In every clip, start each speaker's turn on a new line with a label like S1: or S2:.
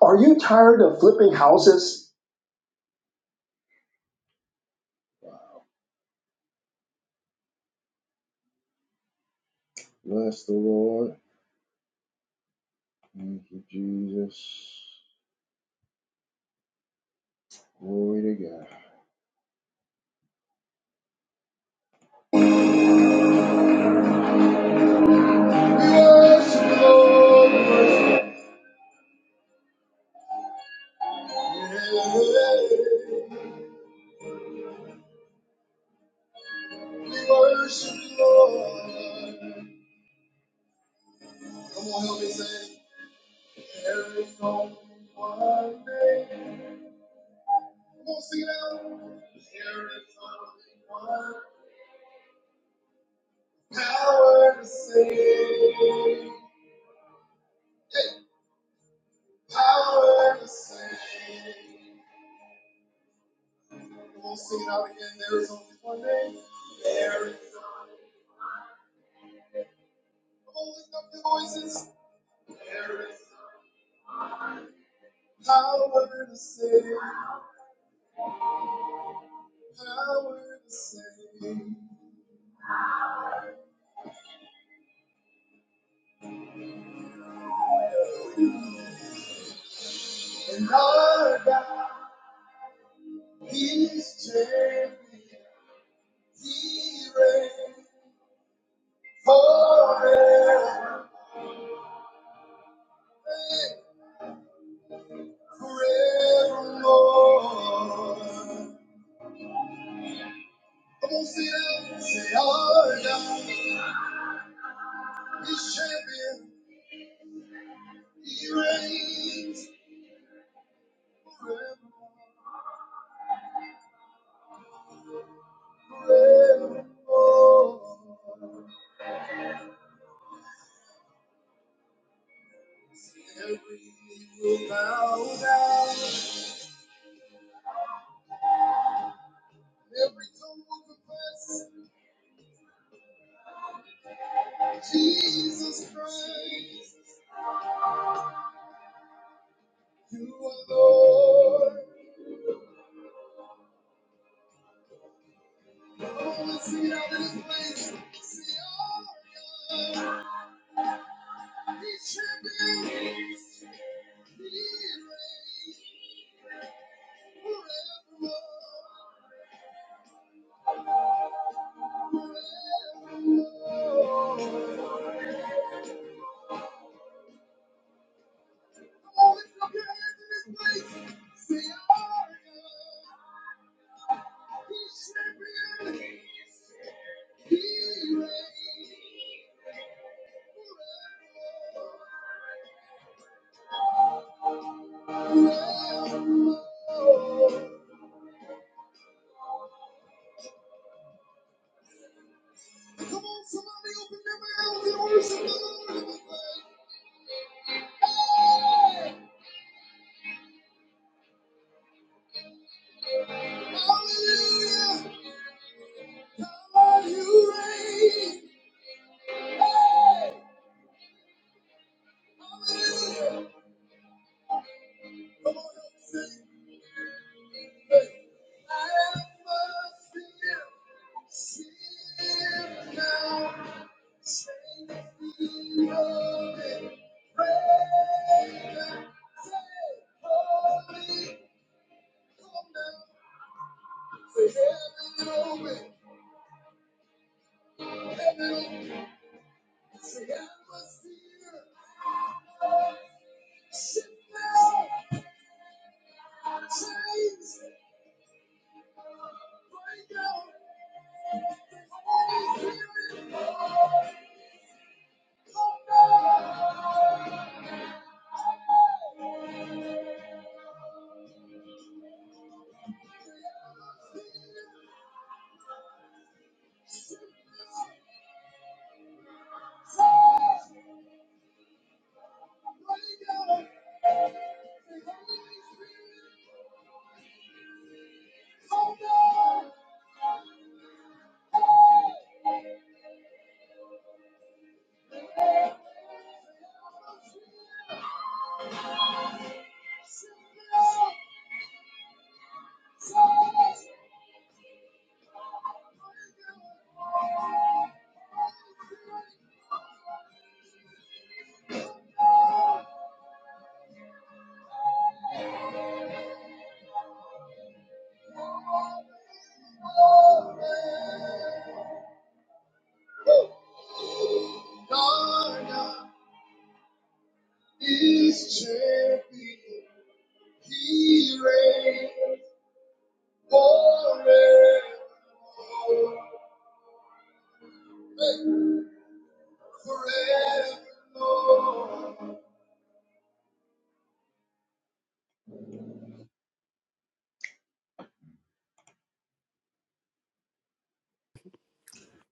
S1: Are you tired of flipping houses? Bless the Lord. Thank you, Jesus. Glory to God.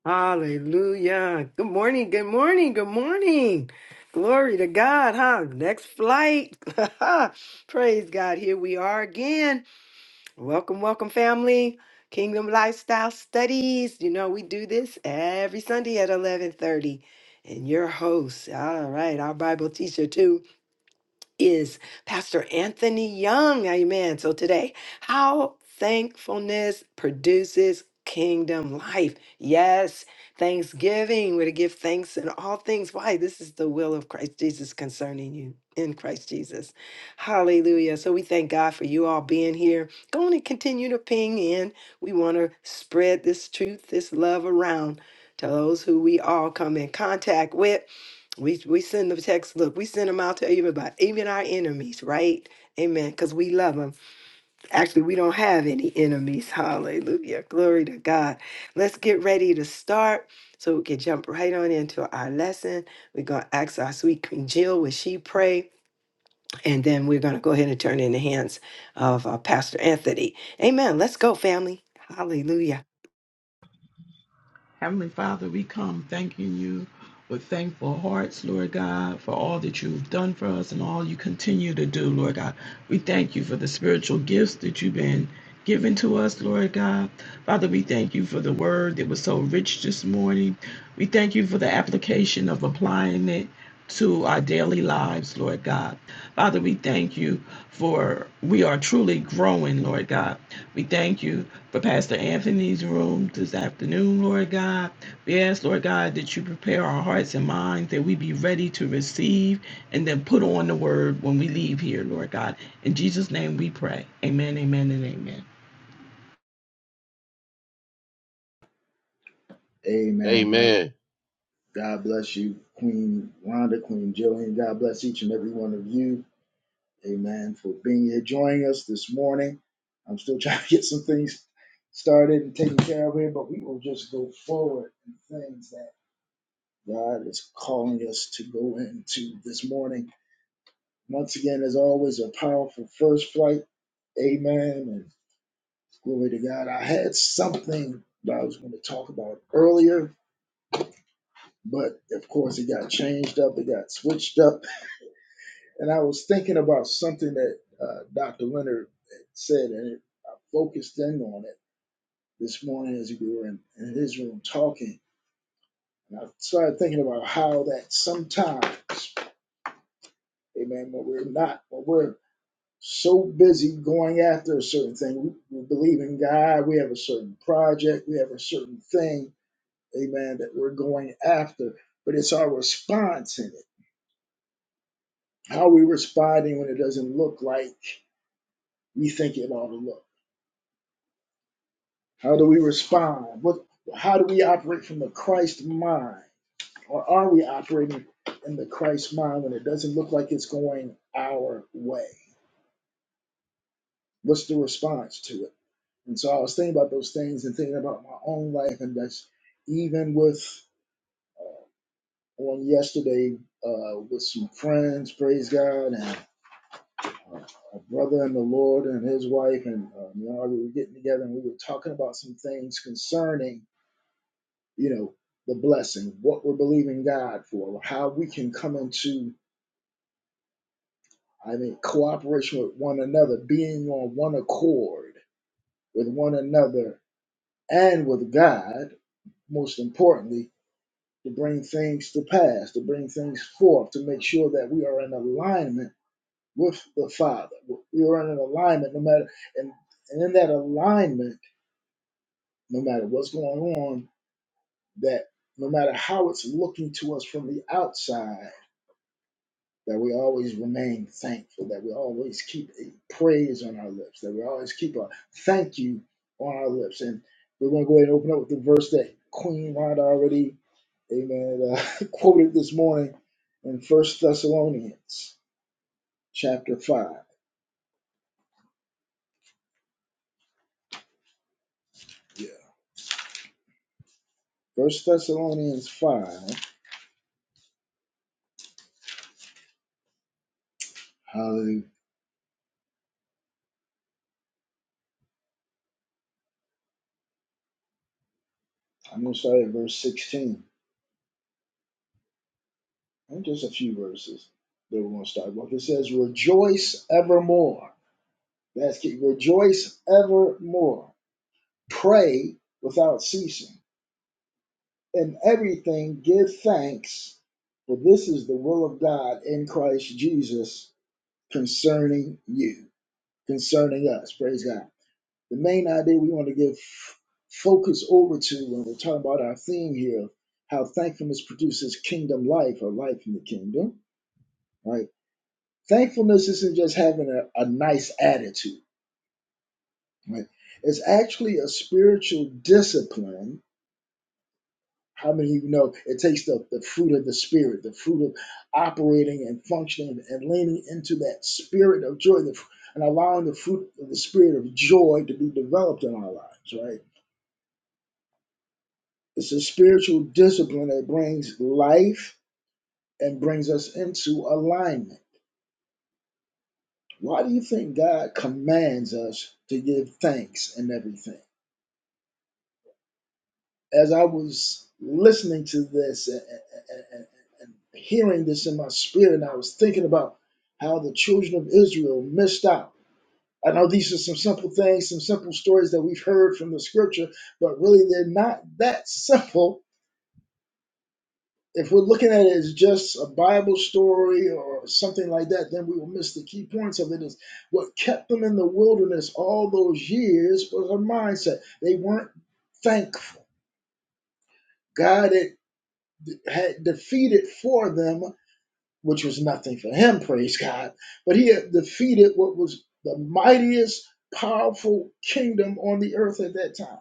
S2: Hallelujah. Good morning. Good morning. Good morning. Glory to God, huh? Next flight. Praise God. Here we are again. Welcome, welcome, family. Kingdom Lifestyle Studies. You know, we do this every Sunday at 1130. And your host, all right, our Bible teacher too is Pastor Anthony Young. Amen. So today, how thankfulness produces kingdom life. Yes, thanksgiving. We're to give thanks in all things. Why? This is the will of Christ Jesus concerning you in Christ Jesus. Hallelujah. So we thank God for you all being here. Go on and continue to ping in. We want to spread this truth, this love around to those who we all come in contact with. We we send the text. Look, we send them out to everybody, even our enemies, right? Amen. Because we love them. Actually, we don't have any enemies. Hallelujah. Glory to God. Let's get ready to start so we can jump right on into our lesson. We're gonna ask our sweet Queen Jill, will she pray? And then we're gonna go ahead and turn in the hands of uh, Pastor Anthony. Amen. Let's go, family. Hallelujah.
S3: Heavenly Father, we come thanking you with thankful hearts, Lord God, for all that you've done for us and all you continue to do, Lord God. We thank you for the spiritual gifts that you've been given to us, Lord God. Father, we thank you for the word that was so rich this morning. We thank you for the application of applying it to our daily lives, Lord God. Father, we thank you for we are truly growing, Lord God. We thank you for Pastor Anthony's room this afternoon, Lord God. We ask, Lord God, that you prepare our hearts and minds that we be ready to receive and then put on the word when we leave here, Lord God. In Jesus' name we pray. Amen, amen, and amen.
S1: Amen. God,
S4: Amen.
S1: God bless you, Queen Rhonda, Queen Jillian. God bless each and every one of you. Amen. For being here, joining us this morning. I'm still trying to get some things started and taken care of here, but we will just go forward in things that God is calling us to go into this morning. Once again, as always, a powerful first flight. Amen. And Glory to God. I had something that I was going to talk about earlier, but of course it got changed up, it got switched up. And I was thinking about something that uh, Dr. Leonard had said, and it, I focused in on it this morning as we were in, in his room talking. And I started thinking about how that sometimes, amen, when we're not, when we're so busy going after a certain thing, we, we believe in God, we have a certain project, we have a certain thing amen, that we're going after, but it's our response in it. How are we responding when it doesn't look like we think it ought to look? How do we respond? What, how do we operate from the Christ mind? Or are we operating in the Christ mind when it doesn't look like it's going our way? What's the response to it? And so I was thinking about those things and thinking about my own life, and that's even with on yesterday uh, with some friends, praise God, and. uh, a brother in the Lord and his wife, and uh, me and Ari were getting together, and we were talking about some things concerning, you know, the blessing, what we're believing God for, how we can come into, I mean, cooperation with one another, being on one accord with one another and with God, most importantly, to bring things to pass, to bring things forth, to make sure that we are in alignment with the Father. We are in an alignment no matter, and, and in that alignment, no matter what's going on, that no matter how it's looking to us from the outside, that we always remain thankful, that we always keep a praise on our lips, that we always keep a thank you on our lips. And we're going to go ahead and open up with the verse that Queen Rhonda already, amen, uh, quoted this morning in First Thessalonians chapter 5. Yeah. First Thessalonians 5. Hallelujah. I'm going to start at verse 16. And just a few verses that we're going to start with. It says, Rejoice evermore. That's key. Rejoice evermore. Pray without ceasing. In everything, give thanks, for this is the will of God in Christ Jesus concerning you, concerning us. Praise God. The main idea we want to give focus over to when we're talking about our theme here how thankfulness produces kingdom life or life in the kingdom, right? Thankfulness isn't just having a, a nice attitude, right? It's actually a spiritual discipline. How many of you know it takes the, the fruit of the spirit, the fruit of operating and functioning and leaning into that spirit of joy the, and allowing the fruit of the spirit of joy to be developed in our lives, right? It's a spiritual discipline that brings life and brings us into alignment. Why do you think God commands us to give thanks in everything? as I was listening to this and, and, and and hearing this in my spirit, and I was thinking about how the children of Israel missed out. I know these are some simple things, some simple stories that we've heard from the scripture, but really they're not that simple. If we're looking at it as just a Bible story or something like that, then we will miss the key points of it. Is what kept them in the wilderness all those years was a mindset. They weren't thankful. God had had defeated for them, which was nothing for him, praise God, but he had defeated what was the mightiest, powerful kingdom on the earth at that time.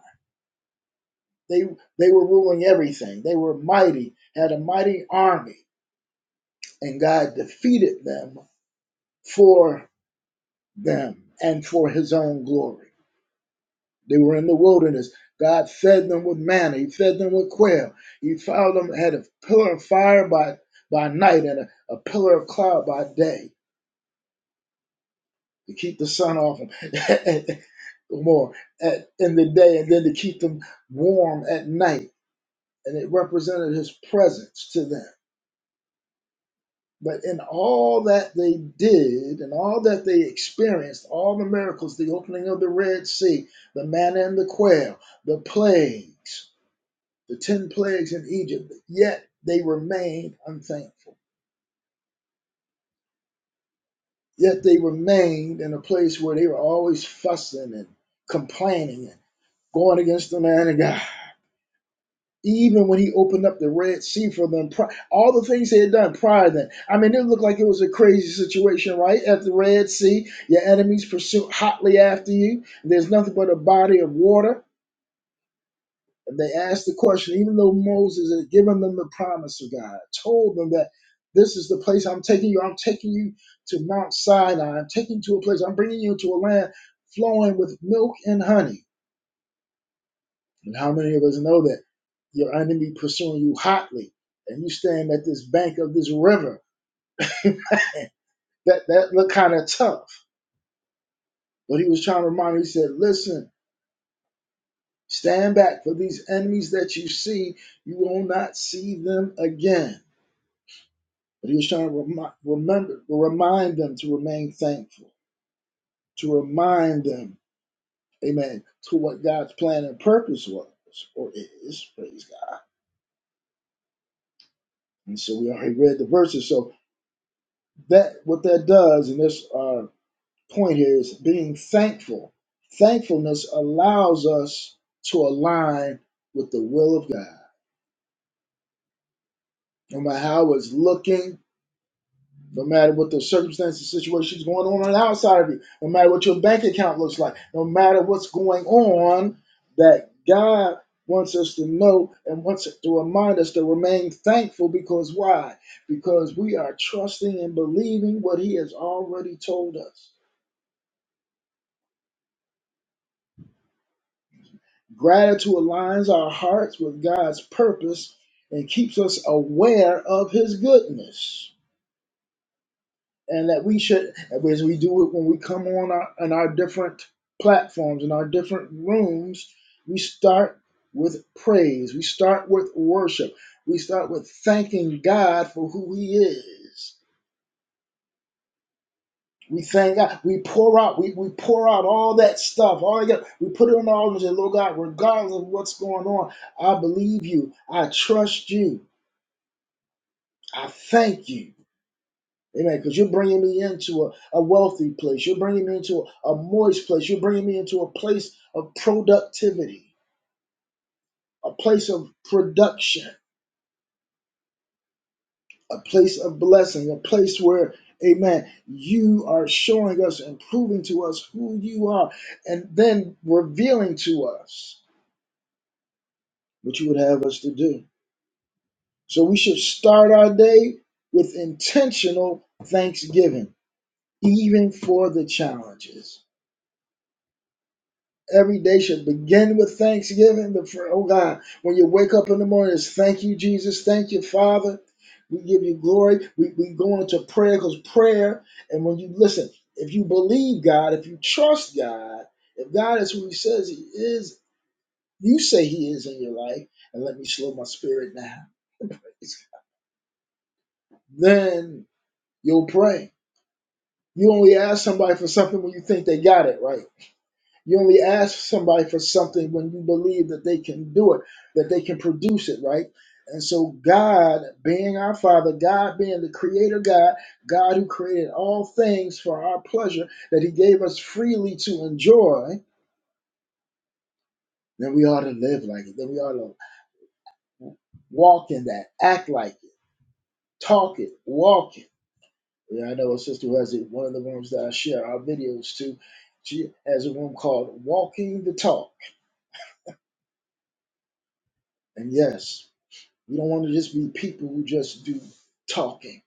S1: They they were ruling everything. They were mighty, had a mighty army, and God defeated them for them and for his own glory. They were in the wilderness. God fed them with manna. He fed them with quail. He found them had a pillar of fire by by night and a, a pillar of cloud by day to keep the sun off them more at, in the day and then to keep them warm at night. And it represented his presence to them. But in all that they did and all that they experienced, all the miracles, the opening of the Red Sea, the manna and the quail, the plagues, the 10 plagues in Egypt, yet they remained unthankful. Yet they remained in a place where they were always fussing and complaining and going against the man of God. even when he opened up the Red Sea for them, pri- all the things they had done prior to that. I mean, it looked like it was a crazy situation, right? At the Red Sea, your enemies pursue hotly after you. And There's nothing but a body of water. And they asked the question, even though Moses had given them the promise of God, told them that this is the place I'm taking you. I'm taking you to Mount Sinai. I'm taking you to a place. I'm bringing you to a land flowing with milk and honey And how many of us know that? Your enemy pursuing you hotly, and you stand at this bank of this river. That that looked kind of tough. But he was trying to remind you, he said, Listen, stand back for these enemies that you see, you will not see them again. But he was trying to remi- remember, remind them to remain thankful, to remind them, amen, to what God's plan and purpose was or is, praise God. And so we already read the verses. So that what that does, and this uh, point here is being thankful. Thankfulness allows us to align with the will of God. No matter how it's looking, no matter what the circumstances, situations going on on the outside of you, no matter what your bank account looks like, no matter what's going on, that God wants us to know and wants to remind us to remain thankful because why? Because we are trusting and believing what He has already told us. Gratitude aligns our hearts with God's purpose and keeps us aware of His goodness. And that we should, as we do it when we come on our, on our different platforms, in our different rooms, we start with praise, we start with worship, we start with thanking God for who He is. We thank God. We pour out. We, we pour out all that stuff. All that we put it on the altar and say, Lord God, regardless of what's going on, I believe you. I trust you. I thank you. Amen. Because you're bringing me into a, a wealthy place. You're bringing me into a, a moist place. You're bringing me into a place of productivity, a place of production, a place of blessing, a place where, amen, you are showing us and proving to us who you are and then revealing to us what you would have us to do. So we should start our day with intentional thanksgiving, even for the challenges. Every day should begin with thanksgiving. The fir- Oh God, when you wake up in the morning, it's thank you, Jesus. Thank you, Father. We give you glory. We, we go into prayer because prayer, and when you listen, if you believe God, if you trust God, if God is who He says He is, you say He is in your life, and let me slow my spirit down. Then. You'll pray. You only ask somebody for something when you think they got it right. You only ask somebody for something when you believe that they can do it, that they can produce it, right? And so, God being our Father, God being the Creator God, God who created all things for our pleasure, that He gave us freely to enjoy, then we ought to live like it. Then we ought to walk in that, act like it, talk it, walk it. Yeah, I know a sister who has it, one of the rooms that I share our videos to. She has a room called Walking the Talk. And yes, we don't want to just be people who just do talking,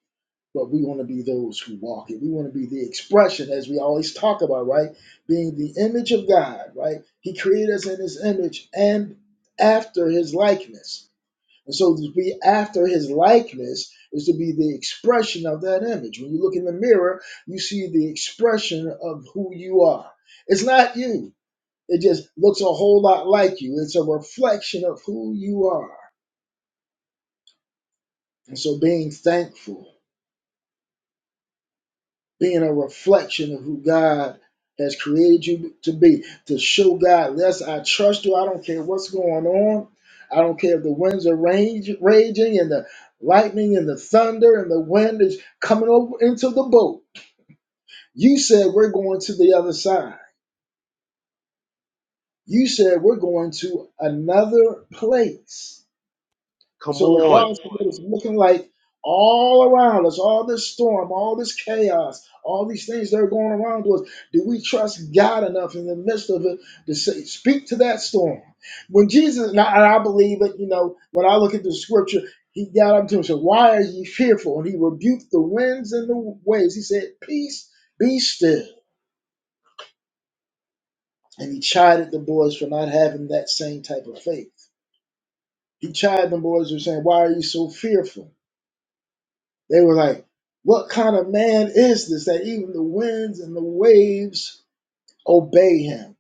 S1: but we want to be those who walk it. We want to be the expression, as we always talk about, right? Being the image of God, right? He created us in his image and after his likeness. And so to be after his likeness is to be the expression of that image. When you look in the mirror, you see the expression of who you are. It's not you. It just looks a whole lot like you. It's a reflection of who you are. And so being thankful being a reflection of who God has created you to be. To show God, yes, I trust you. I don't care what's going on. I don't care if the winds are rage, raging and the lightning and the thunder and the wind is coming over into the boat. You said we're going to the other side. You said we're going to another place. And
S4: Come
S1: so,
S4: on.
S1: regardless of what it's looking like all around us, all this storm, all this chaos, all these things that are going around us, do we trust God enough in the midst of it to say, speak to that storm? When Jesus, and I, and I believe it, you know, when I look at the scripture, he got up to him and said, Why are ye fearful? And he rebuked the winds and the waves. He said, Peace, be still. And he chided the boys for not having that same type of faith. He chided the boys for saying, Why are you so fearful? They were like, What kind of man is this that even the winds and the waves obey him?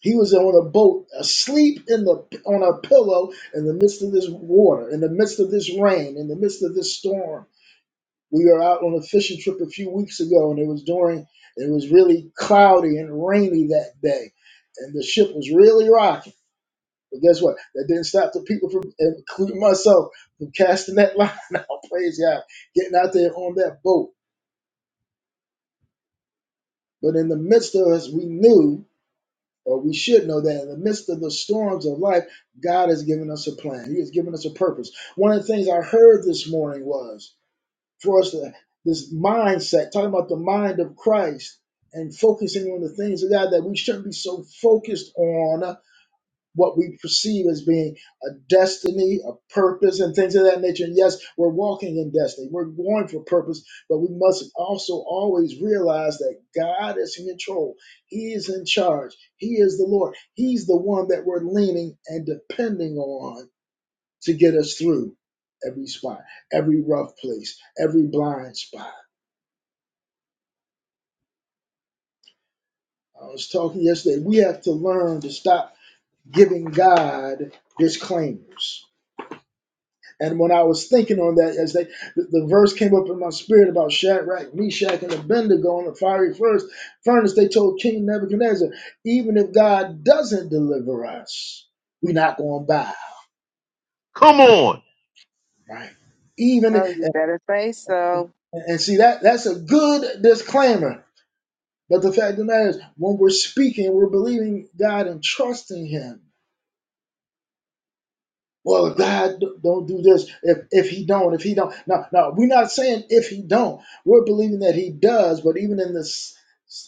S1: He was on a boat, asleep in the on a pillow in the midst of this water, in the midst of this rain, in the midst of this storm. We were out on a fishing trip a few weeks ago, and it was during it was really cloudy and rainy that day, and the ship was really rocking. But guess what? That didn't stop the people from, including myself, from casting that line out. Praise God, getting out there on that boat But in the midst of us, we knew, or we should know that in the midst of the storms of life, God has given us a plan. He has given us a purpose. One of the things I heard this morning was for us to this mindset, talking about the mind of Christ and focusing on the things of God that we shouldn't be so focused on what we perceive as being a destiny, a purpose, and things of that nature. And yes, we're walking in destiny, we're going for purpose, but we must also always realize that God is in control, He is in charge, He is the Lord, He's the one that we're leaning and depending on to get us through every spot, every rough place, every blind spot. I was talking yesterday, we have to learn to stop giving God disclaimers And when I was thinking on that yesterday, the, the verse came up in my spirit about Shadrach, Meshach, and Abednego in the fiery first furnace. They told King Nebuchadnezzar, even if God doesn't deliver us, we're not going to bow,
S4: Come on.
S1: right? Even
S5: Oh, you
S1: and,
S5: better say so.
S1: and see that that's a good disclaimer. But the fact of the matter is, when we're speaking, we're believing God and trusting Him well if god don't do this if if he don't if he don't now now we're not saying if he don't we're believing that he does but even in this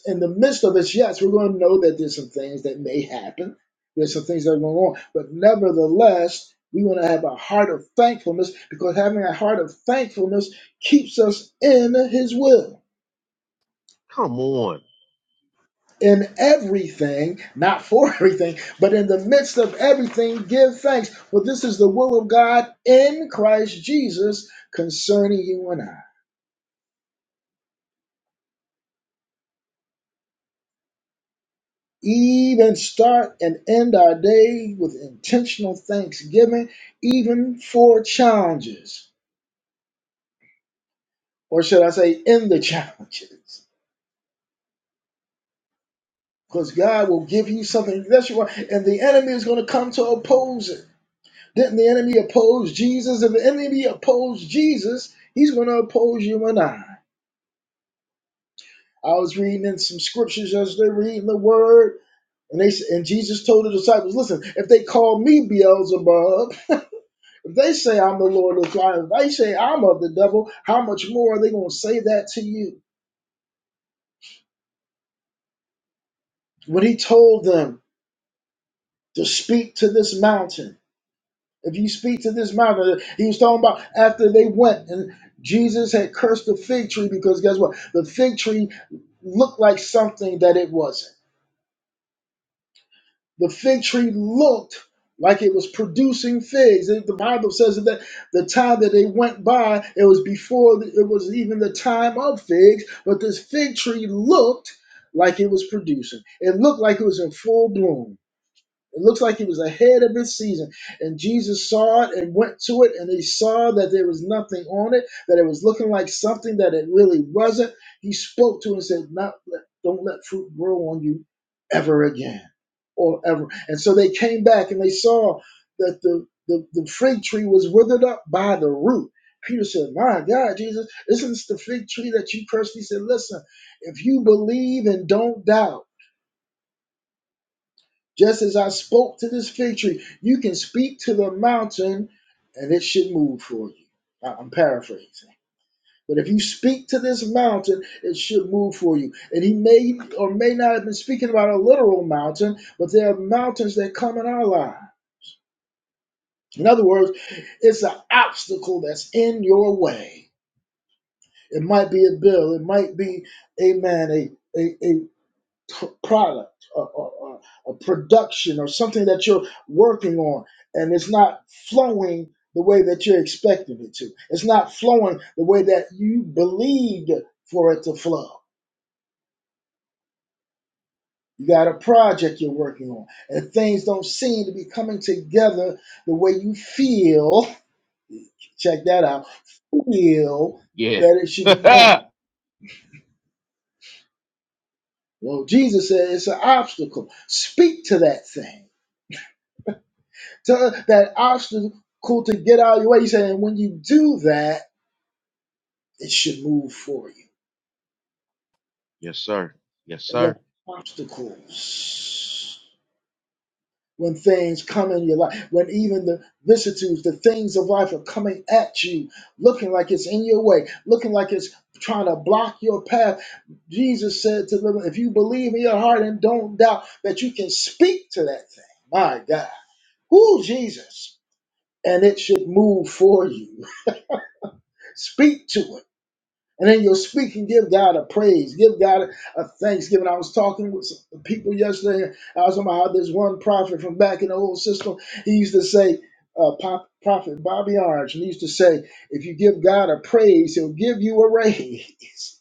S1: in the midst of this yes we're going to know that there's some things that may happen there's some things that are going on but nevertheless we want to have a heart of thankfulness because having a heart of thankfulness keeps us in his will
S4: Come on.
S1: in everything, not for everything, but in the midst of everything, give thanks. For this is the will of God in Christ Jesus concerning you and I. Even start and end our day with intentional thanksgiving, even for challenges, or should I say, in the challenges. Because God will give you something that you want, and the enemy is going to come to oppose it. Didn't the enemy oppose Jesus? If the enemy opposed Jesus, he's going to oppose you and I. I was reading in some scriptures yesterday, reading the word, and they s- and Jesus told the disciples, "Listen, if they call me Beelzebub, if they say I'm the Lord of the Flies, if they say I'm of the devil, how much more are they going to say that to you?" When he told them to speak to this mountain If you speak to this mountain, he was talking about after they went and Jesus had cursed the fig tree because guess what? The fig tree looked like something that it wasn't. The fig tree looked like it was producing figs. The the Bible says that the time that they went by, it was before the- it was even the time of figs, but this fig tree looked like it was producing. It looked like it was in full bloom. It looks like he was ahead of his season. And Jesus saw it and went to it, and he saw that there was nothing on it, that it was looking like something that it really wasn't. He spoke to it and said, Not let, Don't let fruit grow on you ever again or ever. And so they came back and they saw that the, the, the fig tree was withered up by the root. Peter said, My God, Jesus, isn't this the fig tree that you cursed? He said, Listen, if you believe and don't doubt, just as I spoke to this fig tree, you can speak to the mountain and it should move for you. I- I'm paraphrasing. But if you speak to this mountain, it should move for you. And he may or may not have been speaking about a literal mountain, but there are mountains that come in our life. In other words, it's an obstacle that's in your way. It might be a bill, it might be, amen, a, a a. pr- product or, or, or a production or something that you're working on and it's not flowing the way that you're expecting it to. It's not flowing the way that you believed for it to flow. You got a project you're working on and things don't seem to be coming together the way you feel, check that out, feel
S4: Yeah.
S1: that it should be going.
S4: yes,
S1: Well, Jesus said it's an obstacle. Speak to that thing to that obstacle to get out of your way. He said, and when you do that, it should move for you.
S4: sir. Yes,
S1: And when
S4: sir.
S1: obstacles, when things come in your life, when even the vicissitudes, the things of life are coming at you, looking like it's in your way, looking like it's trying to block your path, Jesus said to them, if you believe in your heart and don't doubt that you can speak to that thing, my God, who Jesus, and it should move for you. Speak to it And in your speaking, give God a praise, give God a thanksgiving. I was talking with some people yesterday. and I was talking about how this one prophet from back in the old system, he used to say, uh, Pop, Prophet Bobby Orange, and he used to say, if you give God a praise, he'll give you a raise.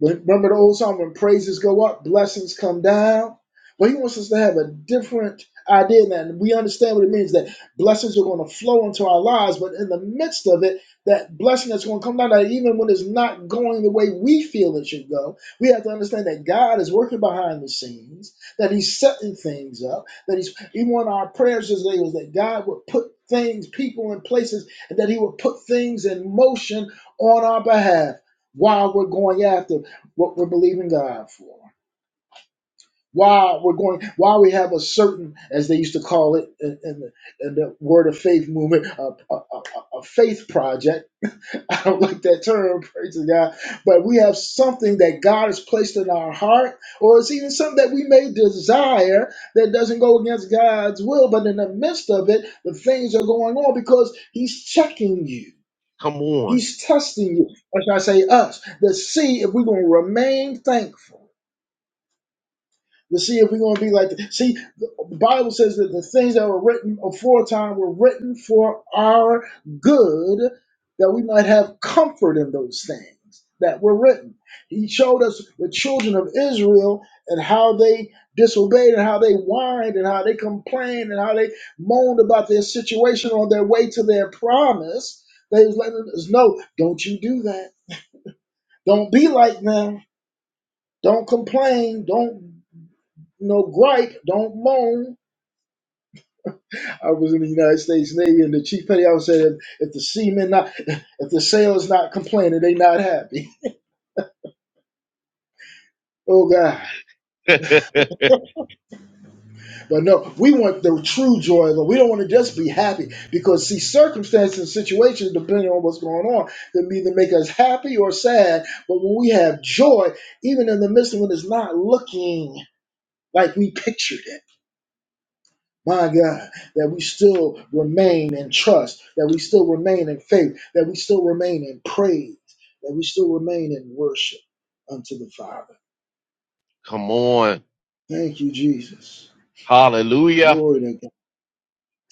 S1: Remember the old song when praises go up, blessings come down? Well, he wants us to have a different idea than that. And We understand what it means that blessings are going to flow into our lives, but in the midst of it, that blessing that's going to come down, that even when it's not going the way we feel it should go, we have to understand that God is working behind the scenes, that He's setting things up, that He's even one of our prayers today was that God would put things, people, in places, and that He would put things in motion on our behalf while we're going after what we're believing God for. Why we're going, why we have a certain, as they used to call it in, in, the, in the Word of Faith movement, a, a, a, a faith project. I don't like that term, praise to God. But we have something that God has placed in our heart, or it's even something that we may desire that doesn't go against God's will. But in the midst of it, the things are going on because He's checking you,
S4: Come on.
S1: He's testing you. Or should I say us, to see if we're going to remain thankful to see if we're going to be like the, see the bible says that the things that were written aforetime were written for our good that we might have comfort in those things that were written he showed us the children of israel and how they disobeyed and how they whined and how they complained and how they moaned about their situation on their way to their promise they was letting us know don't you do that don't be like them don't complain don't you know gripe don't moan I was in the United States Navy, and the chief petty officer said, "If the seamen not, if the sailors not complaining, they not happy." Oh God! But no, we want the true joy, but we don't want to just be happy because see, circumstances and situations, depending on what's going on, can either make us happy or sad. But when we have joy, even in the midst of when it's not looking like we pictured it. My God, that we still remain in trust, that we still remain in faith, that we still remain in praise, that we still remain in worship unto the Father.
S4: Come on.
S1: Thank you, Jesus.
S4: Hallelujah.
S1: Glory to God.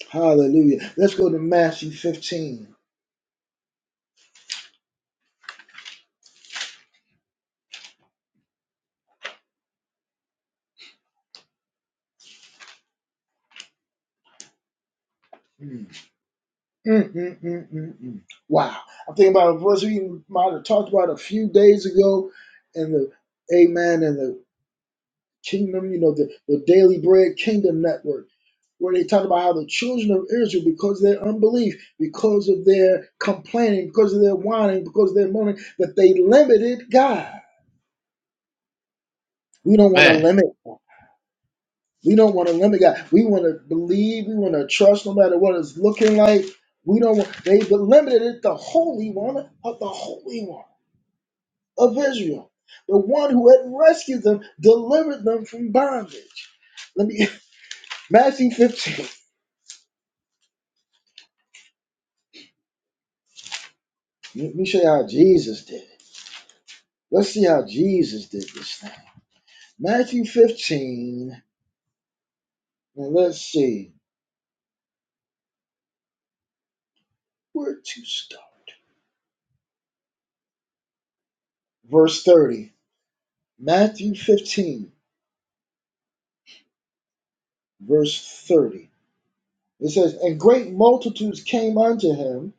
S1: Hallelujah. Let's go to Matthew 15. Mm. Mm, mm, mm, mm, mm. Wow. I'm thinking about a verse we might have talked about a few days ago in the Amen and the Kingdom, you know, the, the Daily Bread Kingdom Network where they talk about how the children of Israel, because of their unbelief, because of their complaining, because of their whining, because of their moaning, that they limited God. We don't want to
S4: Man.
S1: limit God. We don't want to limit God. We want to believe. We want to trust no matter what it's looking like. We don't want, they limited it, the Holy One of the Holy One of Israel, the one who had rescued them, delivered them from bondage. Let me, Matthew 15. Let me show you how Jesus did. it. Let's see how Jesus did this thing. Matthew 15, and let's see where to start. Verse 30. Matthew 15, verse 30. It says, And great multitudes came unto him,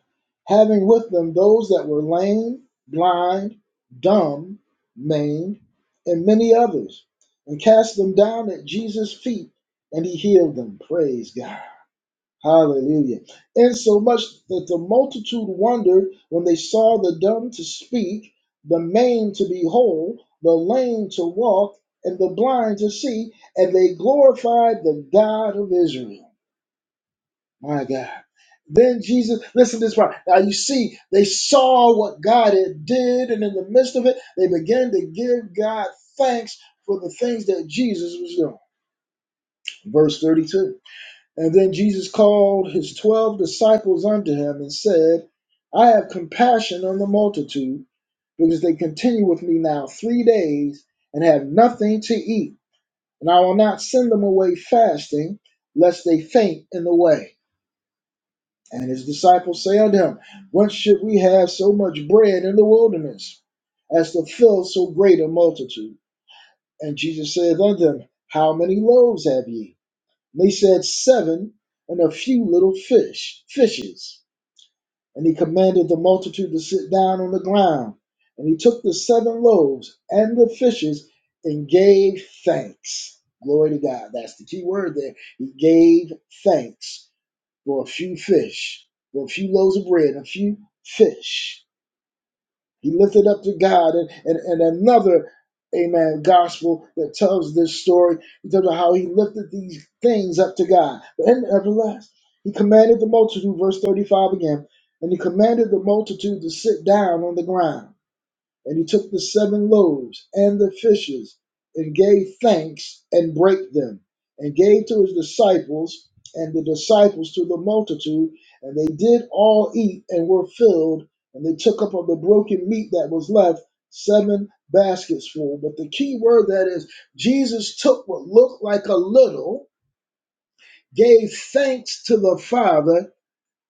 S1: having with them those that were lame, blind, dumb, maimed, and many others, and cast them down at Jesus' feet, and he healed them. Praise God. Hallelujah. And so much that the multitude wondered when they saw the dumb to speak, the maimed to be whole, the lame to walk, and the blind to see, and they glorified the God of Israel. My God. Then Jesus, listen to this part. Now you see, they saw what God had did, and in the midst of it, they began to give God thanks for the things that Jesus was doing. Verse 32. And then Jesus called his twelve disciples unto him and said, I have compassion on the multitude, because they continue with me now three days and have nothing to eat. And I will not send them away fasting, lest they faint in the way. And his disciples say unto him, Whence should we have so much bread in the wilderness, as to fill so great a multitude? And Jesus saith unto them, How many loaves have ye? And they said, Seven and a few little fish, fishes. And he commanded the multitude to sit down on the ground. And he took the seven loaves and the fishes and gave thanks. Glory to God. That's the key word there. He gave thanks for a few fish, for a few loaves of bread, and a few fish he lifted up to God and, and, and another, amen, gospel that tells this story He tells of how he lifted these things up to God. But nevertheless, he commanded the multitude, verse 35 again, and he commanded the multitude to sit down on the ground. And he took the seven loaves and the fishes, and gave thanks and brake them, and gave to his disciples, and the disciples to the multitude. And they did all eat and were filled, and they took up of the broken meat that was left seven baskets full. But the key word that is Jesus took what looked like a little, gave thanks to the Father,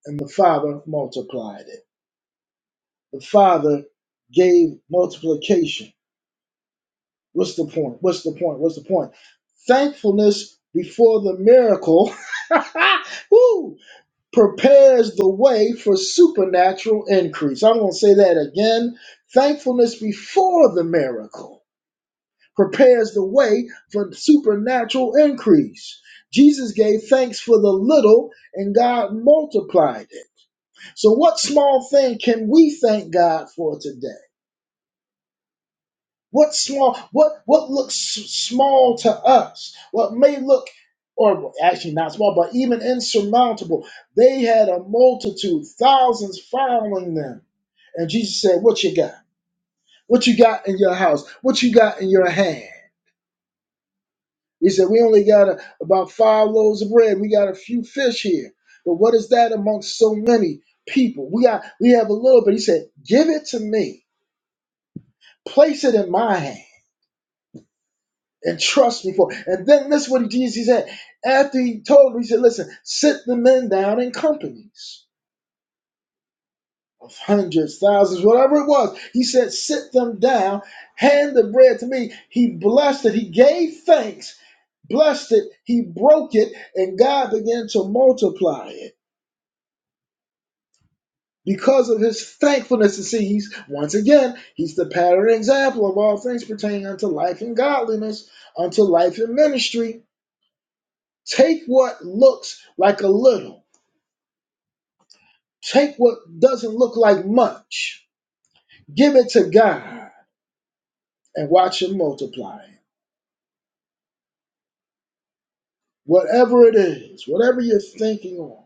S1: and the Father multiplied it. The Father gave multiplication What's the point? What's the point? What's the point? Thankfulness before the miracle woo, prepares the way for supernatural increase. I'm going to say that again. Thankfulness before the miracle prepares the way for supernatural increase. Jesus gave thanks for the little and God multiplied it. So, what small thing can we thank God for today? What small, what what looks s- small to us, what may look, or actually not small, but even insurmountable. They had a multitude, thousands following them, and Jesus said, "What you got? What you got in your house? What you got in your hand?" He said, "We only got a, about five loaves of bread. We got a few fish here, but what is that amongst so many people? We got, we have a little bit." He said, "Give it to me. Place it in my hand." and trust me for. And then that's what Jesus said. After he told him, he said, Listen, sit the men down in companies of hundreds, thousands, whatever it was. He said, Sit them down, hand the bread to me. He blessed it, he gave thanks, blessed it, he broke it, and God began to multiply it. Because of his thankfulness, and see, he's once again, he's the pattern example of all things pertaining unto life and godliness, unto life and ministry Take what looks like a little, take what doesn't look like much, give it to God and watch Him multiply. it. Whatever it is, whatever you're thinking on,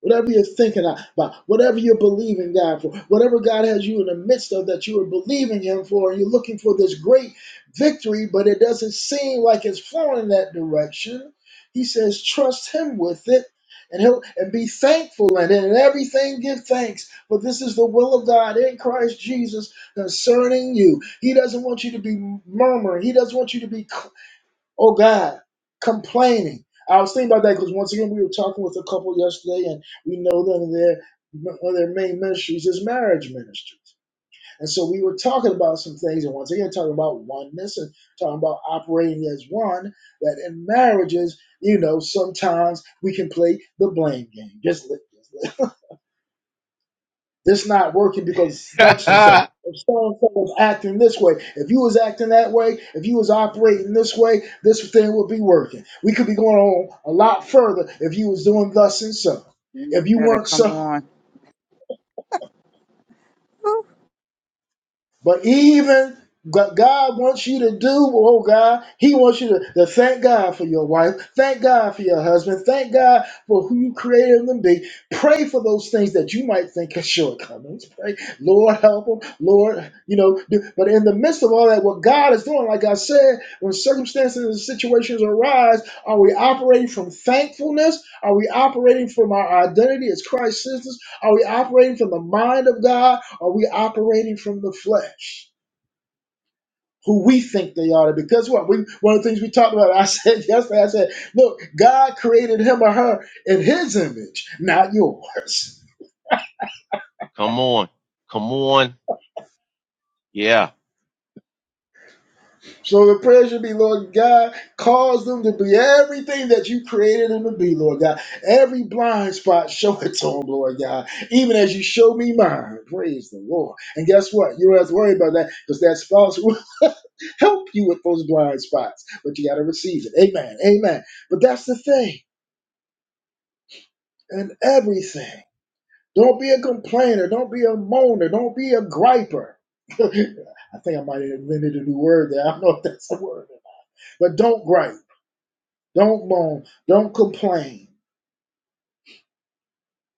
S1: Whatever you're thinking about, whatever you're believing God for, whatever God has you in the midst of that you are believing Him for, and you're looking for this great victory, but it doesn't seem like it's flowing in that direction. He says, trust Him with it, and He'll and be thankful in it, and everything give thanks. For this is the will of God in Christ Jesus concerning you. He doesn't want you to be murmuring. He doesn't want you to be oh God, complaining. I was thinking about that because once again we were talking with a couple yesterday, and we know them their one of their main ministries is marriage ministries. And so we were talking about some things, and once again talking about oneness and talking about operating as one. That in marriages, you know, sometimes we can play the blame game. Just let, just this not working because such and so.
S4: Come
S1: If so and so was acting this way, if you was acting that way, if you was operating this way, this thing would be working. We could be going on a lot further if you was doing thus and so.
S5: You
S1: If you
S5: better
S1: weren't so
S5: come on.
S1: But even God wants you to do, oh God, He wants you to, to thank God for your wife, thank God for your husband, thank God for who you created them to be. Pray for those things that you might think are shortcomings. Pray, Lord, help them, Lord, you know. Do, but in the midst of all that, what God is doing, like I said, when circumstances and situations arise, are we operating from thankfulness? Are we operating from our identity as Christ's sisters? Are we operating from the mind of God? Are we operating from the flesh? Who we think they are? Because what we one of the things we talked about, I said yesterday, I said, look, God created him or her in his image, not yours.
S4: on. Come on. Yeah.
S1: So the prayer should be, Lord God, cause them to be everything that you created them to be, Lord God. Every blind spot, show it to them, Lord God. Even as you show me mine, praise the Lord. And guess what? You don't have to worry about that because that spouse help you with those blind spots, but you got to receive it. Amen. Amen. But that's the thing and everything. Don't be a complainer. Don't be a moaner. Don't be a griper. I think I might have invented a new word there. I don't know if that's a word. But don't gripe. Don't moan. Don't complain.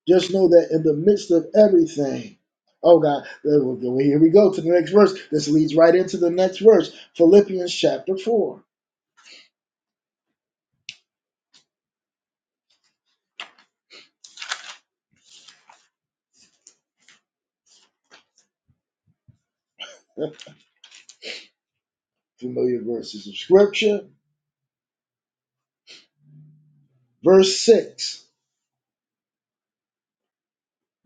S1: Just know that in the midst of everything, oh God, here we go to the next verse. This leads right into the next verse Philippians chapter 4. Familiar verses of scripture, verse 6.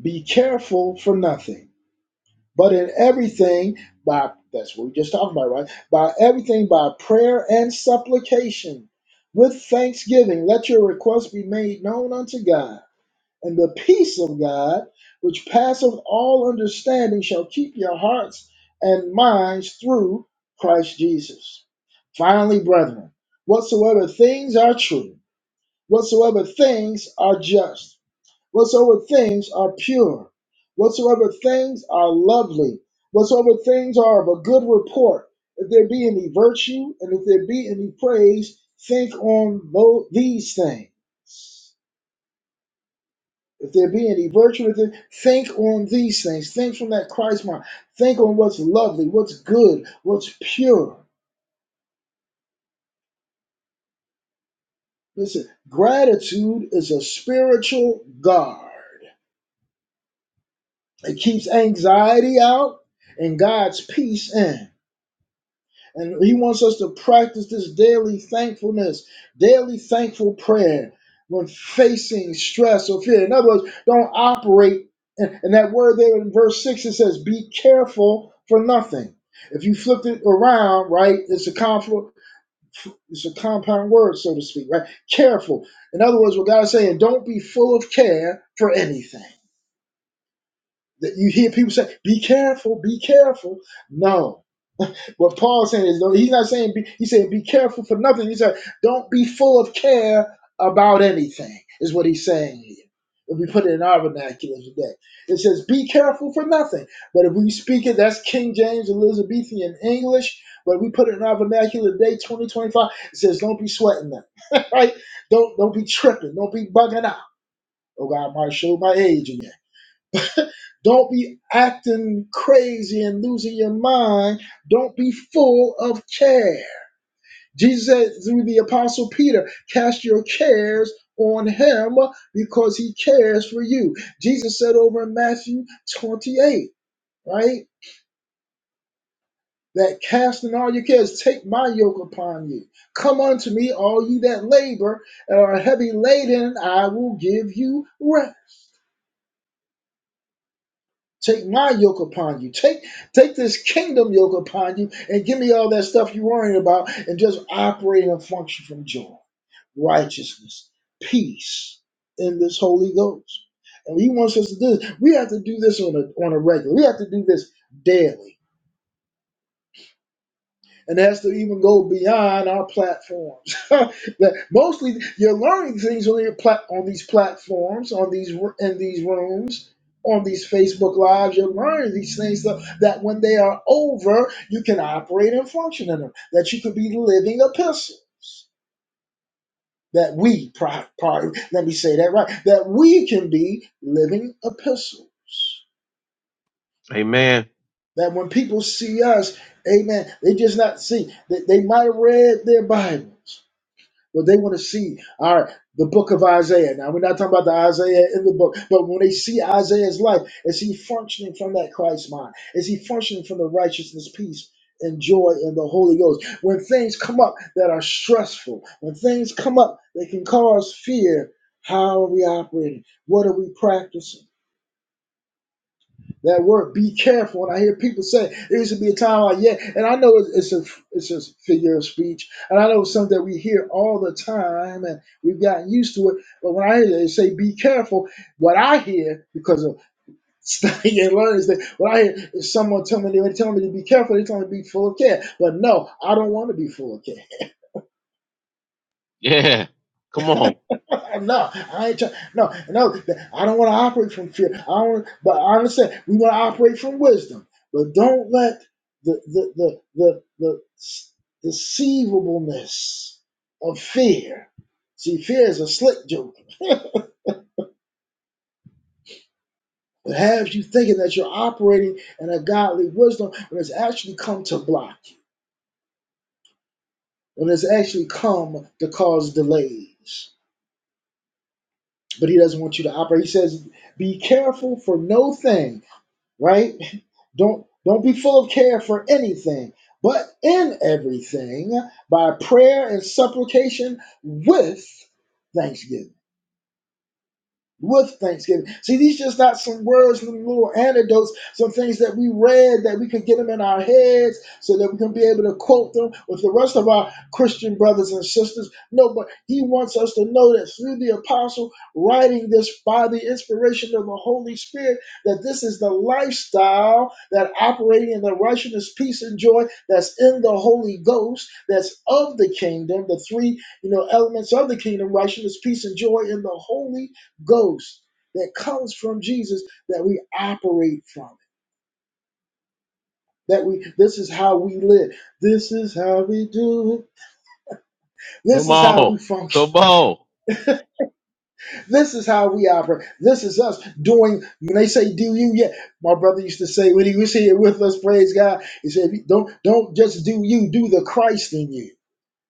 S1: Be careful for nothing, but in everything by that's what we just talked about, right? By everything by prayer and supplication. With thanksgiving, let your requests be made known unto God, and the peace of God, which passeth all understanding, shall keep your hearts and minds through Christ Jesus. Finally, brethren, whatsoever things are true, whatsoever things are just whatsoever things are pure, whatsoever things are lovely, whatsoever things are of a good report, if there be any virtue and if there be any praise, think on tho- these things. If there be any virtue, if there, think on these things. Think from that Christ mind. Think on what's lovely, what's good, what's pure. Listen, gratitude is a spiritual guard. It keeps anxiety out and God's peace in. And he wants us to practice this daily thankfulness, daily thankful prayer when facing stress or fear. In other words, don't operate. And, and that word there in verse 6, it says, be careful for nothing. If you flip it around, right, it's a conflict. It's a compound word, so to speak, right? Careful. In other words, what God is saying, don't be full of care for anything. That you hear people say, be careful, be careful. No, what Paul's saying is, no, he's not saying be, he's saying be careful for nothing. He said, don't be full of care about anything. Is what he's saying here. If we put it in our vernacular today, it says, "Be careful for nothing." But if we speak it, that's King James Elizabethan English. But if we put it in our vernacular today, 2025. It says, "Don't be sweating that, right? Don't don't be tripping. Don't be bugging out." Oh God, I might show my age again. Don't be acting crazy and losing your mind. Don't be full of care. Jesus said through the apostle Peter, cast your cares on him because he cares for you. Jesus said over in Matthew 28, right? That casting all your cares, take my yoke upon you. Come unto me, all ye that labor and are heavy laden, and I will give you rest. Take my yoke upon you. Take take this kingdom yoke upon you and give me all that stuff you're worrying about and just operate and function from joy, righteousness, peace in this Holy Ghost. And he wants us to do this. We have to do this on a on a regular. We have to do this daily and that's to even go beyond our platforms. that mostly you're learning things on your plat- on these platforms, on these r- in these rooms, on these Facebook lives. You're learning these things so that when they are over, you can operate and function in them. That you could be living epistles. That we, pri- pri- let me say that right. That we can be living epistles.
S4: Amen.
S1: That when people see us, Amen, they just not see. They, they might have read their Bibles But they want to see our the book of Isaiah. Now we're not talking about the Isaiah in the book, but when they see Isaiah's life, is he functioning from that Christ mind? Is he functioning from the righteousness, peace, and joy in the Holy Ghost? When things come up that are stressful, when things come up that can cause fear, how are we operating? What are we practicing? That word, be careful. And I hear people say there used to be a time like yeah, and I know it's, a it's a figure of speech, and I know it's something that we hear all the time, and we've gotten used to it. But when I hear they say be careful, what I hear because of studying and learning is that what I hear is someone telling me they're telling me to be careful. They're telling me to be full of care, but no, I don't want to be full of care.
S4: Yeah. Come on.
S1: No, I ain't. Try, no, no. I don't want to operate from fear. I don't. But I understand we want to operate from wisdom. But don't let the the the the, the deceivableness of fear. See, fear is a slick joke. It has you thinking that you're operating in a godly wisdom when it's actually come to block you, when it's actually come to cause delays. But he doesn't want you to operate. He says, Be careful for no thing right? Don't don't be full of care for anything, but in everything by prayer and supplication with thanksgiving with thanksgiving. See, these just not some words, some little anecdotes, some things that we read that we could get them in our heads so that we can be able to quote them with the rest of our Christian brothers and sisters. No, but he wants us to know that through the apostle writing this by the inspiration of the Holy Spirit, that this is the lifestyle that operating in the righteousness, peace, and joy that's in the Holy Ghost, that's of the kingdom, the three, you know, elements of the kingdom, righteousness, peace, and joy in the Holy Ghost that comes from Jesus that we operate from. it. That we this is how we live. This is how we do it. This
S4: Come
S1: is how
S4: on.
S1: we
S4: Come
S1: function.
S4: on.
S1: This is how we operate. This is us doing when they say do you yeah. My brother used to say when he was here with us, praise God, he said don't don't just do you, do the Christ in you.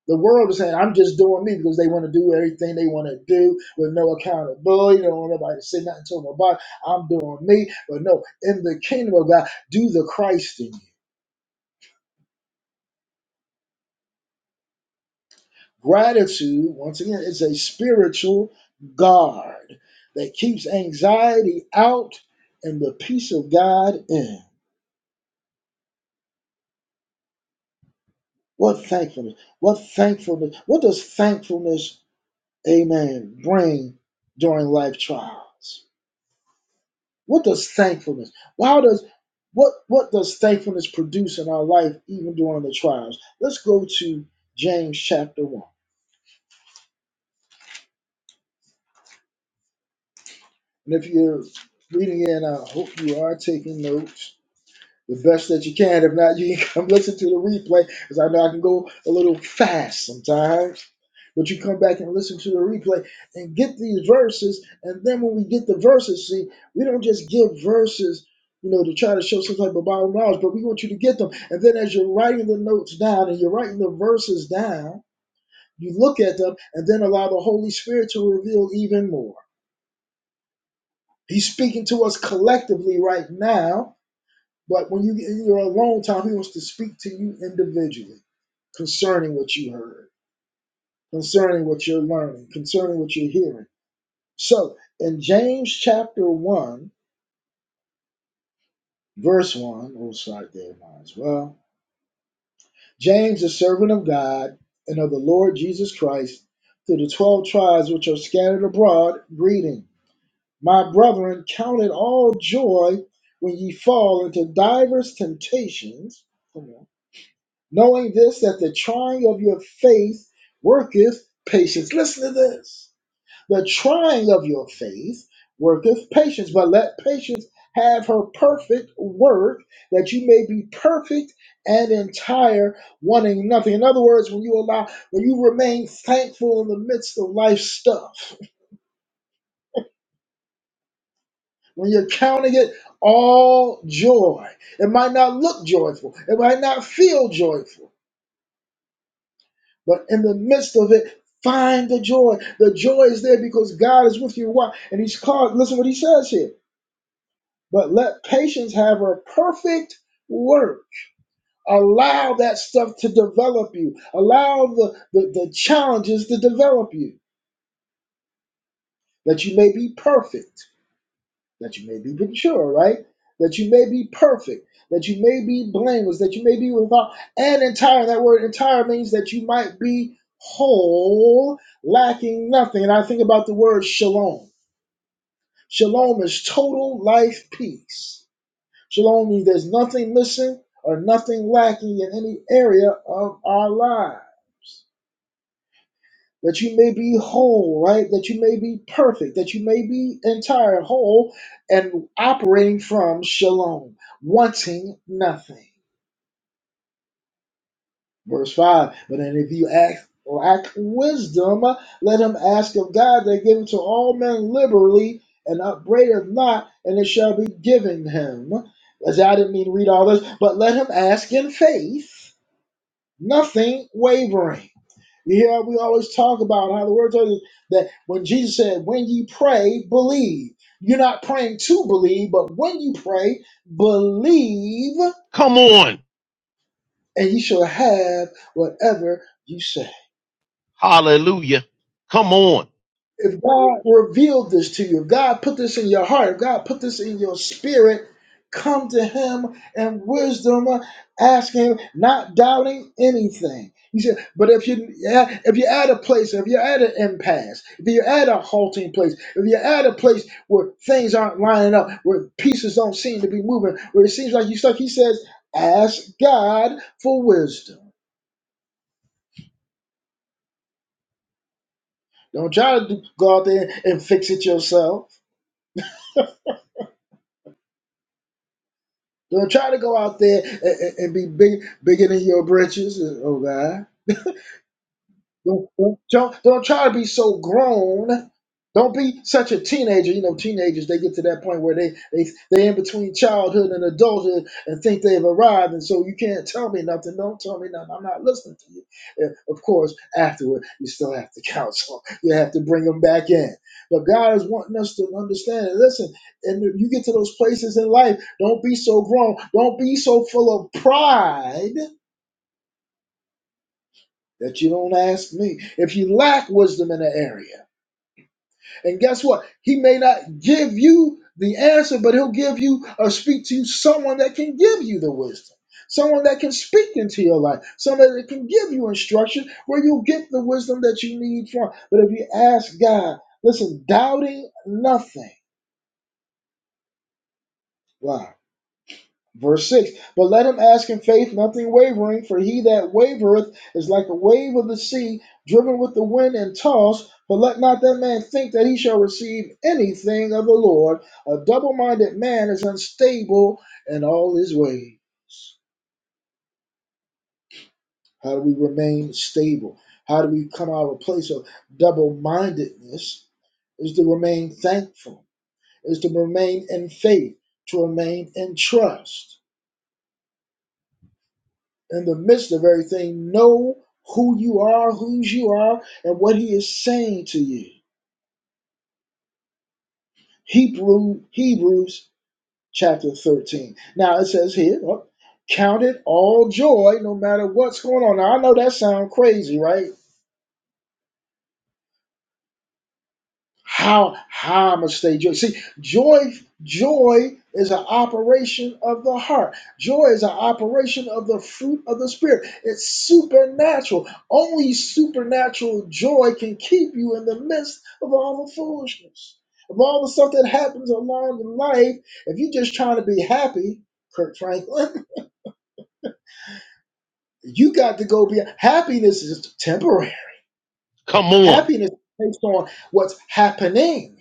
S1: The world is saying, I'm just doing me because they want to do everything they want to do with no accountability. They don't want nobody to say nothing to them about it. I'm doing me. But no, in the kingdom of God, do the Christ in you. Gratitude, once again, is a spiritual guard that keeps anxiety out and the peace of God in. What thankfulness. What thankfulness. What does thankfulness, amen, bring during life trials? What does thankfulness? Well, how does what what does thankfulness produce in our life, even during the trials? Let's go to James chapter one. And if you're reading it, I hope you are taking notes. the best that you can. If not, you can come listen to the replay because I know I can go a little fast sometimes. But you come back and listen to the replay and get these verses. And then when we get the verses, see, we don't just give verses, you know, to try to show some type of Bible knowledge, but we want you to get them. And then as you're writing the notes down and you're writing the verses down, you look at them and then allow the Holy Spirit to reveal even more. He's speaking to us collectively right now but when you, you're alone time, he wants to speak to you individually concerning what you heard, concerning what you're learning, concerning what you're hearing. So in James chapter 1, verse 1, we'll start there, might as well. James, the servant of God and of the Lord Jesus Christ, to the 12 tribes which are scattered abroad, greeting. My brethren, count it all joy when ye fall into divers temptations. Come on. knowing this that the trying of your faith worketh patience. Listen to this. The trying of your faith worketh patience, but let patience have her perfect work, that you may be perfect and entire, wanting nothing. In other words, when you allow, when you remain thankful in the midst of life stuff, when you're counting it all joy, it might not look joyful, it might not feel joyful. But in the midst of it, find the joy. The joy is there because God is with you. Why? And he's called, listen what he says here. But let patience have her perfect work. Allow that stuff to develop you. Allow the, the, the challenges to develop you that you may be perfect that you may be mature, right? That you may be perfect, that you may be blameless, that you may be without and entire. That word entire means that you might be whole, lacking nothing. And I think about the word shalom. Shalom is total life peace. Shalom means there's nothing missing or nothing lacking in any area of our lives. that you may be whole, right? That you may be perfect, that you may be entire, whole, and operating from shalom, wanting nothing. Verse 5 But then if you ask, lack wisdom, let him ask of God that giveth to all men liberally and upbraideth not, and it shall be given him. As I didn't mean to read all this, but let him ask in faith, nothing wavering. Yeah, we always talk about how the word tells us that when Jesus said, when you pray, believe. You're not praying to believe, but when you pray, believe,
S4: Come on.
S1: and you shall have whatever you say.
S4: Hallelujah. Come on.
S1: if God revealed this to you, if God put this in your heart, if God put this in your spirit, come to Him in wisdom, ask Him, not doubting anything. He said, but if you if you're at a place, if you're at an impasse, if you're at a halting place, if you're at a place where things aren't lining up, where pieces don't seem to be moving, where it seems like you stuck, he says, ask God for wisdom. Don't try to go out there and fix it yourself. Don't try to go out there and, and- and be big, bigger than your britches. Oh God. Don't, don't, don't don't try to be so grown. Don't be such a teenager. You know, teenagers they get to that point where they they they in between childhood and adulthood and think they've arrived, and so you can't tell me nothing. Don't tell me nothing. I'm not listening to you. And of course, afterward you still have to counsel. You have to bring them back in. But God is wanting us to understand. And listen, and if you get to those places in life, don't be so grown. Don't be so full of pride that you don't ask me. If you lack wisdom in an area. And guess what? He may not give you the answer, but he'll give you or speak to you someone that can give you the wisdom, someone that can speak into your life, someone that can give you instruction where you'll get the wisdom that you need from. But if you ask God, listen, doubting nothing. Wow Verse 6 But let him ask in faith, nothing wavering, for he that wavereth is like a wave of the sea, driven with the wind and tossed. But let not that man think that he shall receive anything of the Lord. A double minded man is unstable in all his ways. How do we remain stable? How do we come out of a place of double mindedness? Is to remain thankful, is to remain in faith, to remain in trust in the midst of everything, know who you are, whose you are, and what he is saying to you. Hebrew, Hebrews chapter 13. Now it says here, oh, count it all joy no matter what's going on. Now I know that sounds crazy, right? How how much they joy. See, joy joy is an operation of the heart. Joy is an operation of the fruit of the spirit. It's supernatural. Only supernatural joy can keep you in the midst of all the foolishness. Of all the stuff that happens along in life, if you're just trying to be happy, Kirk Franklin, you got to go be happiness is temporary.
S4: Come on.
S1: Happiness is based on what's happening.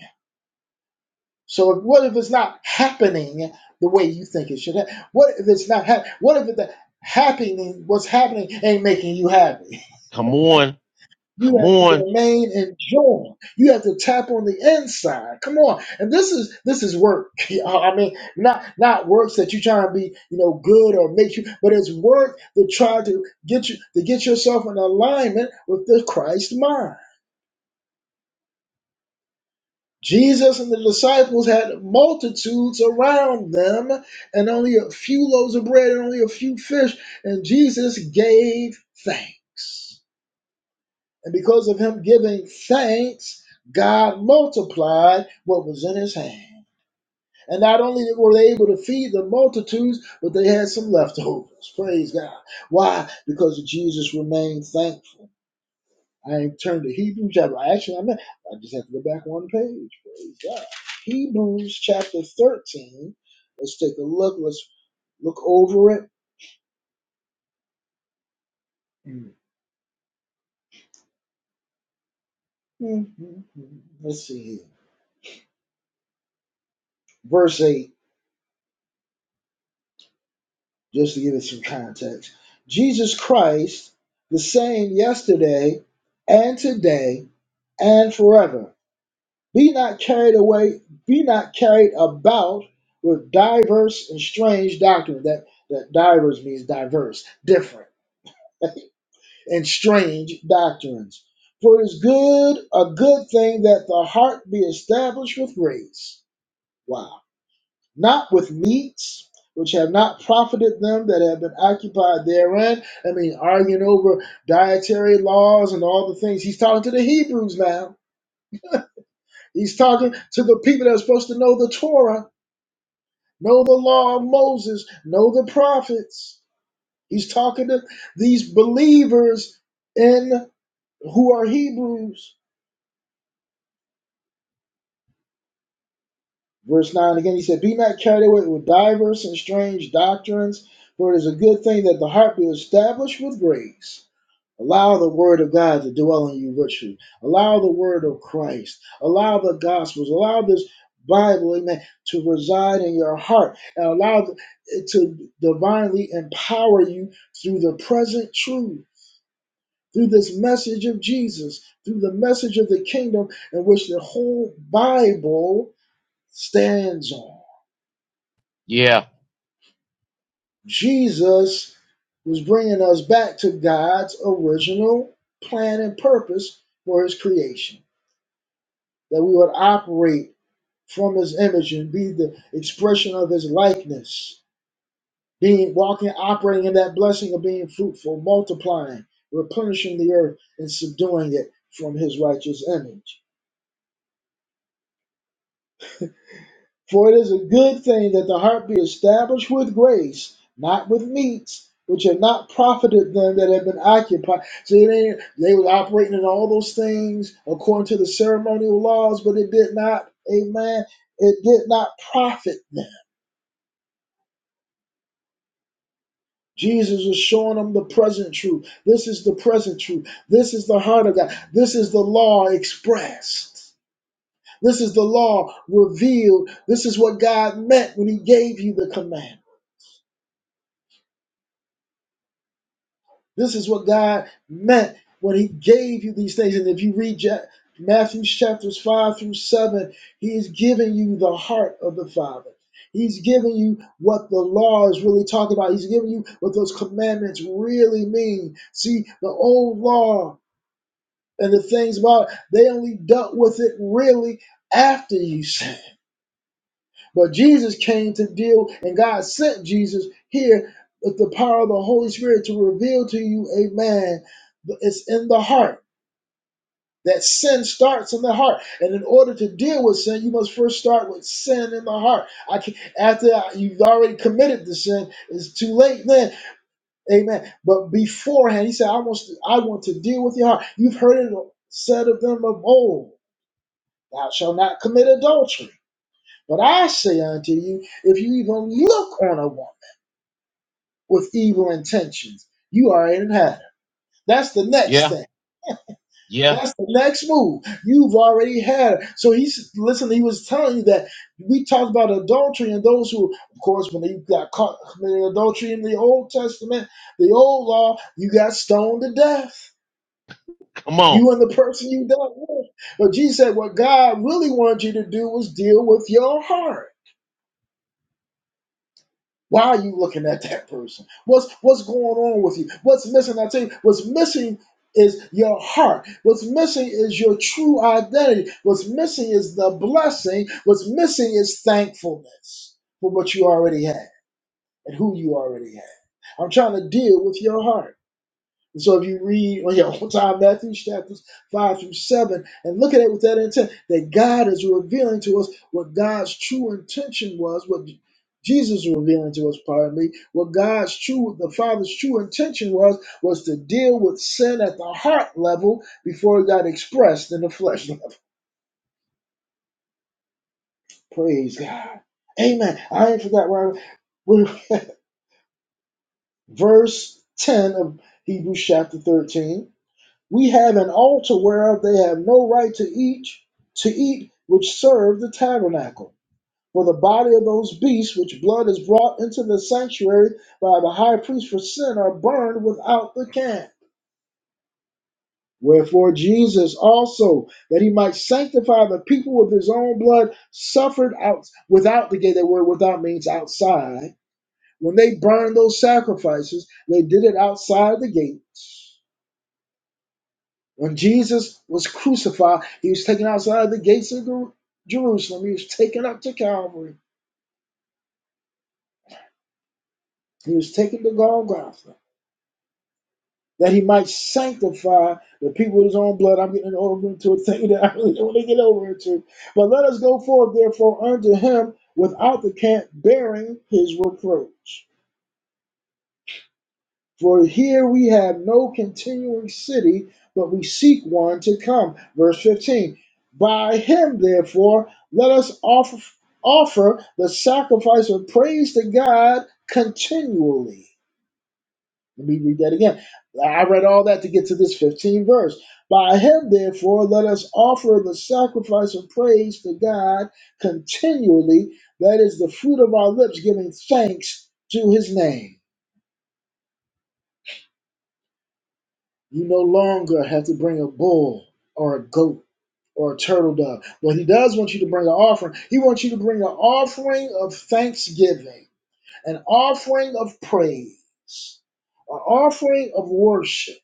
S1: So if, what if it's not happening the way you think it should? Ha- what if it's not happening? What if the happening, what's happening, ain't making you happy?
S4: Come on.
S1: You
S4: Come
S1: have to
S4: on.
S1: remain in joy. You have to tap on the inside. Come on, and this is this is work. You know, I mean, not not works that you trying to be, you know, good or make you, but it's work to try to get you to get yourself in alignment with the Christ mind. Jesus and the disciples had multitudes around them, and only a few loaves of bread and only a few fish. And Jesus gave thanks. And because of him giving thanks, God multiplied what was in his hand. And not only were they able to feed the multitudes, but they had some leftovers. Praise God. Why? Because Jesus remained thankful. I ain't turned to Hebrews chapter. Actually, I'm. At, I just have to go back one page. Praise God. Hebrews chapter thirteen. Let's take a look. Let's look over it. Mhm. Let's see here. Verse eight, just to give it some context. Jesus Christ, the same yesterday and today and forever. Be not carried away. Be not carried about with diverse and strange doctrine. That that diverse means diverse, different. and strange doctrines. For it is good, a good thing that the heart be established with grace. Wow. Not with meats, which have not profited them that have been occupied therein. I mean, arguing over dietary laws and all the things. He's talking to the Hebrews now. He's talking to the people that are supposed to know the Torah, know the law of Moses, know the prophets. He's talking to these believers in who are Hebrews Verse 9 again, he said, Be not carried away with divers and strange doctrines, for it is a good thing that the heart be established with grace. Allow the word of God to dwell in you richly. Allow the word of Christ. Allow the gospels. Allow this Bible, amen, to reside in your heart and allow it to divinely empower you through the present truth, through this message of Jesus, through the message of the kingdom in which the whole Bible stands on.
S4: Yeah.
S1: Jesus was bringing us back to God's original plan and purpose for his creation, that we would operate from his image and be the expression of his likeness, being walking, operating in that blessing of being fruitful, multiplying, replenishing the earth, and subduing it from his righteous image. For it is a good thing that the heart be established with grace, not with meats, which have not profited them that have been occupied. See, they, they were operating in all those things according to the ceremonial laws, but it did not, amen, it did not profit them. Jesus was showing them the present truth. This is the present truth. This is the heart of God. This is the law expressed. This is the law revealed. This is what God meant when He gave you the command. This is what God meant when He gave you these things. And if you read Ja- Matthew chapters 5 through 7, He is giving you the heart of the Father. He's giving you what the law is really talking about. He's giving you what those commandments really mean. See, the old law and the things about it, they only dealt with it really after you sinned. But Jesus came to deal, and God sent Jesus here with the power of the Holy Spirit to reveal to you, amen. It's in the heart. That sin starts in the heart. And in order to deal with sin, you must first start with sin in the heart. I can, after you've already committed the sin, it's too late then. Amen. But beforehand, he said, I want, to, I want to deal with your heart. You've heard it said of them of old, thou shalt not commit adultery. But I say unto you, if you even look on a woman with evil intentions, you already had her. That's the next
S4: Yeah.
S1: thing.
S4: Yeah.
S1: That's the next move. You've already had her. So he's listen. He was telling you that we talked about adultery and those who, of course, when they got caught committing adultery in the Old Testament, the old law, you got stoned to death.
S4: Come on.
S1: You and the person you dealt with. But Jesus said, what God really wanted you to do was deal with your heart Why are you looking at that person? What's what's going on with you? What's missing? I tell you, what's missing is your heart. What's missing is your true identity. What's missing is the blessing. What's missing is thankfulness for what you already had and who you already had. I'm trying to deal with your heart. And So if you read on your own time Matthew chapters five through seven and look at it with that intent that God is revealing to us what God's true intention was, what Jesus is revealing to us, pardon me, what God's true, the Father's true intention was, was to deal with sin at the heart level before it got expressed in the flesh level. Praise God. Amen. I ain't forgot where I verse 10 of Hebrews chapter 13 We have an altar whereof they have no right to eat, to eat which serve the tabernacle. For the body of those beasts which blood is brought into the sanctuary by the high priest for sin are burned without the camp. Wherefore Jesus also, that he might sanctify the people with his own blood, suffered out without the gate. That word without means outside. When they burned those sacrifices, they did it outside the gates When Jesus was crucified, he was taken outside the gates of Jerusalem. He was taken up to Calvary. He was taken to Golgotha that he might sanctify the people with his own blood. I'm getting over into a thing that I really don't want to get over into. But let us go forth, therefore, unto him without the camp, bearing his reproach. For here we have no continuing city, but we seek one to come. Verse 15. By him, therefore, let us offer, offer the sacrifice of praise to God continually. Let me read that again. I read all that to get to this 15 verse. By him, therefore, let us offer the sacrifice of praise to God continually. That is the fruit of our lips, giving thanks to his name. You no longer have to bring a bull or a goat or a turtle dove. But he does want you to bring an offering. He wants you to bring an offering of thanksgiving, an offering of praise, an offering of worship.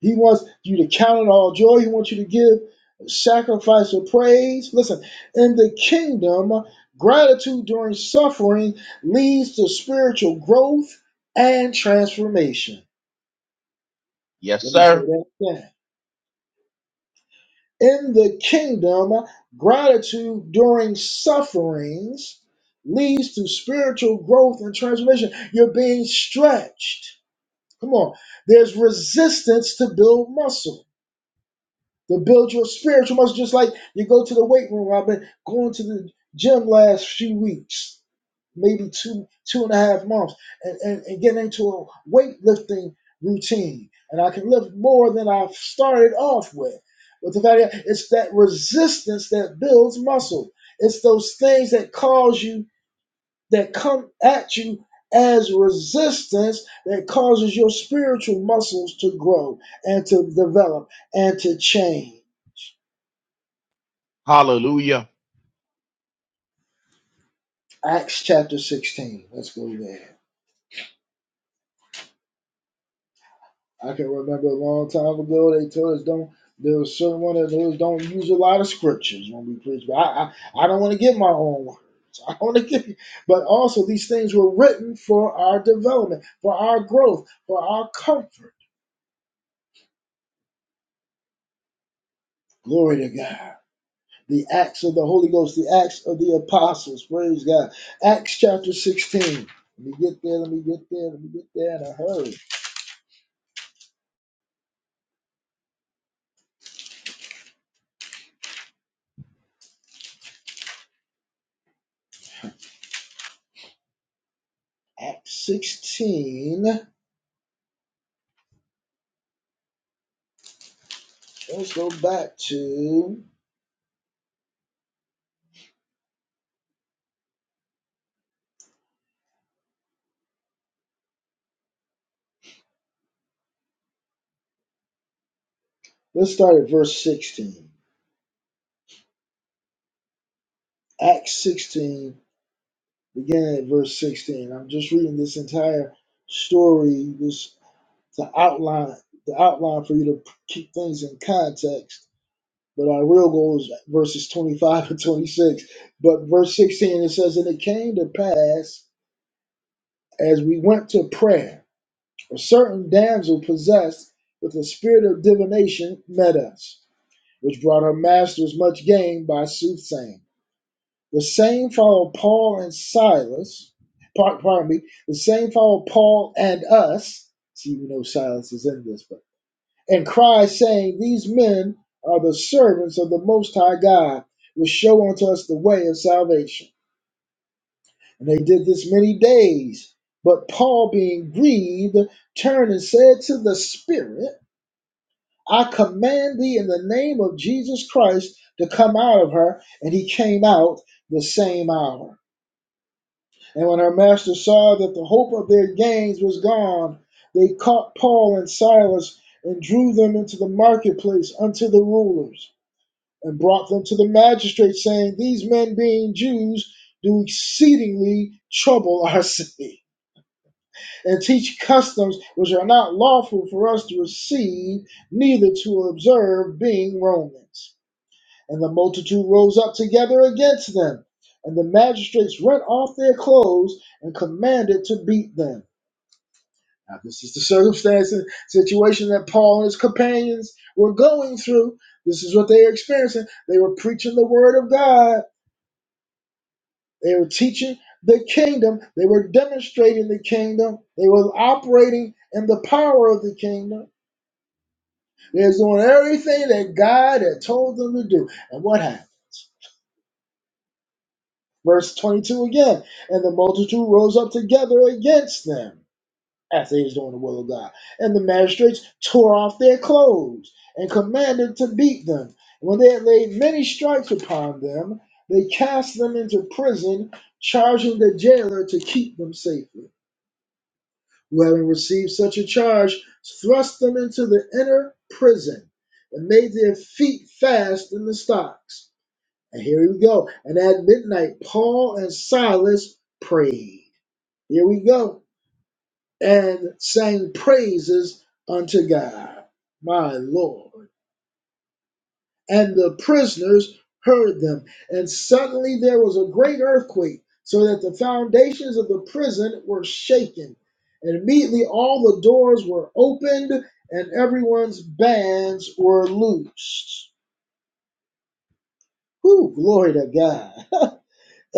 S1: He wants you to count it all joy. He wants you to give a sacrifice of praise. Listen, in the kingdom, gratitude during suffering leads to spiritual growth and transformation.
S4: Yes,
S1: Let me say
S4: sir.
S1: that again. In the kingdom, gratitude during sufferings leads to spiritual growth and transformation. You're being stretched. Come on. There's resistance to build muscle, to build your spiritual muscle, just like you go to the weight room. I've been going to the gym last few weeks maybe two two and a half months and, and, and get into a weightlifting routine and i can lift more than i've started off with but the fact is, it's that resistance that builds muscle it's those things that cause you that come at you as resistance that causes your spiritual muscles to grow and to develop and to change
S4: Hallelujah.
S1: acts chapter 16 let's go there I can remember a long time ago they told us don't. There was certain one that told us don't use a lot of scriptures when we preach. But I, I, I don't want to give my own words. I want to give, but also these things were written for our development, for our growth, for our comfort. Glory to God. The acts of the Holy Ghost, the acts of the apostles. Praise God. Acts chapter sixteen. Let me get there. Let me get there. Let me get there in a hurry. Acts sixteen. Let's go back to. Let's start at verse 16. Acts 16, beginning at verse 16. I'm just reading this entire story this to outline the outline for you to keep things in context. But our real goal is verses 25 and 26. But verse 16 it says, And it came to pass as we went to prayer, a certain damsel possessed with a spirit of divination met us, which brought her masters much gain by soothsaying. The same followed Paul and Silas. Par- Pardon me. The same followed Paul and us. See, we know Silas is in this, but and cried, saying, These men are the servants of the Most High God, which show unto us the way of salvation. And they did this many days. But Paul, being grieved, turned and said to the Spirit, I command thee in the name of Jesus Christ to come out of her. And he came out the same hour. And when our master saw that the hope of their gains was gone, they caught Paul and Silas and drew them into the marketplace unto the rulers and brought them to the magistrates, saying, These men, being Jews, do exceedingly trouble our city and teach customs which are not lawful for us to receive, neither to observe, being Romans. And the multitude rose up together against them. And the magistrates rent off their clothes and commanded to beat them. Now, this is the circumstance and situation that Paul and his companions were going through. This is what they were experiencing. They were preaching the word of God, they were teaching the kingdom, they were demonstrating the kingdom, they were operating in the power of the kingdom. They were doing everything that God had told them to do. And what happened? Verse 22 again, and the multitude rose up together against them after they was doing the will of God. And the magistrates tore off their clothes and commanded to beat them. when they had laid many stripes upon them, they cast them into prison, charging the jailer to keep them safely. Who having received such a charge, thrust them into the inner prison and made their feet fast in the stocks and here we go. And at midnight, Paul and Silas prayed. Here we go. And sang praises unto God, my Lord. And the prisoners heard them. And suddenly there was a great earthquake, so that the foundations of the prison were shaken. And immediately all the doors were opened, and everyone's bands were loosed. Whew, glory to God.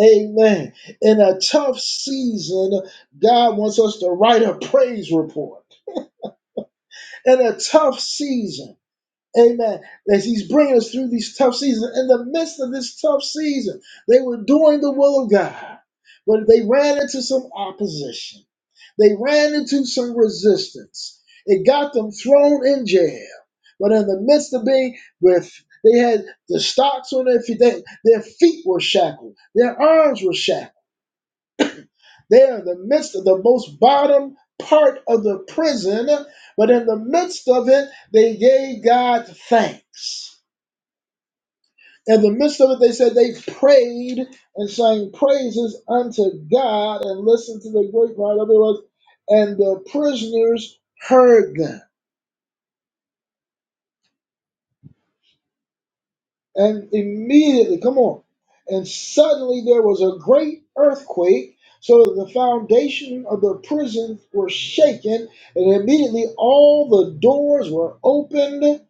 S1: Amen. In a tough season, God wants us to write a praise report. In a tough season, amen, as He's bringing us through these tough seasons, in the midst of this tough season, they were doing the will of God, but they ran into some opposition. They ran into some resistance. It got them thrown in jail. But in the midst of being with, they had the stocks on their feet, they, their feet were shackled, their arms were shackled. They are in the midst of the most bottom part of the prison, but in the midst of it, they gave God thanks. In the midst of it, they said they prayed and sang praises unto God and listened to the great cry. In other and the prisoners heard them. And immediately, come on. And suddenly there was a great earthquake, so that the foundation of the prison were shaken, and immediately all the doors were opened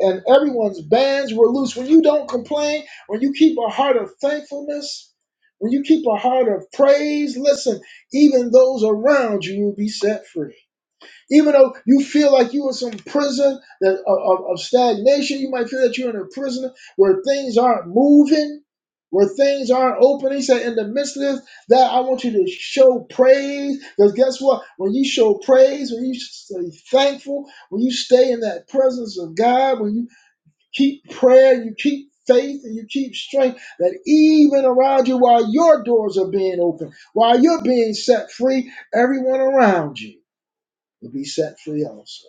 S1: and everyone's bands were loose. When you don't complain, when you keep a heart of thankfulness, when you keep a heart of praise, listen, even those around you will be set free. Even though you feel like you're in some prison that, of, of stagnation, you might feel that you're in a prison where things aren't moving, where things aren't open. He said, in the midst of this, that I want you to show praise. Because guess what? When you show praise, when you stay thankful, when you stay in that presence of God, when you keep prayer, you keep faith, and you keep strength, that even around you, while your doors are being open, while you're being set free, everyone around you will be set free also.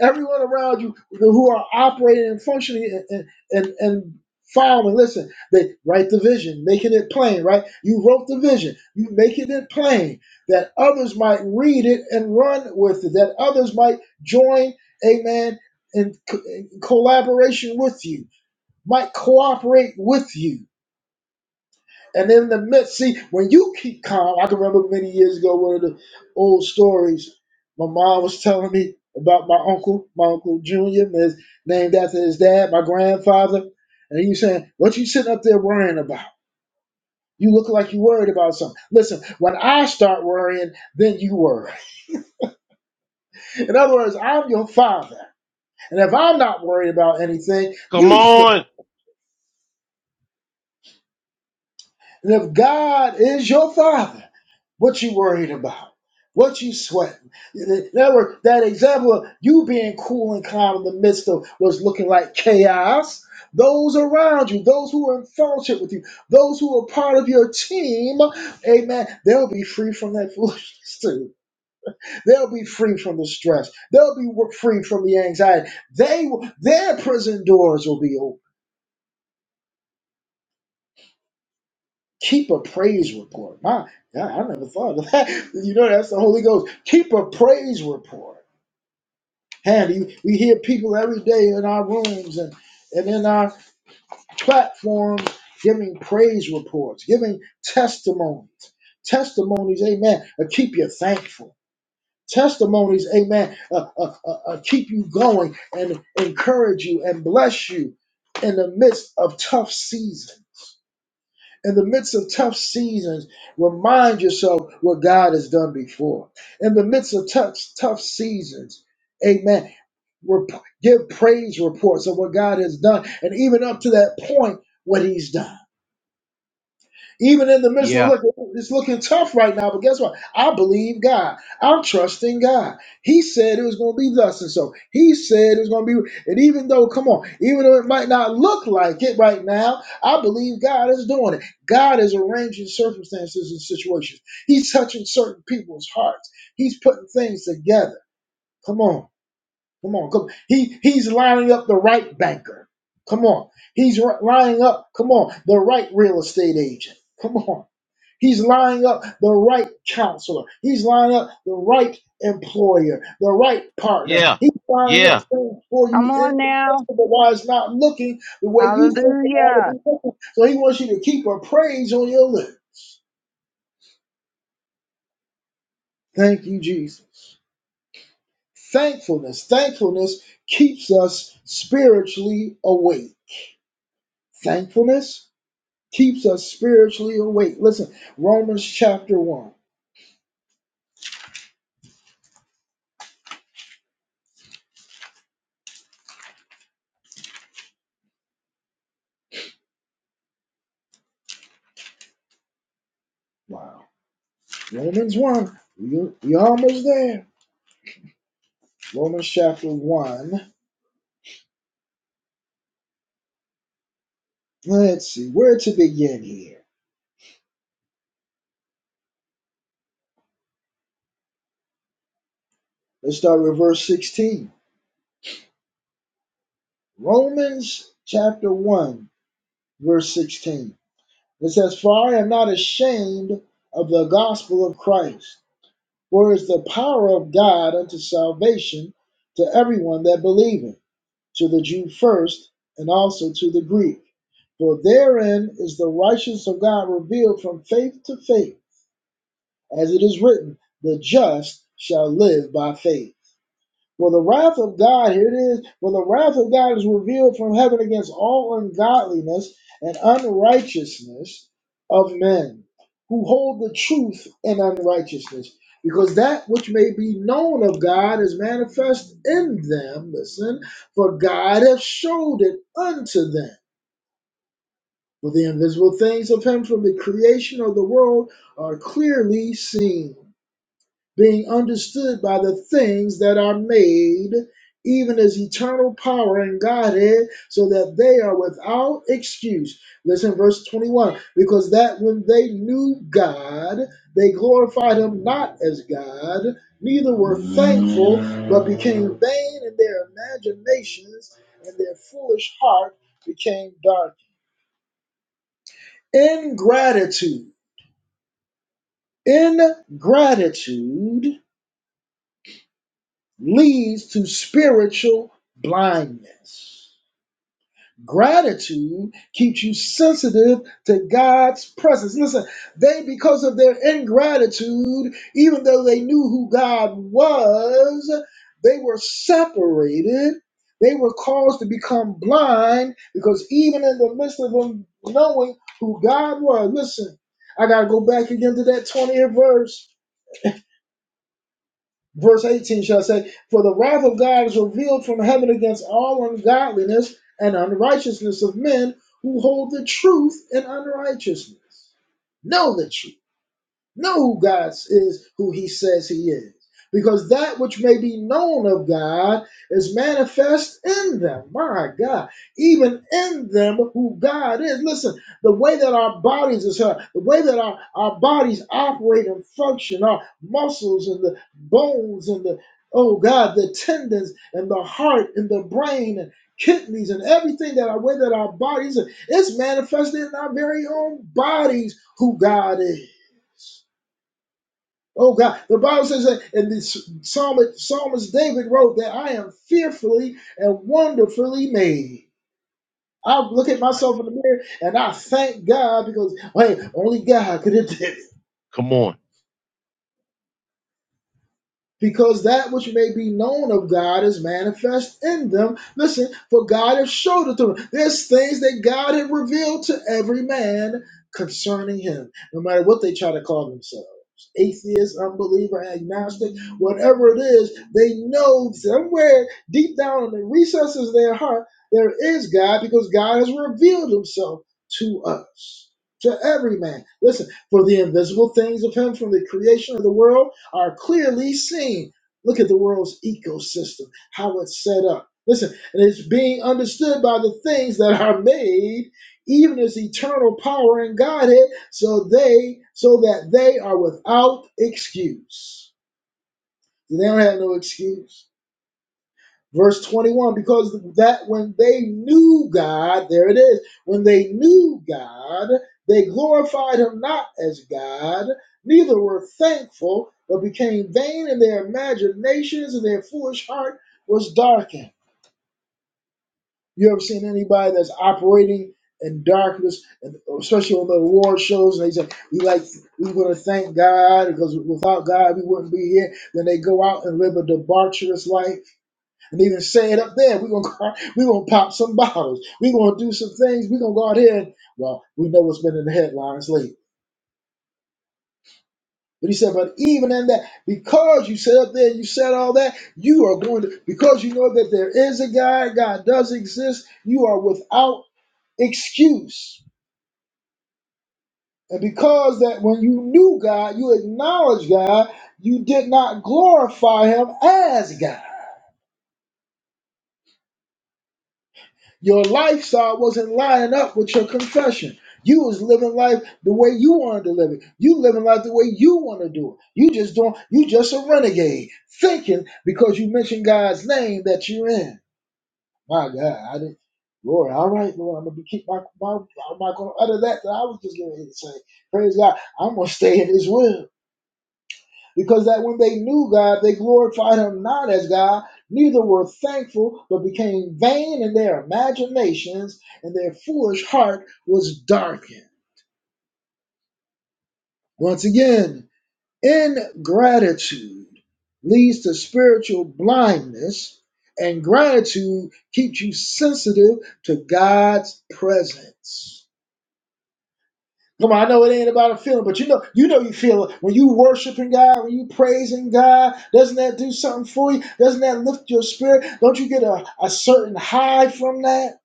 S1: Everyone around you who are operating and functioning and and, and following, listen, they write the vision, making it plain, right? You wrote the vision, you making it plain that others might read it and run with it, that others might join, amen, in, co- in collaboration with you, might cooperate with you and in the midst, see, when you keep calm, I can remember many years ago one of the old stories my mom was telling me about my uncle, my uncle Junior, is named after his dad, my grandfather. And he was saying, What you sitting up there worrying about? You look like you worried about something. Listen, when I start worrying, then you worry. In other words, I'm your father. And if I'm not worried about anything,
S4: Come
S1: you should.
S4: on.
S1: And if God is your father, what you worried about? What you sweating? In other words, that example of you being cool and calm in the midst of what's looking like chaos, those around you, those who are in fellowship with you, those who are part of your team, amen, they'll be free from that foolishness too. They'll be free from the stress. They'll be wo- free from the anxiety. They, will- Their prison doors will be open Keep a praise report. My, God, I never thought of that. You know, that's the Holy Ghost. Keep a praise report. And you- we hear people every day in our rooms and, and in our platforms giving praise reports, giving testimonies. Testimonies, amen, uh, keep you thankful. Testimonies, amen, uh, uh, uh, uh, keep you going and encourage you and bless you in the midst of tough seasons in the midst of tough seasons, remind yourself what God has done before. In the midst of tough, tough seasons, amen. Rep- give praise reports of what God has done, and even up to that point, what He's done. Even in the midst of
S4: Yeah.
S1: look, it's looking tough right now. But guess what? I believe God. I'm trusting God. He said it was going to be thus and so. He said it was going to be. And even though, come on, even though it might not look like it right now, I believe God is doing it. God is arranging circumstances and situations. He's touching certain people's hearts. He's putting things together. Come on. Come on, come. He he's lining up the right banker. Come on, he's ri- lining up. Come on, the right real estate agent. Come on, he's lining up the right counselor. He's lining up the right employer, the right partner.
S4: Yeah.
S1: He's lining up
S4: Yeah.
S1: things for you
S5: Come
S1: in
S5: on
S1: the midst
S5: now.
S1: of the wise not looking the way you think it ought to
S5: Hallelujah.
S1: be looking. So he wants you to keep a praise on your lips. Thank you, Jesus. Thankfulness, thankfulness keeps us spiritually awake. Thankfulness keeps us spiritually awake. Listen, Romans chapter 1. Wow. Romans 1. You, you're almost there. Romans chapter 1. Let's see where to begin here. Let's start with verse 16. Romans chapter 1, verse 16. It says, For I am not ashamed of the gospel of Christ, for it is the power of God unto salvation to everyone that believeth to the Jew first, and also to the Greek. For therein is the righteousness of God revealed from faith to faith, as it is written, the just shall live by faith. Well, the wrath of God, here it is. Well, the wrath of God is revealed from heaven against all ungodliness and unrighteousness of men who hold the truth in unrighteousness, because that which may be known of God is manifest in them. Listen, for God hath showed it unto them. For the invisible things of him from the creation of the world are clearly seen being understood by the things that are made, even his eternal power and Godhead, so that they are without excuse. Listen, verse 21 because that when they knew God, they glorified him not as God, neither were thankful, but became vain in their imaginations, and their foolish heart became dark. Ingratitude. Ingratitude leads to spiritual blindness. Gratitude keeps you sensitive to God's presence. Listen, they, because of their ingratitude, even though they knew who God was, they were separated. They were caused to become blind because even in the midst of them knowing who God was, listen, I got to go back again to that 20th verse verse 18 shall say, For the wrath of God is revealed from heaven against all ungodliness and unrighteousness of men who hold the truth in unrighteousness. Know the truth know who God is, who he says he is. Because that which may be known of God is manifest in them. My God, even in them who God is. Listen, the way that our bodies is hurt, the way that our, our bodies operate and function, our muscles and the bones and the, oh God, the tendons and the heart and the brain and kidneys and everything that our way that our bodies are, it's manifested in our very own bodies who God is. Oh God, the Bible says that, and the psalmist, psalmist David wrote that I am fearfully and wonderfully made. I look at
S4: That's right.
S1: myself in the mirror and I thank God because hey, only God could have. did
S4: Come on.
S1: because that which may be known of God is manifest in them. Listen, for God has showed it to them. There's things that God had revealed to every man concerning him, no matter what they try to call themselves. Atheist, unbeliever, agnostic, whatever it is, they know somewhere deep down in the recesses of their heart there is God because God has revealed himself to us, to every man. Listen, for the invisible things of him from the creation of the world are clearly seen. Look at the world's ecosystem, how it's set up. Listen, and it's being understood by the things that are made, even as eternal power in Godhead, so they so that they are without excuse. They don't have no excuse verse 21 because that when they knew god there it is when they knew god they glorified him not as god neither were thankful but became vain in their imaginations and their foolish heart was darkened you ever seen anybody that's operating in darkness and especially on the award shows and they say we like we want to thank god because without god we wouldn't be here then they go out and live a debaucherous life and even say it up there, we're gonna go out- we gonna pop some bottles. We're gonna do some things. We're gonna go out here and well, we know what's been in the headlines lately. But he said, but even in that, because you said up there, you said all that, you are going to because you know that there is a God, God does exist, you are without excuse. And because that when you knew God, you acknowledged God, you did not glorify him as God. Your lifestyle wasn't lining up with your confession. You was living life the way you wanted to live it. You living life the way you want to do it. You just don't. You just a renegade, thinking because you mentioned God's name that you're in. My God, I didn't. Lord, all right, Lord, I'm gonna be keep my my. I'm not gonna utter that that I was just gonna say. Praise God, I'm gonna stay in His will. Because that when they knew God, they glorified him not as God, neither were thankful, but became vain in their imaginations, and their foolish heart was darkened. Once again, ingratitude leads to spiritual blindness, and gratitude keeps you sensitive to God's presence. Come on, I know it ain't about a feeling, but you know, you know, you feel it when you worshiping God, when you praising God. Doesn't that do something for you? Doesn't that lift your spirit? Don't you get a, a certain high from that?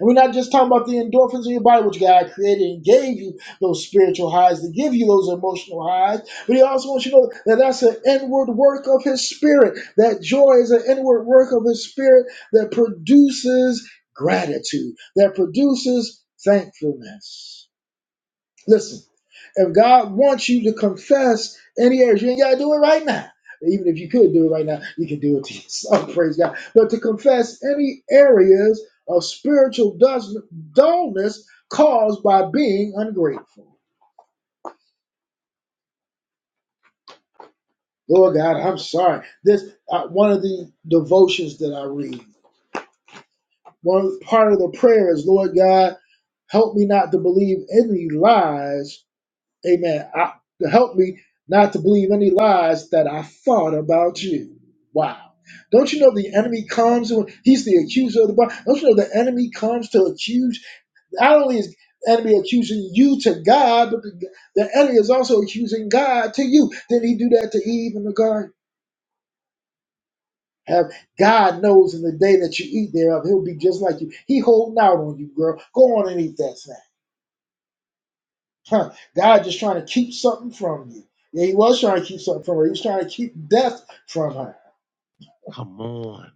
S1: And we're not just talking about the endorphins in your body, which God created and gave you those spiritual highs to give you those emotional highs. But He also wants you to know that that's an inward work of His Spirit. That joy is an inward work of His Spirit that produces gratitude, that produces thankfulness. Listen, if God wants you to confess any areas, you ain't got to do it right now. Even if you could do it right now, you can do it to yourself. Praise God. But to confess any areas of spiritual dus- dullness caused by being ungrateful. Lord God, I'm sorry. This uh, one of the devotions that I read. One part of the prayer is, Lord God, help me not to believe any lies Amen. I, to help me not to believe any lies that I thought about you. Wow. Don't you know the enemy comes? and- He's the accuser of the body. Don't you know the enemy comes to accuse? Not only is the enemy accusing you to God, but the, the enemy is also accusing God to you. Did he do that to Eve in the garden? Have God knows in the day that you eat thereof, he'll be just like you. He holding out on you, girl. Go on and eat that snack. Huh, God just trying to keep something from you. Yeah, he was trying to keep something from her. He was trying to keep death from her.
S4: Come on.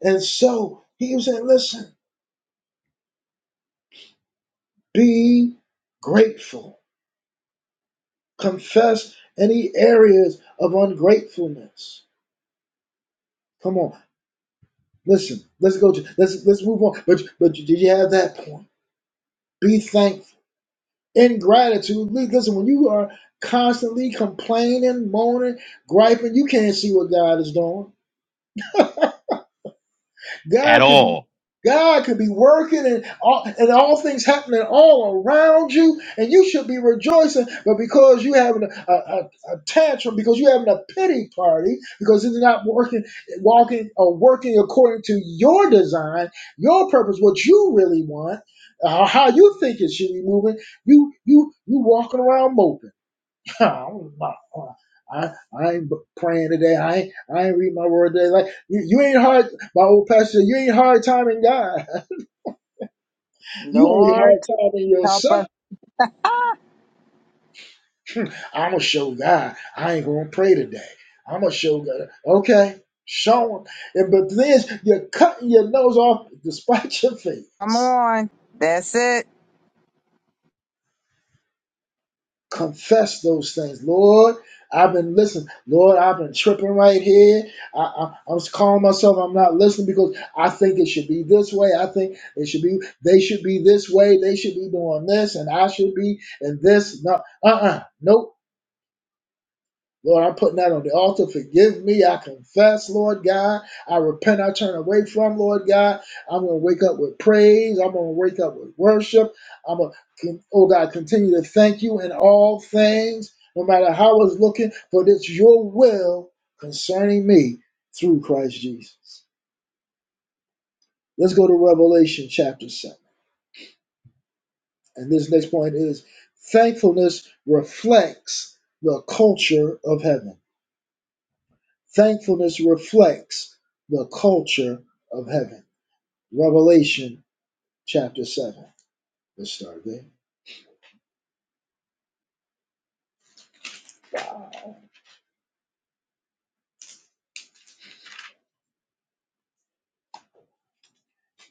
S1: And so he was saying, listen, be grateful. Confess any areas of ungratefulness. Come on. Listen, let's go to let's let's move on. But but did you have that point? Be thankful. Ingratitude. li- Listen, when you are constantly complaining, moaning, griping, you can't see what God is doing.
S4: At
S1: God could be
S4: all.
S1: God could be working and all, and all things happening all around you, and you should be rejoicing. But because you having a, a, a tantrum, because you having a pity party, because it's not working, walking or working according to your design, your purpose, what you really want, uh, how you think it should be moving, you you you walking around moping. Oh, my God. I, I ain't praying today. I ain't, I ain't read my word today. Like you, you ain't hard. My old pastor, said, you ain't hard timing God. You only
S5: Lord,
S1: hard timing
S5: help us.
S1: yourself.
S5: Ah,
S1: I'm gonna show God. I ain't gonna pray today. I'm gonna show God. Okay, show him. And, but then you're cutting your nose off despite your
S5: come
S1: face.
S5: on. That's it.
S1: confess those things. Lord, I've been listening. Lord, I've been tripping right here. I, I, I'm calling myself. I'm not listening because I think it should be this way. I think it should be. They should be this way. They should be doing this, and I should be in this. No, uh, uh nope. Lord, I'm putting that on the altar. Forgive me. I confess, Lord God. I repent. I turn away from, Lord God. I'm going to wake up with praise. I'm going to wake up with worship. I'm going to, oh God, continue to thank you in all things, no matter how it's looking, for it's your will concerning me through Christ Jesus. Let's go to Revelation chapter 7. And this next point is thankfulness reflects the culture of heaven. Thankfulness reflects the culture of heaven. Revelation chapter 7. Let's start there.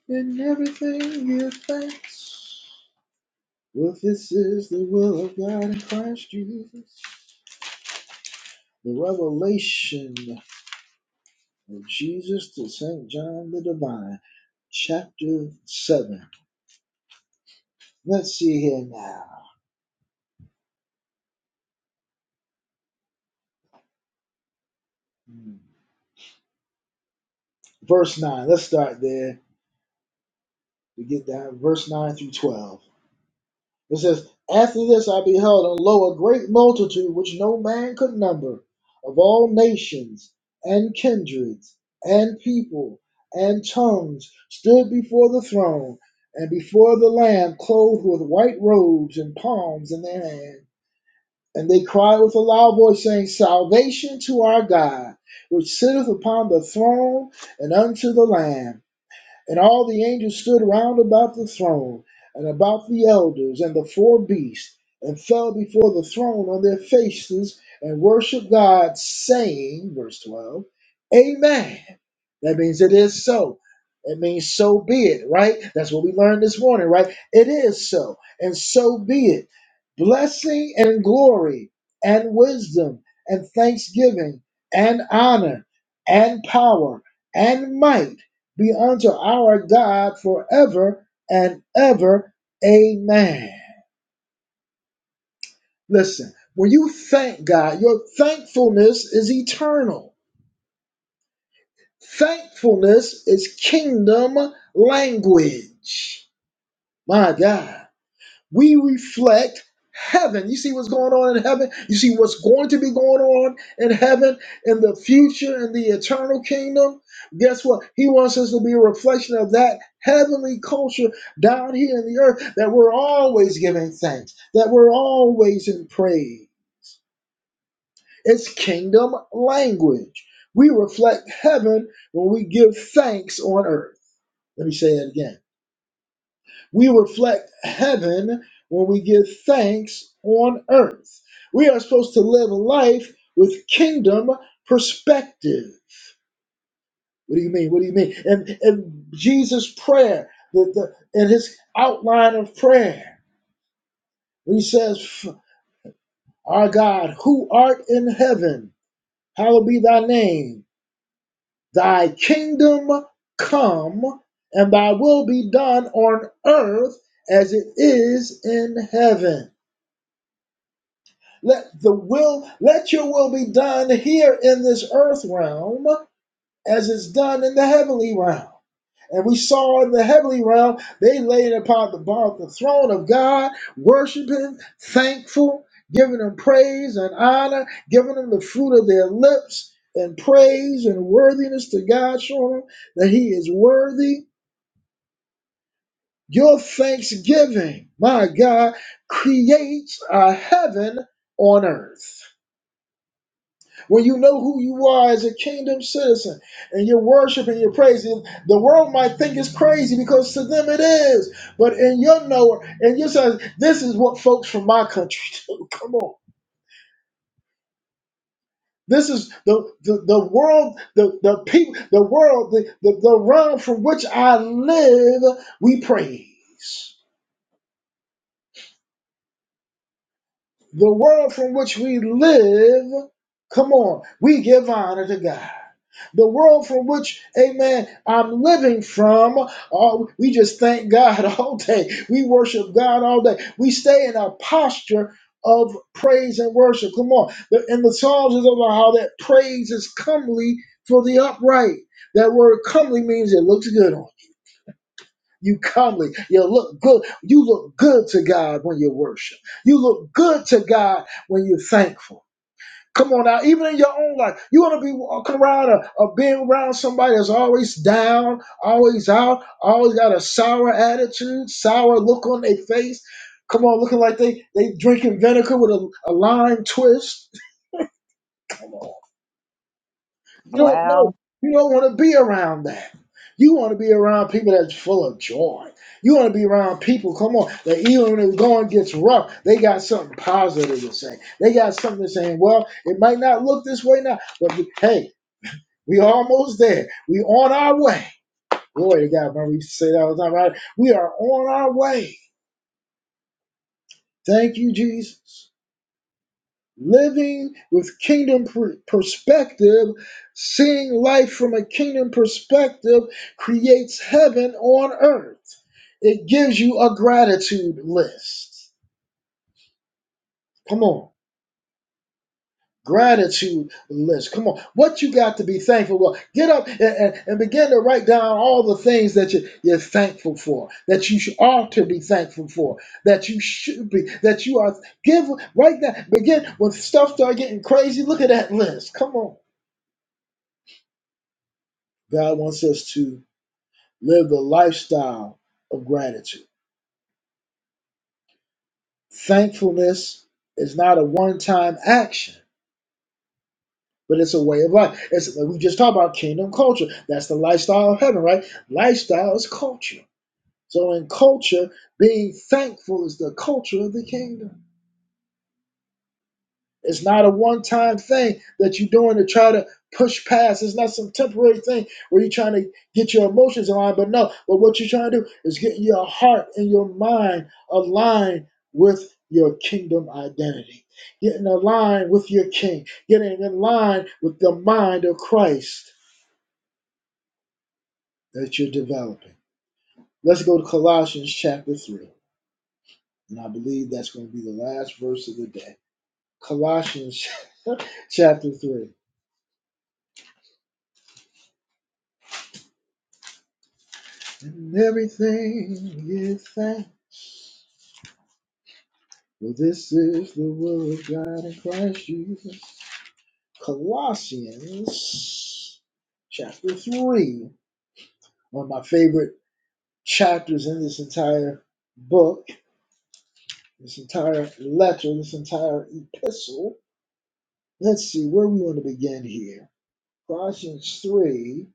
S1: In everything give thanks. Well, this is the will of God in Christ Jesus. The revelation of Jesus to St. John the Divine, chapter 7. Let's see here now. Hmm. Verse 9. Let's start there. We get down verse 9 through 12. It says, After this I beheld, and lo, a great multitude which no man could number, of all nations, and kindreds, and people, and tongues, stood before the throne, and before the Lamb, clothed with white robes, and palms in their hand. And they cried with a loud voice, saying, Salvation to our God, which sitteth upon the throne, and unto the Lamb. And all the angels stood round about the throne, and about the elders and the four beasts, and fell before the throne on their faces, and worshiped God, saying, verse 12, Amen. That means it is so. It means so be it, right? That's what we learned this morning, right? It is so, and so be it. Blessing and glory, and wisdom, and thanksgiving, and honor, and power, and might be unto our God forever and ever. Amen. Listen, when you thank God, your thankfulness is eternal. Thankfulness is kingdom language. My God. we reflect heaven. You see what's going on in heaven? You see what's going to be going on in heaven in the future in the eternal kingdom? Guess what? He wants us to be a reflection of that heavenly culture down here in the earth that we're always giving thanks, that we're always in praise. It's kingdom language. We reflect heaven when we give thanks on earth. Let me say that again We reflect heaven when we give thanks on earth. We are supposed to live a life with kingdom perspective. What do you mean? What do you mean? And and Jesus' prayer, the, the and his outline of prayer, he says, Our God, who art in heaven, hallowed be thy name, thy kingdom come, and thy will be done on earth as it is in heaven. Let the will, let your will be done here in this earth realm as it's done in the heavenly realm. And we saw in the heavenly realm, they laid upon the, upon the throne of God, worshiping, thankful, giving him praise and honor, giving him the fruit of their lips and praise and worthiness to God, showing him that he is worthy. Your thanksgiving, my God, creates a heaven on earth. When you know who you are as a kingdom citizen and you're worshiping, you're praising, the world might think it's crazy because to them it is. But in your knower, and you say, this is what folks from my country do. Come on. This is the, the, the world, the, the people, the world, the, the, the realm from which I live, we praise. the world from which we live, come on, we give honor to God. The world from which, amen, I'm living from, uh, we just thank God all day. We worship God all day. We stay in a posture of praise and worship. Come on. The- And the Psalms is about how that praise is comely for the upright. That word comely means it looks good on. you. You comely. You look good. You look good to God when you worship. You look good to God when you're thankful. Come on now, even in your own life, you want to be walking around or, or being around somebody that's always down, always out, always got a sour attitude, sour look on their face. Come on, looking like they they drinking vinegar with a, a lime twist. Come on. You don't know.
S5: Well,
S1: You don't want to be around that. You want to be around people that's full of joy. You want to be around people, come on, that even when the going gets rough, they got something positive to say. They got something to say. Well, it might not look this way now, but we, hey, we almost there. We on our way. Glory to God, man. We used to say that all the time, right? We are on our way. Thank you, Jesus. living with kingdom per- perspective, seeing life from a kingdom perspective creates heaven on earth. It gives you a gratitude list. Come on. Gratitude list. Come on. What you got to be thankful for. Get up and, and, and begin to write down all the things that you, you're thankful for, that you should, ought to be thankful for, that you should be, that you are give Write that. Begin when stuff start getting crazy. Look at that list. Come on God wants us to live the lifestyle of gratitude. Thankfulness is not a one time action, but it's a way of life. It's, like we just talked about kingdom culture. That's the lifestyle of heaven, right? Lifestyle is culture. So in culture, being thankful is the culture of the kingdom. It's not a one time thing that you're doing to try to push past. It's not some temporary thing where you're trying to get your emotions aligned. But no, but what you're trying to do is get your heart and your mind aligned with your kingdom identity, getting aligned with your king, getting in line with the mind of Christ that you're developing. Let's go to Colossians chapter 3. And I believe that's going to be the last verse of the day. Colossians chapter 3. And everything is thankful. this is the will of God in Christ Jesus. Colossians chapter 3, one of my favorite chapters in this entire book, this entire letter, this entire epistle. Let's see where we want to begin here. Colossians 3.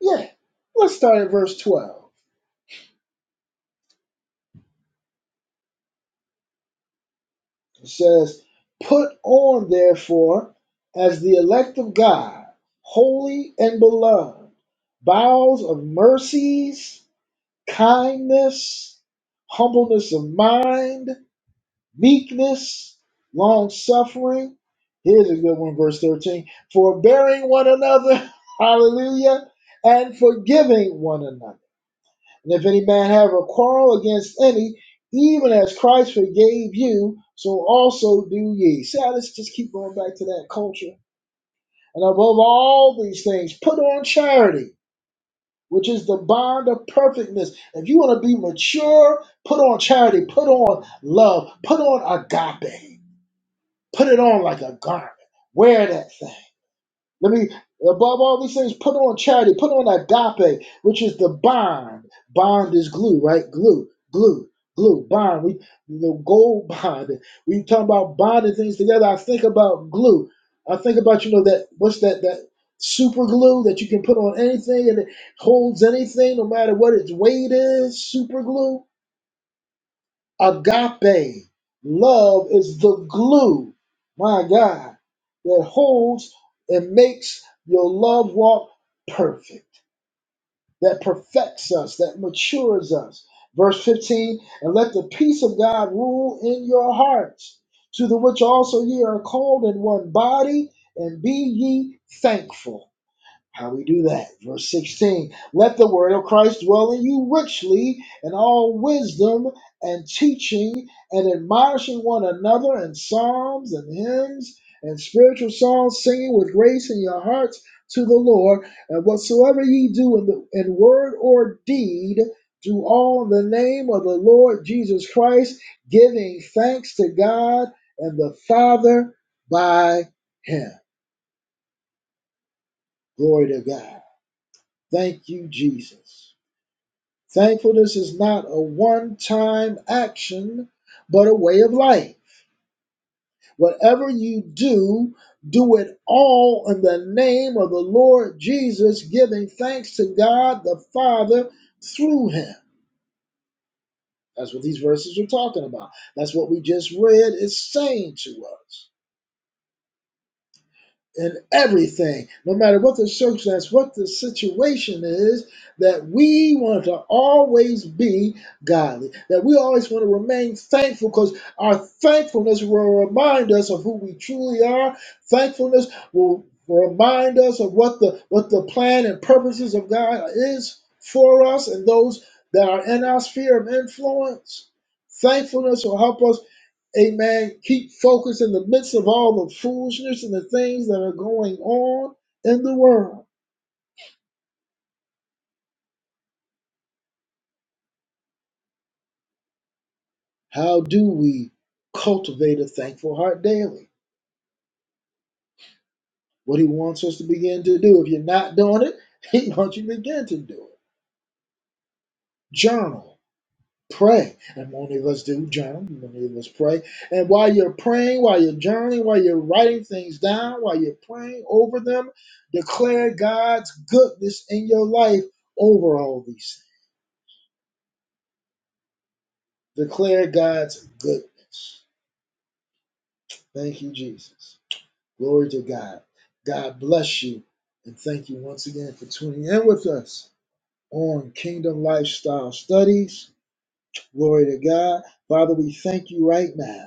S1: Yeah, let's start at verse 12. It says, Put on, therefore, as the elect of God, holy and beloved, bowels of mercies, kindness, humbleness of mind, meekness, long suffering. Here's a good one, verse 13 forbearing one another, hallelujah, and forgiving one another. And if any man have a quarrel against any, even as Christ forgave you, so also do ye. See how this just keep going back to that culture. And above all these things, put on charity, which is the bond of perfectness. If you want to be mature, put on charity, put on love, put on agape, put it on like a garment. Wear that thing. Let me, above all these things, put on charity, put on agape, which is the bond. Bond is glue, right? Glue, glue, glue, bond. We the gold bond. We talk about bonding things together. I think about glue. I think about you know that what's that that super glue that you can put on anything and it holds anything no matter what its weight is. Super glue Agape love is the glue, my God, that holds and makes your love walk perfect, that perfects us, that matures us. Verse 15, and let the peace of God rule in your hearts, to the which also ye are called in one body, and be ye thankful. How do we do that? Verse 16. Let the word of Christ dwell in you richly in all wisdom and teaching and admonishing one another in psalms and hymns and spiritual songs, singing with grace in your hearts to the Lord. And whatsoever ye do in, the, in word or deed, do all in the name of the Lord Jesus Christ, giving thanks to God and the Father by him. Glory to God. Thank you, Jesus. Thankfulness is not a one time action, but a way of life. Whatever you do, do it all in the name of the Lord Jesus, giving thanks to God the Father through him. That's what these verses are talking about. That's what we just read is saying to us. in everything, no matter what the circumstance, what the situation is, that we want to always be godly, that we always want to remain thankful because our thankfulness will remind us of who we truly are. Thankfulness will remind us of what the what the plan and purposes of God is for us and those that are in our sphere of influence. Thankfulness will help us Amen. Keep focused in the midst of all the foolishness and the things that are going on in the world. How do we cultivate a thankful heart daily? What he wants us to begin to do. If you're not doing it, he wants you to begin to do it. Journal, pray. And many of us do journal, many of us pray. And while you're praying, while you're journaling, while you're writing things down, while you're praying over them, declare God's goodness in your life over all these things. Declare God's goodness. Thank you, Jesus. Glory to God. God bless you. And thank you once again for tuning in with us on Kingdom Lifestyle Studies. Glory to God. Father, we thank you right now.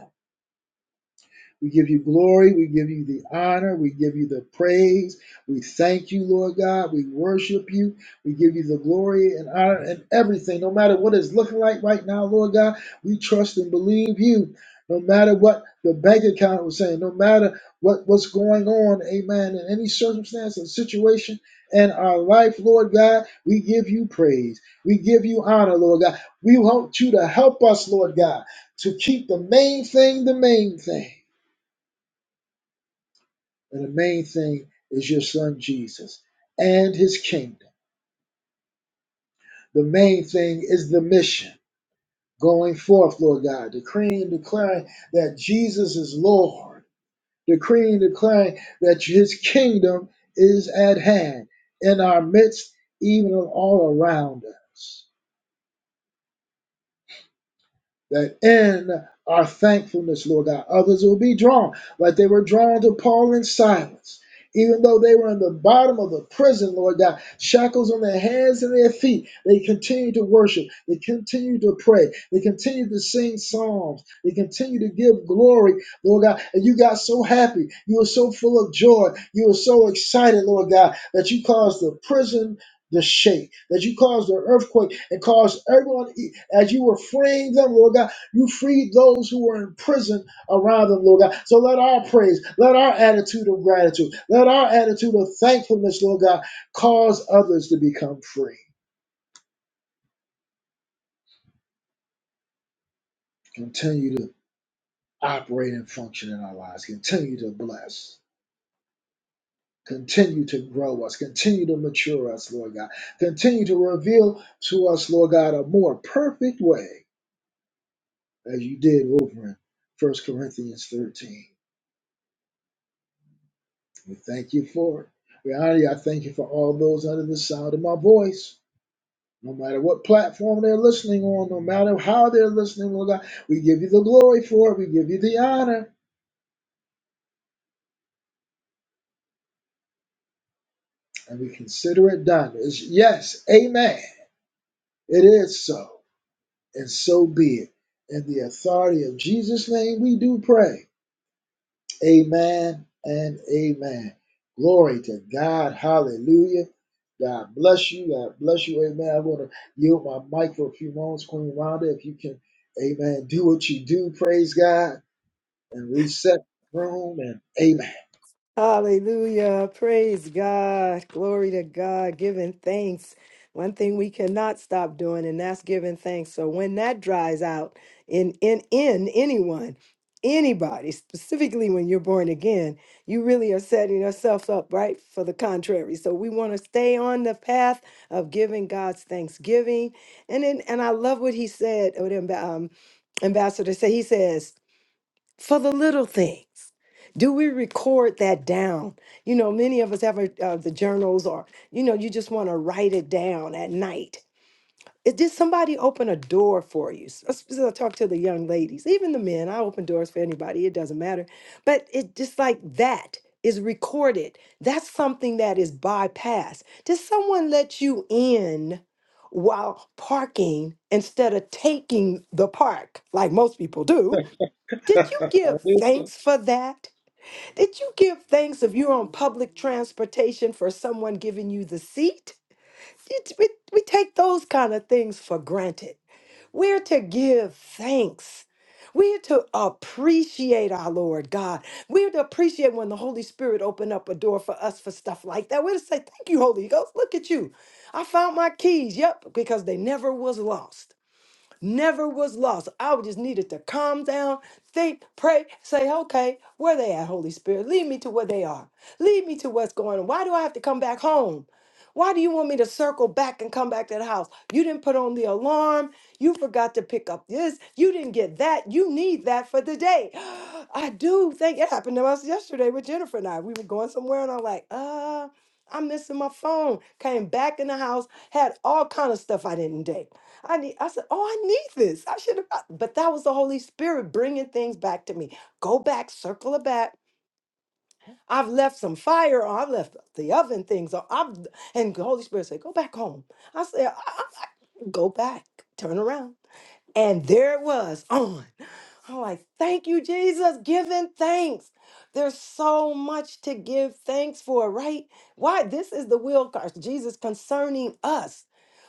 S1: We give you glory. We give you the honor. We give you the praise. We thank you, Lord God. We worship you. We give you the glory and honor and everything. No matter what it's looking like right now, Lord God, we trust and believe you. No matter what the bank account was saying, no matter what, what's going on, amen, in any circumstance and situation in our life, Lord God, we give you praise. We give you honor, Lord God. We want you to help us, Lord God, to keep the main thing the main thing. And the main thing is your son Jesus and his kingdom. The main thing is the mission going forth, Lord God, decreeing and declaring that Jesus is Lord, decreeing and declaring that his kingdom is at hand in our midst, even all around us. that in our thankfulness, Lord God, others will be drawn like they were drawn to Paul in silence. Even though they were in the bottom of the prison, Lord God, shackles on their hands and their feet, they continued to worship. They continued to pray. They continued to sing psalms. They continued to give glory, Lord God. And you got so happy. You were so full of joy. You were so excited, Lord God, that you caused the prison the shake, that you caused the earthquake and caused everyone, as you were freeing them, Lord God, you freed those who were in prison around them, Lord God. So let our praise, let our attitude of gratitude, let our attitude of thankfulness, Lord God, cause others to become free. Continue to operate and function in our lives. Continue to bless. Continue to grow us. Continue to mature us, Lord God. Continue to reveal to us, Lord God, a more perfect way as you did over in First Corinthians 13. We thank you for it. We honor you. I thank you for all those under the sound of my voice. No matter what platform they're listening on, no matter how they're listening, Lord God, we give you the glory for it. We give you the honor, and we consider it done. It's yes, amen. It is so, and so be it. In the authority of Jesus' name, we do pray. Amen and amen. Glory to God. Hallelujah. God bless you. God bless you. Amen. i want to yield my mic for a few moments, Queen Rhonda, if you can, amen, do what you do. Praise God and reset the room and amen.
S2: Hallelujah. Praise God. Glory to God. Giving thanks. One thing we cannot stop doing, and that's giving thanks. So when that dries out in in in anyone, anybody, specifically when you're born again, you really are setting yourself up right for the contrary. So we want to stay on the path of giving God's thanksgiving. And then and I love what he said, what Amb- um, ambassador said. He says, for the little things. Do we record that down? You know, many of us have a, uh, the journals, or you know, you just want to write it down at night. It, did somebody open a door for you? S- s- so I talk to the young ladies, even the men. I open doors for anybody; it doesn't matter. But it just like that is recorded. That's something that is bypassed. Did someone let you in while parking instead of taking the park, like most people do? Did you give thanks for that? Did you give thanks if you're on public transportation for someone giving you the seat? It- we, we take those kind of things for granted. We're to give thanks. We're to appreciate our Lord God. We're to appreciate when the Holy Spirit opened up a door for us for stuff like that. We're to say, Thank you, Holy Ghost. Look at you. I found my keys. Yep, because they never was lost never was lost. I just needed to calm down, think, pray, say, okay, where they at, Holy Spirit? Lead me to where they are. Lead me to what's going on. Why do I have to come back home? Why do you want me to circle back and come back to the house? You didn't put on the alarm. You forgot to pick up this. You didn't get that. You need that for the day. I do think it happened to us yesterday with Jennifer and I. We were going somewhere and I'm like, uh, I'm missing my phone. Came back in the house, had all kind of stuff I didn't do. I need, I said, oh, I need this. I should have, but that was the Holy Spirit bringing things back to me. Go back, circle it back. I've left some fire, or I've left the oven things, or I've, and the Holy Spirit said, go back home. I said, I, I, I- go back, turn around. And there it was on. I'm like, thank you, Jesus, giving thanks. There's so much to give thanks for, right? Why? This is the will, of God, Jesus, concerning us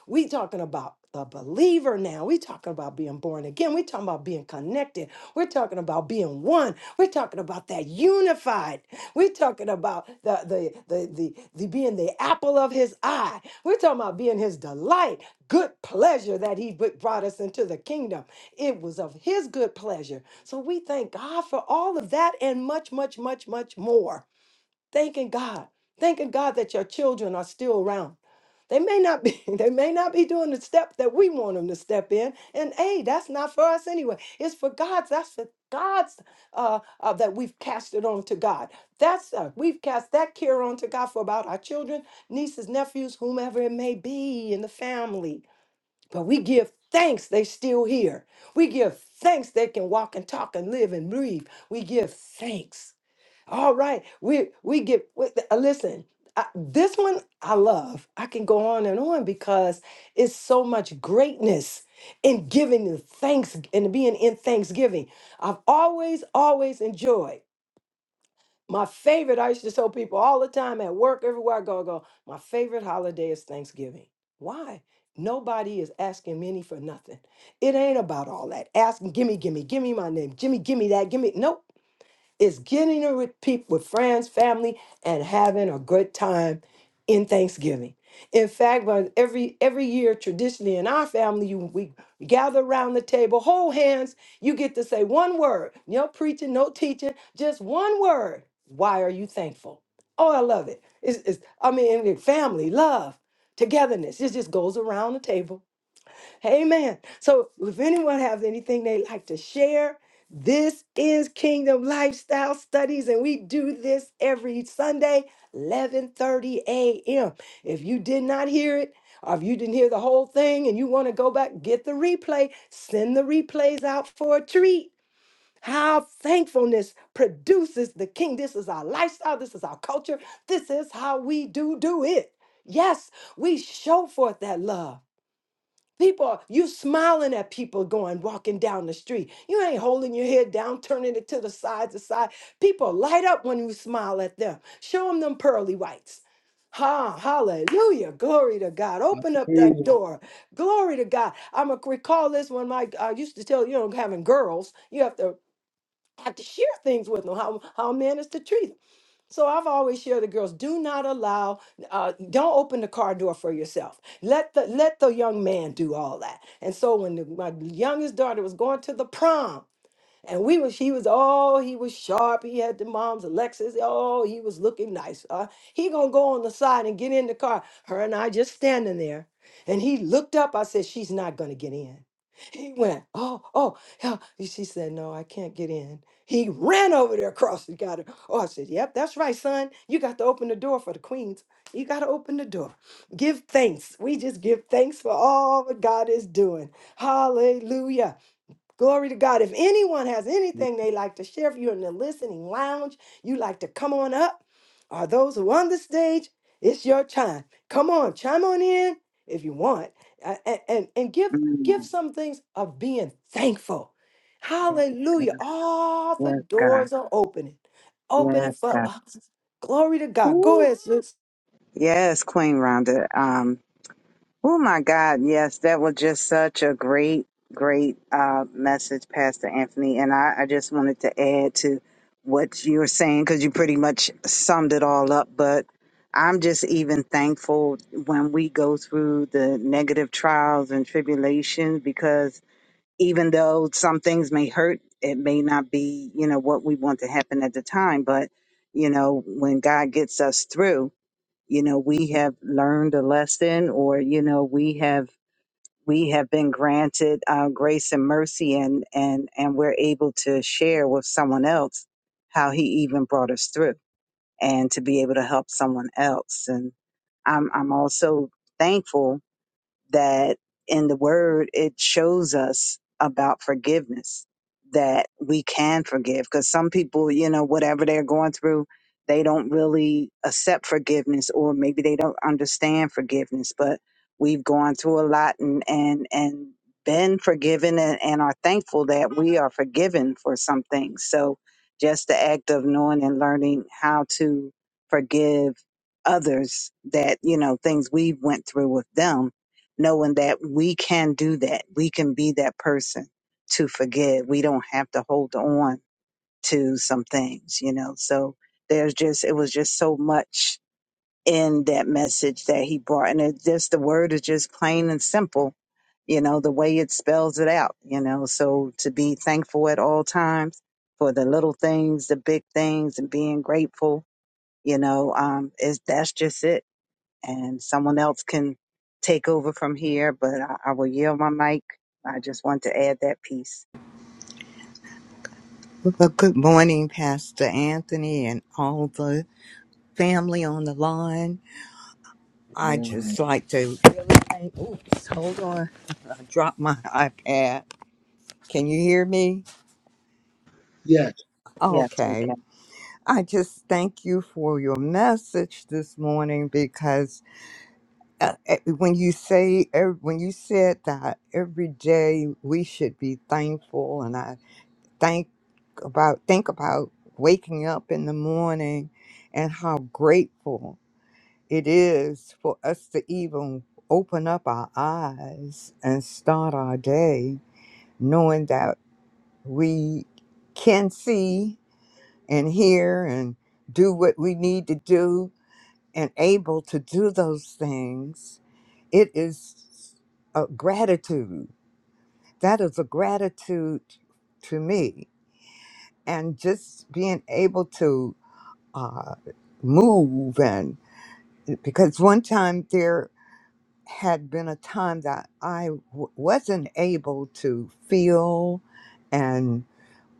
S2: we talking about the believer now. We talking about being born again. We talking about being connected. We're talking about being one. We're talking about that unified. We're talking about the the the the, the being the apple of his eye. We're talking about being his delight, good pleasure that he br- brought us into the kingdom. It was of his good pleasure. So we thank God for all of that and much, much, much, much more. Thanking God, thanking God that your children are still around. They may not be, they may not be doing the step that we want them to step in. And hey, that's not for us anyway. It's for God's. That's for God's uh, uh, that we've cast it on to God. That's uh, we've cast that care on to God for about our children, nieces, nephews, whomever it may be in the family. But we give thanks they still here. We give thanks they can walk and talk and live and breathe. We give thanks all right, we we get with uh, listen. I, this one I love. I can go on and on because it's so much greatness in giving the thanks and being in thanksgiving. I've always always enjoyed. My favorite, I used to tell people all the time at work, everywhere I go, I go, my favorite holiday is Thanksgiving. Why? Nobody is asking me any for nothing. It ain't about all that. Asking, gimme, gimme, gimme my name, Jimmy, gimme that, gimme. Nope. It's getting it with people, with friends, family, and having a good time in Thanksgiving. In fact, but every every year traditionally in our family, you we gather around the table, hold hands. You get to say one word, no preaching, no teaching, just one word. Why are you thankful? Oh, I love it. It's, it's I mean, family, love, togetherness. It just goes around the table Amen. So if anyone has anything they like to share, this is Kingdom Lifestyle Studies, and we do this every Sunday, 11:30 a.m. If you did not hear it, or if you didn't hear the whole thing and you want to go back, get the replay, send the replays out for a treat. How thankfulness produces the king. This is our lifestyle. This is our culture. This is how we do do it. Yes, we show forth that love. People, you smiling at people going walking down the street. You ain't holding your head down, turning it to the side to side. People light up when you smile at them. Show them them pearly whites. Ha, hallelujah. Glory to God. Open up that door. Glory to God. I'm going to recall this when my, I used to tell, you know, having girls, you have to have to share things with them, how, how men is to treat 'em. So I've always shared with the girls: do not allow, uh, don't open the car door for yourself. Let the let the young man do all that. And so when the, my youngest daughter was going to the prom, and we was he was oh he was sharp. He had the mom's Lexus. Oh, he was looking nice. Uh, he gonna go on the side and get in the car. Her and I just standing there. And he looked up. I said, "She's not gonna get in." He went, "Oh, oh." yeah." And She said, "No, I can't get in." He ran over there across and got her. Oh, I said, "Yep, that's right, son. You got to open the door for the queens. You got to open the door. Give thanks. We just give thanks for all that God is doing. Hallelujah." Glory to God. If anyone has
S1: Good
S2: anything they like to share, if you're in the listening lounge, you like to come on up, or those who are on the stage, it's your time. Come on, chime on in if you want. a- a- And, and give
S5: mm,
S2: give some things of being thankful.
S5: yes,
S2: Hallelujah.
S5: God.
S2: All the
S5: Yes, God.
S2: doors are opening. Opening
S5: Yes,
S2: for
S5: God.
S2: us. Glory to God. Go
S5: Ooh.
S2: ahead, sis.
S5: Yes, Queen Rhonda. Um, Oh my God, yes, that was just such a great, great uh, message, Pastor Anthony. And I, I just wanted to add to what you were saying because you pretty much summed it all up. But I'm just even thankful when we go through the negative trials and tribulations because even though some things may hurt, it may not be, you know, what we want to happen at the time. But, you know, when God gets us through, you know we have learned a lesson or you know we have we have been granted uh, grace and mercy and and and we're able to share with someone else how he even brought us through and to be able to help someone else and i'm i'm also thankful that in the word it shows us about forgiveness that we can forgive because some people you know whatever they're going through they don't really accept forgiveness or maybe they don't understand forgiveness but we've gone through a lot and and and been forgiven and, and are thankful that we are forgiven for some things so just the act of knowing and learning how to forgive others that you know things we went through with them knowing that we can do that. We can be that person to forgive. We don't have to hold on to some things, you know. So there's just, it was just so much in that message that he brought. And it just, the word is just plain and simple, you know, the way it spells it out, you know. So to be thankful at all times for the little things, the big things, and being grateful, you know, um, is that's just it and someone else can take over from here, but I, I will yield my mic. I just want to add that piece.
S6: Well, good morning, Pastor Anthony, and all the family on the line. I just
S1: morning.
S6: like to really thank. Oops, hold on. I dropped my iPad. Can you hear me?
S1: Yes.
S5: Yes, we
S6: Okay.
S5: can.
S6: I just thank you for your message this morning because uh, eh, when you say ev- when you said that every day we should be thankful, and I think about think about waking up in the morning and how grateful it is for us to even open up our eyes and start our day knowing that we can see and hear and do what we need to do and able to do those things. It is a gratitude. That is a gratitude to me. And just being able to uh, move and because one time there had been a time that I w- wasn't able to feel and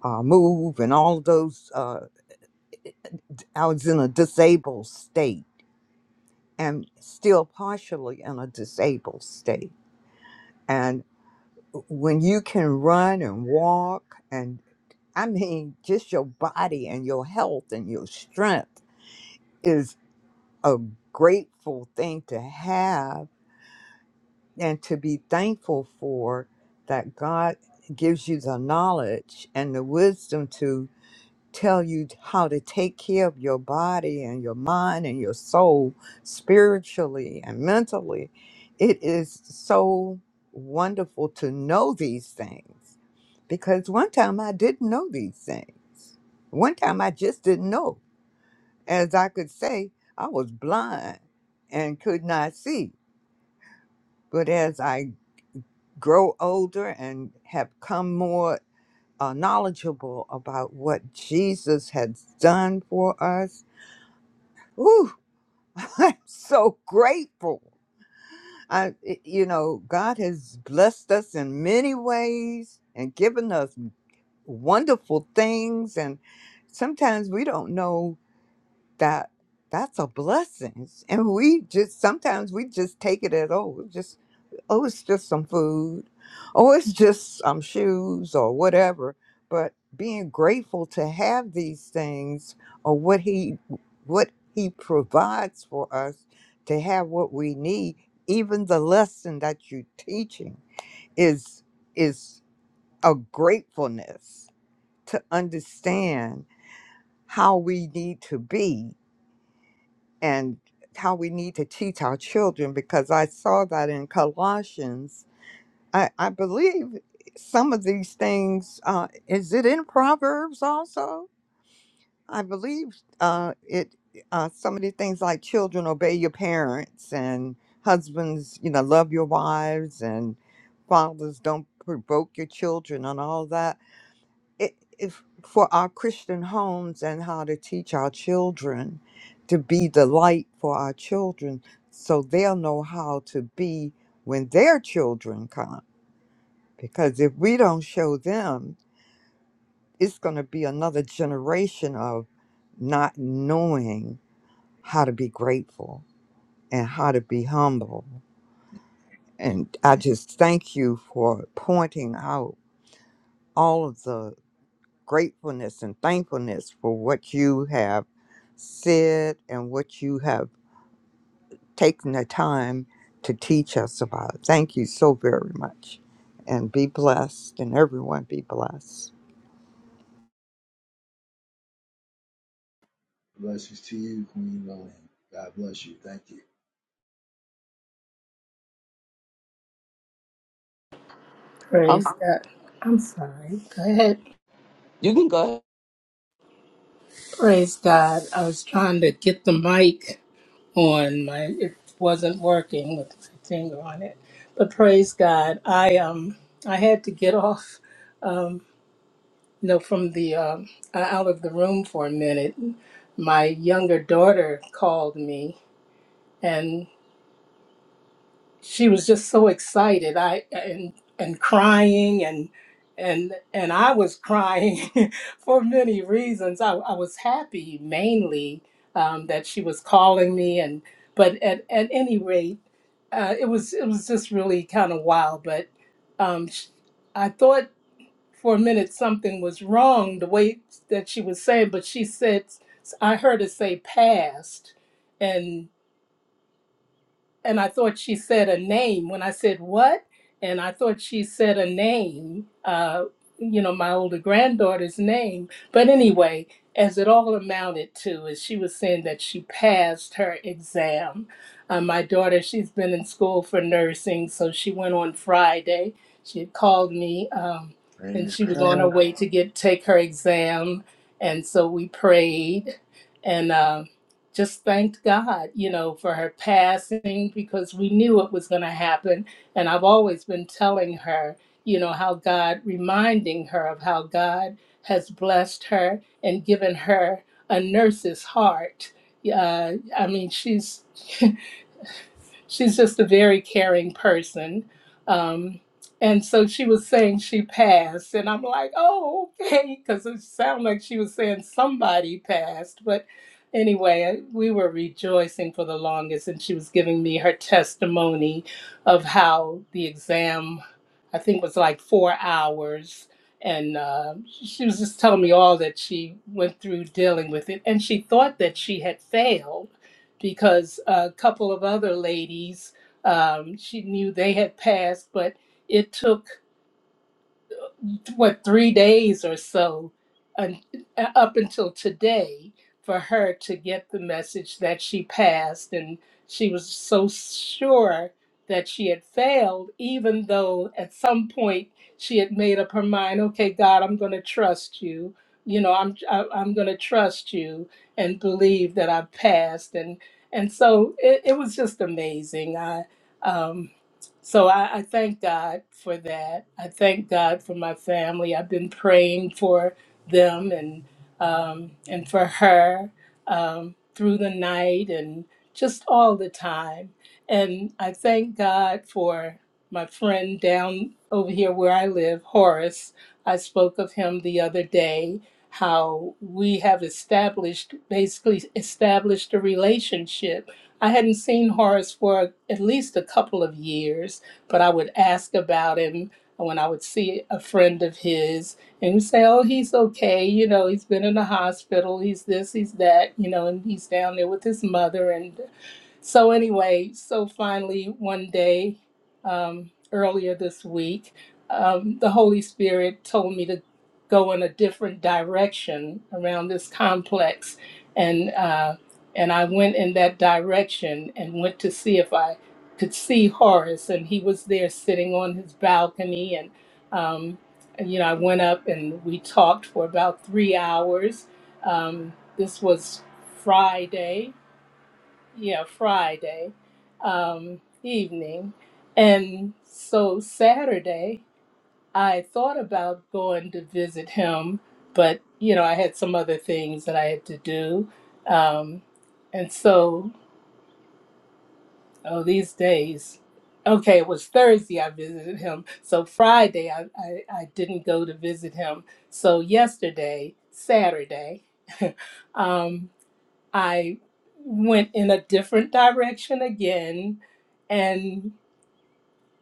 S6: uh, move and all those. Uh, I was in a disabled state and still partially in a disabled state. And when you can run and walk, and I mean, just your body and your health and your strength is a grateful thing to have and to be thankful for that God gives you the knowledge and the wisdom to tell you how to take care of your body and your mind and your soul spiritually and mentally. It is so wonderful to know these things because one time I didn't know these things. One time I just didn't know. As I could say, I was blind and could not see. But as I grow older and have come more uh, knowledgeable about what Jesus has done for us. Ooh, I'm so grateful. I, it- you know, God has blessed us in many ways and given us wonderful things, and sometimes we don't know that that's a blessing and we just sometimes we just take it at oh it's just oh it's just some food oh it's just some shoes or whatever but being grateful to have these things or what he what he provides for us to have what we need even the lesson that you're teaching is is a gratefulness to understand how we need to be and how we need to teach our children because I saw that in Colossians. I, I believe some of these things, uh, is it in Proverbs also? I believe uh, it, uh, some of the things like children obey your parents and husbands, you know, love your wives and fathers don't provoke your children and all that it, if for our Christian homes and how to teach our children to be the light for our children so they'll know how to be when their children come. Because if we don't show them, it's going to be another generation of not knowing how to be grateful and how to be humble. And I just thank you for pointing out all of the gratefulness and thankfulness for what you have said and what you have taken the time to teach us about. Thank you so very much. And be blessed, and everyone be blessed.
S1: Blessings to you, Queen Lillian. God bless you. Thank you.
S7: Praise God. I'm sorry. Go ahead. Praise God. I was trying to get the mic on my it wasn't working with my finger on it. But praise God. I um I had to get off um you know from the um uh, out of the room for a minute. My younger daughter called me she was just so excited i and and crying and and and i was crying for many reasons i, I was happy mainly um, that she was calling me and but at, at any rate uh, it was it was just really kind of wild but um, sh- i thought for a minute something was wrong the way that she was saying but she said i heard her say past and I thought she said a name when I said what, and I thought she said a name, uh, you know, my older granddaughter's name. But anyway, as it all amounted to is she was saying that she passed her exam. Uh, my daughter, she's been in school for nursing, so she went on Friday. She had called me, um, and
S1: Praise
S7: she was on her
S1: God.
S7: way to get take her exam, and so we prayed, and. Um, just thanked God, you know, for her passing because we knew it was going to happen. And I've always been telling her, you know, how God, reminding her of how God has blessed her and given her a nurse's heart. Uh, I mean, she's she's just a very caring person. Um, and so she was saying she passed, and I'm like, oh, okay, because it sounded like she was saying somebody passed. But anyway, we were rejoicing for the longest, and she was giving me her testimony of how the exam, I think, was like four hours. And uh, she was just telling me all that she went through dealing with it. And she thought that she had failed because a couple of other ladies, um, she knew they had passed, but it took what three days or so un uh, up until today for her to get the message that she passed and she was so sure that she had failed even though at some point she had made up her mind okay god i'm going to trust you you know i'm I, i'm going to trust you and believe that i've passed and and so it, it was just amazing i um so I, I thank God for that. I thank God for my family. I've been praying for them and um, and for her um, through the night and just all the time. And I thank God for my friend down over here where I live, Horace. I spoke of him the other day. How we have established, basically established a relationship I hadn't seen Horace for at least a couple of years, but I would ask about him when I would see a friend of his and he'd say, Oh, he's okay. You know, he's been in the hospital. He's this, he's that, you know, and he's down there with his mother. and. So, anyway, so finally, one day um, earlier this week, um, the Holy Spirit told me to go in a different direction around this complex. And, uh, and I went in that direction and went to see if I could see Horace. And he was there sitting on his balcony. And, um, and, you know, I went up and we talked for about three hours. Um, this was Friday yeah, Friday um, evening. And so Saturday, I thought about going to visit him, but you know, I had some other things that I had to do. Um, and so, oh, these days, okay, it was Thursday I visited him. So Friday, I, I, I didn't go to visit him. So yesterday, Saturday, um, I went in a different direction again. And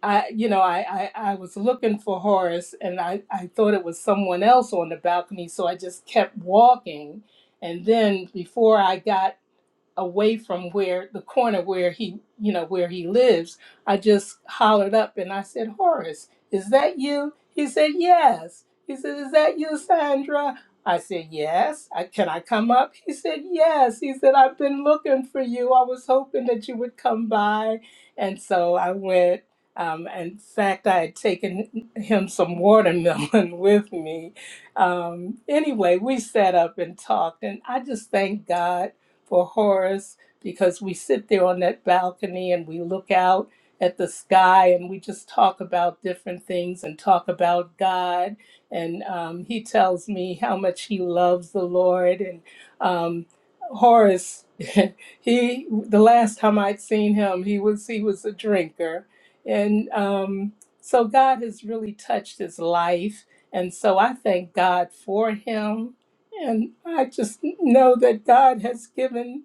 S7: I, you know, I, I, I was looking for Horace and I, I thought it was someone else on the balcony. So I just kept walking. And then before I got away from where the corner where he you know where he lives i just hollered up and i said horace is that you he said yes he said is that you sandra i said yes I, can i come up he said yes he said i've been looking for you i was hoping that you would come by and so i went um, in fact i had taken him some watermelon with me um, anyway we sat up and talked and i just thank god for Horace because we sit there on that balcony and we look out at the sky and we just talk about different things and talk about God. And um, he tells me how much he loves the Lord. And um, Horace, he the last time I'd seen him, he was he was a drinker, and um, so God has really touched his life. And so I thank God for him. And I just know that God has given,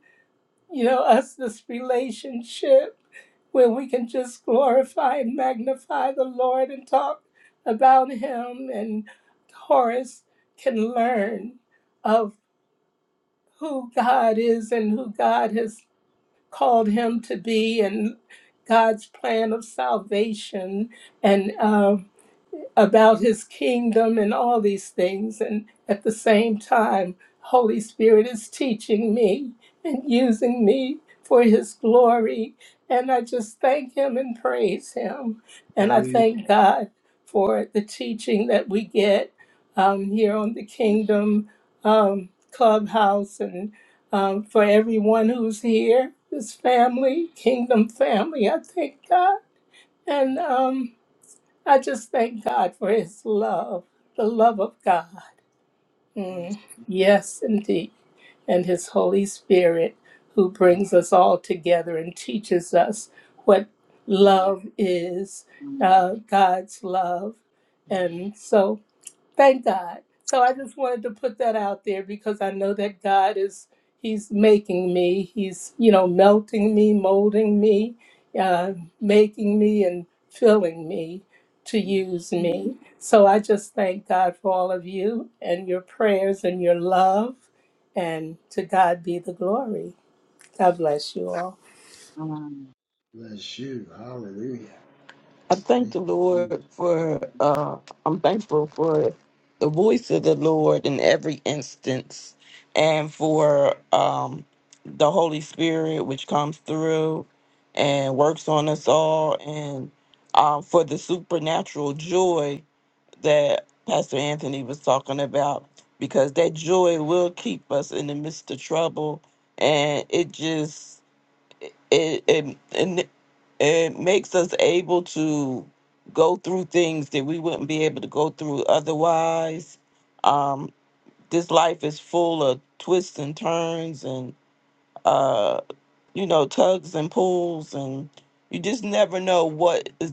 S7: you know, us this relationship where we can just glorify and magnify the Lord and talk about him and Horace can learn of who God is and who God has called him to be and God's plan of salvation. And um about his kingdom and all these things. And at the same time, Holy Spirit is teaching me and using me for his glory. And I just thank him and praise him. And I
S1: Hallelujah.
S7: thank God for the teaching that we get um, here on the Kingdom um, Clubhouse and um, for everyone who's here, this family, Kingdom family. I thank God. And um, I just thank God for his love, the love of God. Mm, yes, indeed. And his Holy Spirit who brings us
S1: Hallelujah.
S7: all together and teaches us what love is, uh, God's love. And so Thank God. So I just wanted to put that out there because I know that God is, He's making me. He's, you know, melting me, molding me, uh, making me, and filling me to use me. So I just thank God for all of you and your prayers and your love. And to God be the glory. God bless you all.
S5: Um,
S1: Bless you. Hallelujah.
S3: I thank
S1: Thank
S3: the
S1: you,
S3: Lord for, uh, I'm thankful for the voice of the Lord in every instance and for um, the Holy Spirit, which comes through and works on us all, and um, for the supernatural joy that Pastor Anthony was talking about, because that joy will keep us in the midst of trouble. And it just, it it and it makes us able to go through things that we wouldn't be able to go through otherwise. Um, this life is full of twists and turns, and uh, you know, tugs and pulls, and you just never know what is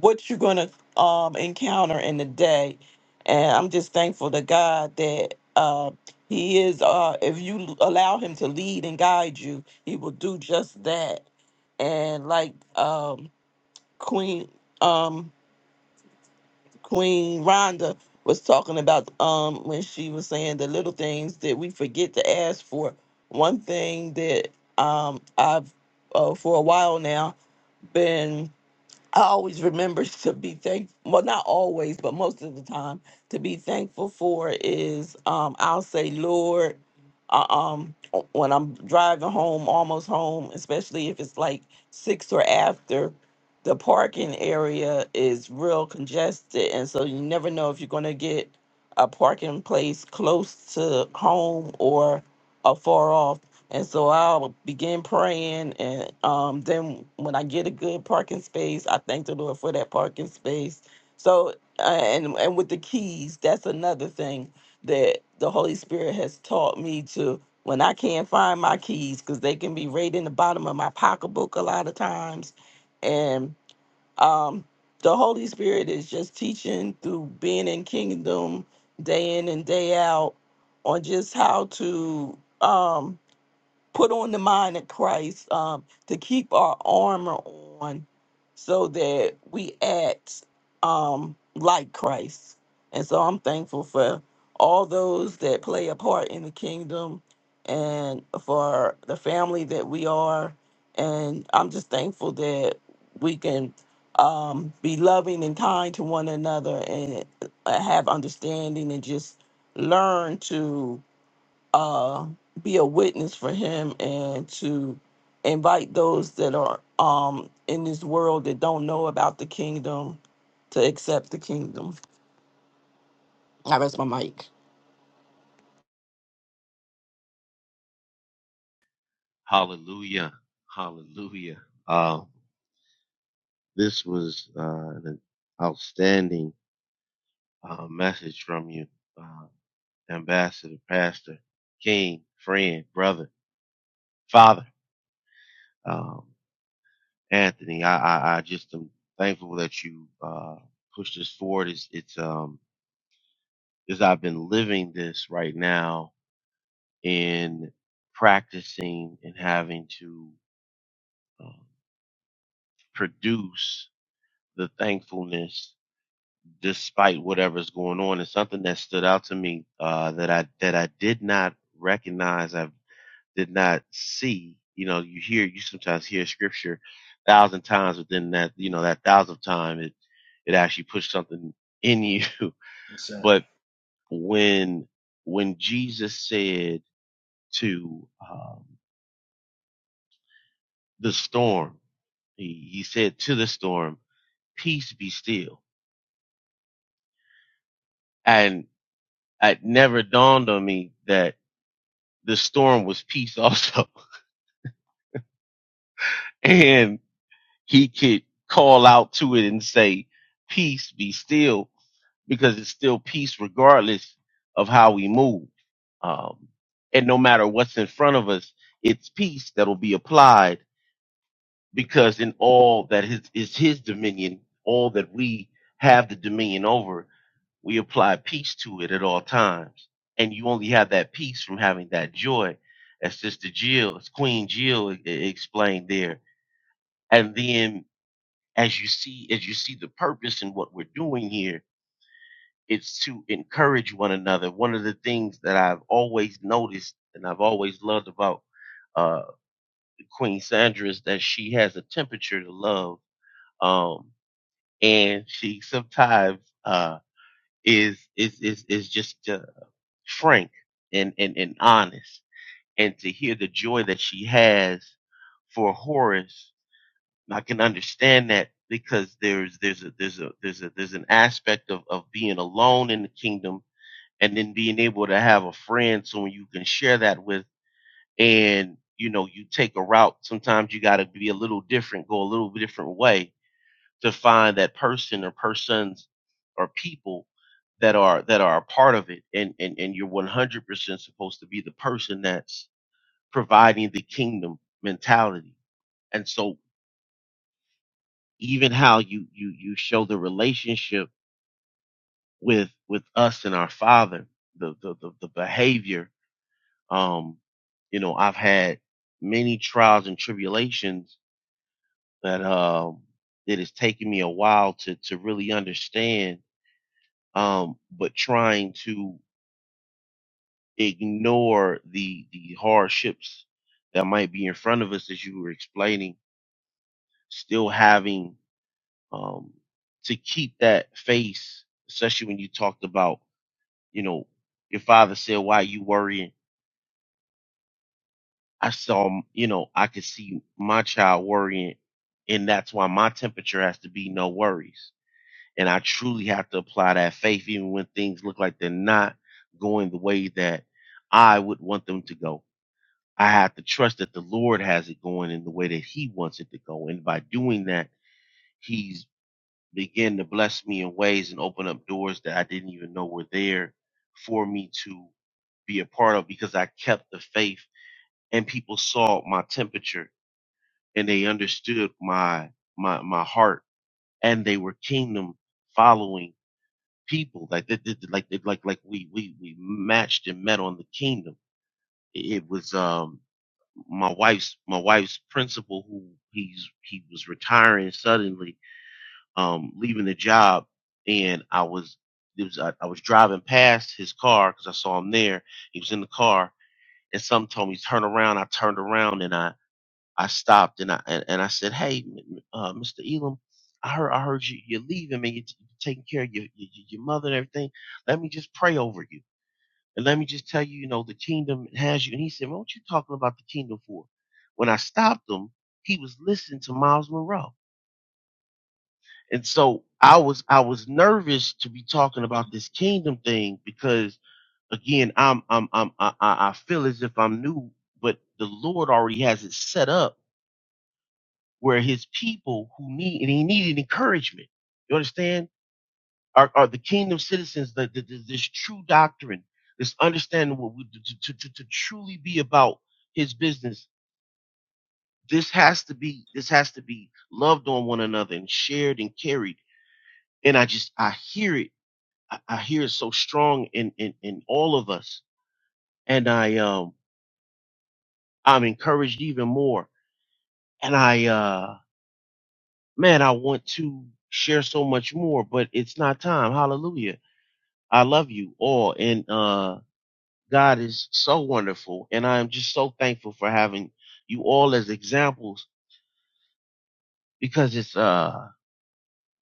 S3: what you're gonna um encounter in the day. And I'm just thankful to God that uh, He is. Uh, if you allow Him to lead and guide you, He will do just that. And like um, Queen. Um, Queen Rhonda was talking about um when she was saying the little things that we forget to ask for. One thing that um I've uh, for a while now been I always remember to be thankful. Well, not always, but most of the time, to be thankful for is um, I'll say, Lord, uh, um, when I'm driving home, almost home, especially if it's like six or after, the parking area is real congested, and so you never know if you're going to get a parking place close to home or a far off. And so I'll begin praying. And um, then when I get a good parking space, I thank the Lord for that parking space. So, uh, and, and with the keys, that's another thing that the Holy Spirit has taught me to when I can't find my keys, because they can be right in the bottom of my pocketbook a lot of times. And um, the Holy Spirit is just teaching through being in kingdom day in and day out on just how to. Um, put on the mind of Christ, um, to keep our armor on so that we act um, like Christ. And so I'm thankful for all those that play a part in the kingdom and for the family that we are. And I'm just thankful that we can um, be loving and kind to one another and uh, have understanding and just learn to uh, be a witness for him and to invite those that are um, in this world that don't know about the kingdom to accept the kingdom. I rest my mic.
S4: Hallelujah. Hallelujah. Uh, this was uh, an outstanding uh, message from you, uh, Ambassador, Pastor, King, friend, brother, father, um, Anthony. I, I, I just am thankful that you uh, pushed this forward. It's, it's um, because I've been living this right now in practicing and having to um, produce the thankfulness despite whatever's going on and something that stood out to me uh, that I that I did not recognize I did not see you know you hear you sometimes hear scripture a thousand times within that you know that thousandth time it it actually puts something in you
S1: Jesus.
S4: but when when Jesus said to um, the storm. He, he said to the storm, peace be still. And it never dawned on me that the storm was peace also. and he could call out to it and say, peace be still because it's still peace regardless of how we move. Um, and no matter what's in front of us, it's peace that'll be applied because in all that is, is his dominion, all that we have the dominion over, we apply peace to it at all times. And you only have that peace from having that joy, as Sister Jill, as Queen Jill e- e- explained there. And then as you see, as you see the purpose in what we're doing here, it's to encourage one another. One of the things that I've always noticed and I've always loved about uh, Queen Sandra is that she has a temperature to love. Um, and she sometimes uh is is is is just uh, frank and, and and honest and to hear the joy that she has for Horace I can understand that because there's there's a there's a there's a there's an aspect of of being alone in the kingdom and then being able to have a friend someone you can share that with and you know you take a route sometimes you got to be a little different go a little different way to find that person or persons or people that are that are a part of it and and, and you're 100% supposed to be the person that's providing the kingdom mentality and so even how you you you show the relationship with with us and our father the the the, the behavior um you know i've had many trials and tribulations that um it has taken me a while to to really understand um, but trying to ignore the the hardships that might be in front of us, as you were explaining, still having um, to keep that face, especially when you talked about, you know, your father said, "Why you worrying?" I saw, m- you know, I could see my child worrying, and that's why my temperature has to be no worries. And I truly have to apply that faith, even when things look like they're not going the way that I would want them to go I have to trust that the Lord has it going in the way that He wants it to go. And by doing that, He's began to bless me in ways and open up doors that I didn't even know were there for me to be a part of because I kept the faith and people saw my temperature and they understood my my my heart and they were kingdom following people like that like like like we we we matched and met on the kingdom it was um my wife's my wife's principal who he's he was retiring suddenly um leaving the job and i was it was i, I was driving past his car because i saw him there he was in the car and something told me turn around i turned around and i i stopped and i and, and i said hey m- uh, mr elam I heard, I heard you, you're leaving Man, You're, t- you're taking care of your, your, your mother and everything. Let me just pray over you. And let me just tell you, you know, the kingdom has you. And he said, well, what you talking about the kingdom for? When I stopped him, he was listening to Miles Monroe. And so I was I was nervous to be talking about this kingdom thing because again, I'm I'm I'm I, I I feel as if I'm new, but the Lord already has it set up where his people who need and he needed encouragement. You understand? are, are the kingdom citizens that that- that this true doctrine, this understanding what we to, to, to, to truly be about his business. This has to be this has to be loved on one another and shared and carried. And I just I hear it. I, I hear it so strong in, in in all of us. And I um I'm encouraged even more. And I uh man, I want to share so much more, but it's not time. Hallelujah. I love you all. And uh God is so wonderful, and I am just so thankful for having you all as examples because it's uh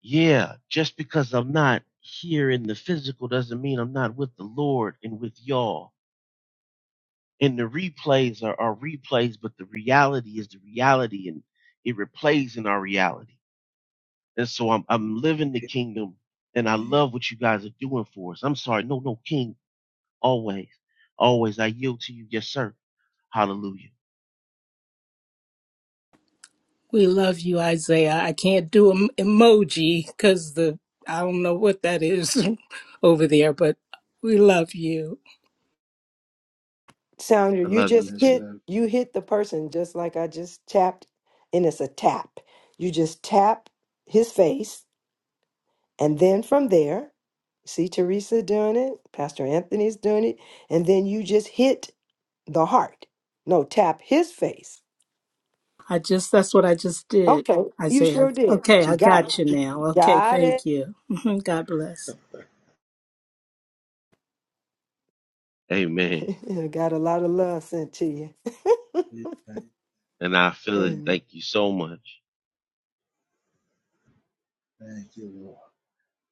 S4: yeah, just because I'm not here in the physical doesn't mean I'm not with the Lord and with y'all. And the replays are, are replays, but the reality is the reality and it replays in our reality. And so I'm I'm living the
S1: Yes,
S4: kingdom and I love what you guys are doing for us. I'm sorry, no, no, King, always. Always I yield to you, yes, sir. Hallelujah.
S7: We love you, Isaiah. I can't do an emoji because the I don't know what that is over there, but we love you.
S2: Sounder,
S4: I
S2: you
S4: love you
S2: just
S4: too.
S2: hit
S1: sir.
S2: you hit the person just like I just tapped, and it's a tap. You just tap his face, and then from there, see Teresa doing it, Pastor Anthony's doing it, and then you just hit the heart. No, tap his face.
S7: I just that's what I just did,
S2: Okay, you sure
S7: Isaiah.
S2: did.
S7: Okay,
S2: You
S7: I
S2: got it.
S7: got you now. Okay,
S2: Got it.
S7: thank you. God bless.
S4: Amen.
S2: got a lot of love sent to you.
S1: Yes, sir.
S4: And I feel it.
S1: Yeah,
S2: And
S4: Thank you so much.
S1: thank you, Lord.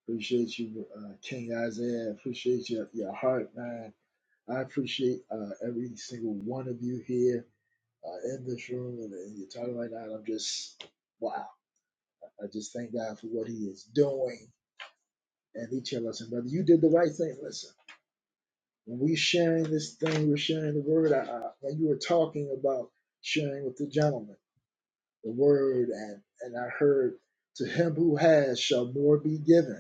S1: Appreciate you, uh, King Isaiah. Appreciate your, your heart, man. I appreciate uh, every single one of you here uh, in this room and, and you're talking right now. and I'm just, wow. I just thank God for what He is doing and each of us. And brother, you did the right thing. Listen, when we sharing this thing, we're sharing the word. I, I, when you were talking about sharing with the gentleman the word, and, and I heard, to him who has shall more be given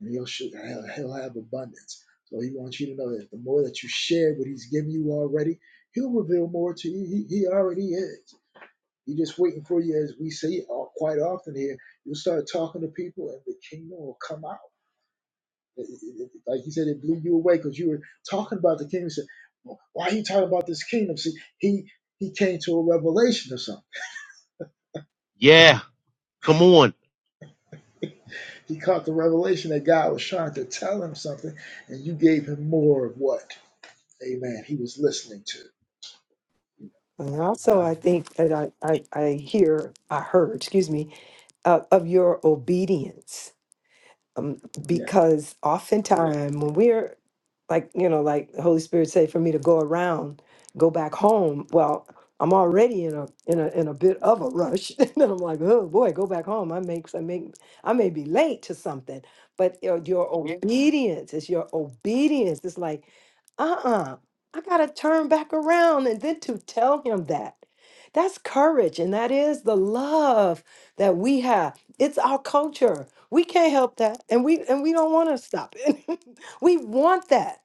S1: and he'll he'll he'll have abundance. So he wants you to know that the more that you share what he's given you already, he'll reveal more to you. He, he already is. He's just waiting for you, as we say quite often here. You'll start talking to people, and the kingdom will come out. It- it- it- like he said, it blew you away because you were talking about the kingdom. You said, "Well, "Why are you talking about this kingdom?" See, he he came to a revelation of something.
S4: Yeah. Come on.
S1: He caught the revelation that God was trying to tell him something, and you gave him more of what? Amen. He was listening to.
S2: and also,
S1: I
S2: I think that I, I, I hear, I heard, excuse me, uh, of your obedience um,
S1: Yeah.
S2: because oftentimes when we're like you know like the holy spirit say for me to go around go back home well i'm already in a in a in a bit of a rush and then i'm like oh boy go back home i make i make i may be late to something but your, your Yeah. obedience is your obedience it's like uh-uh i gotta turn back around and then to tell him that that's courage and that is the love that we have it's our culture. We can't help that. And we and we don't want to stop it. we want that.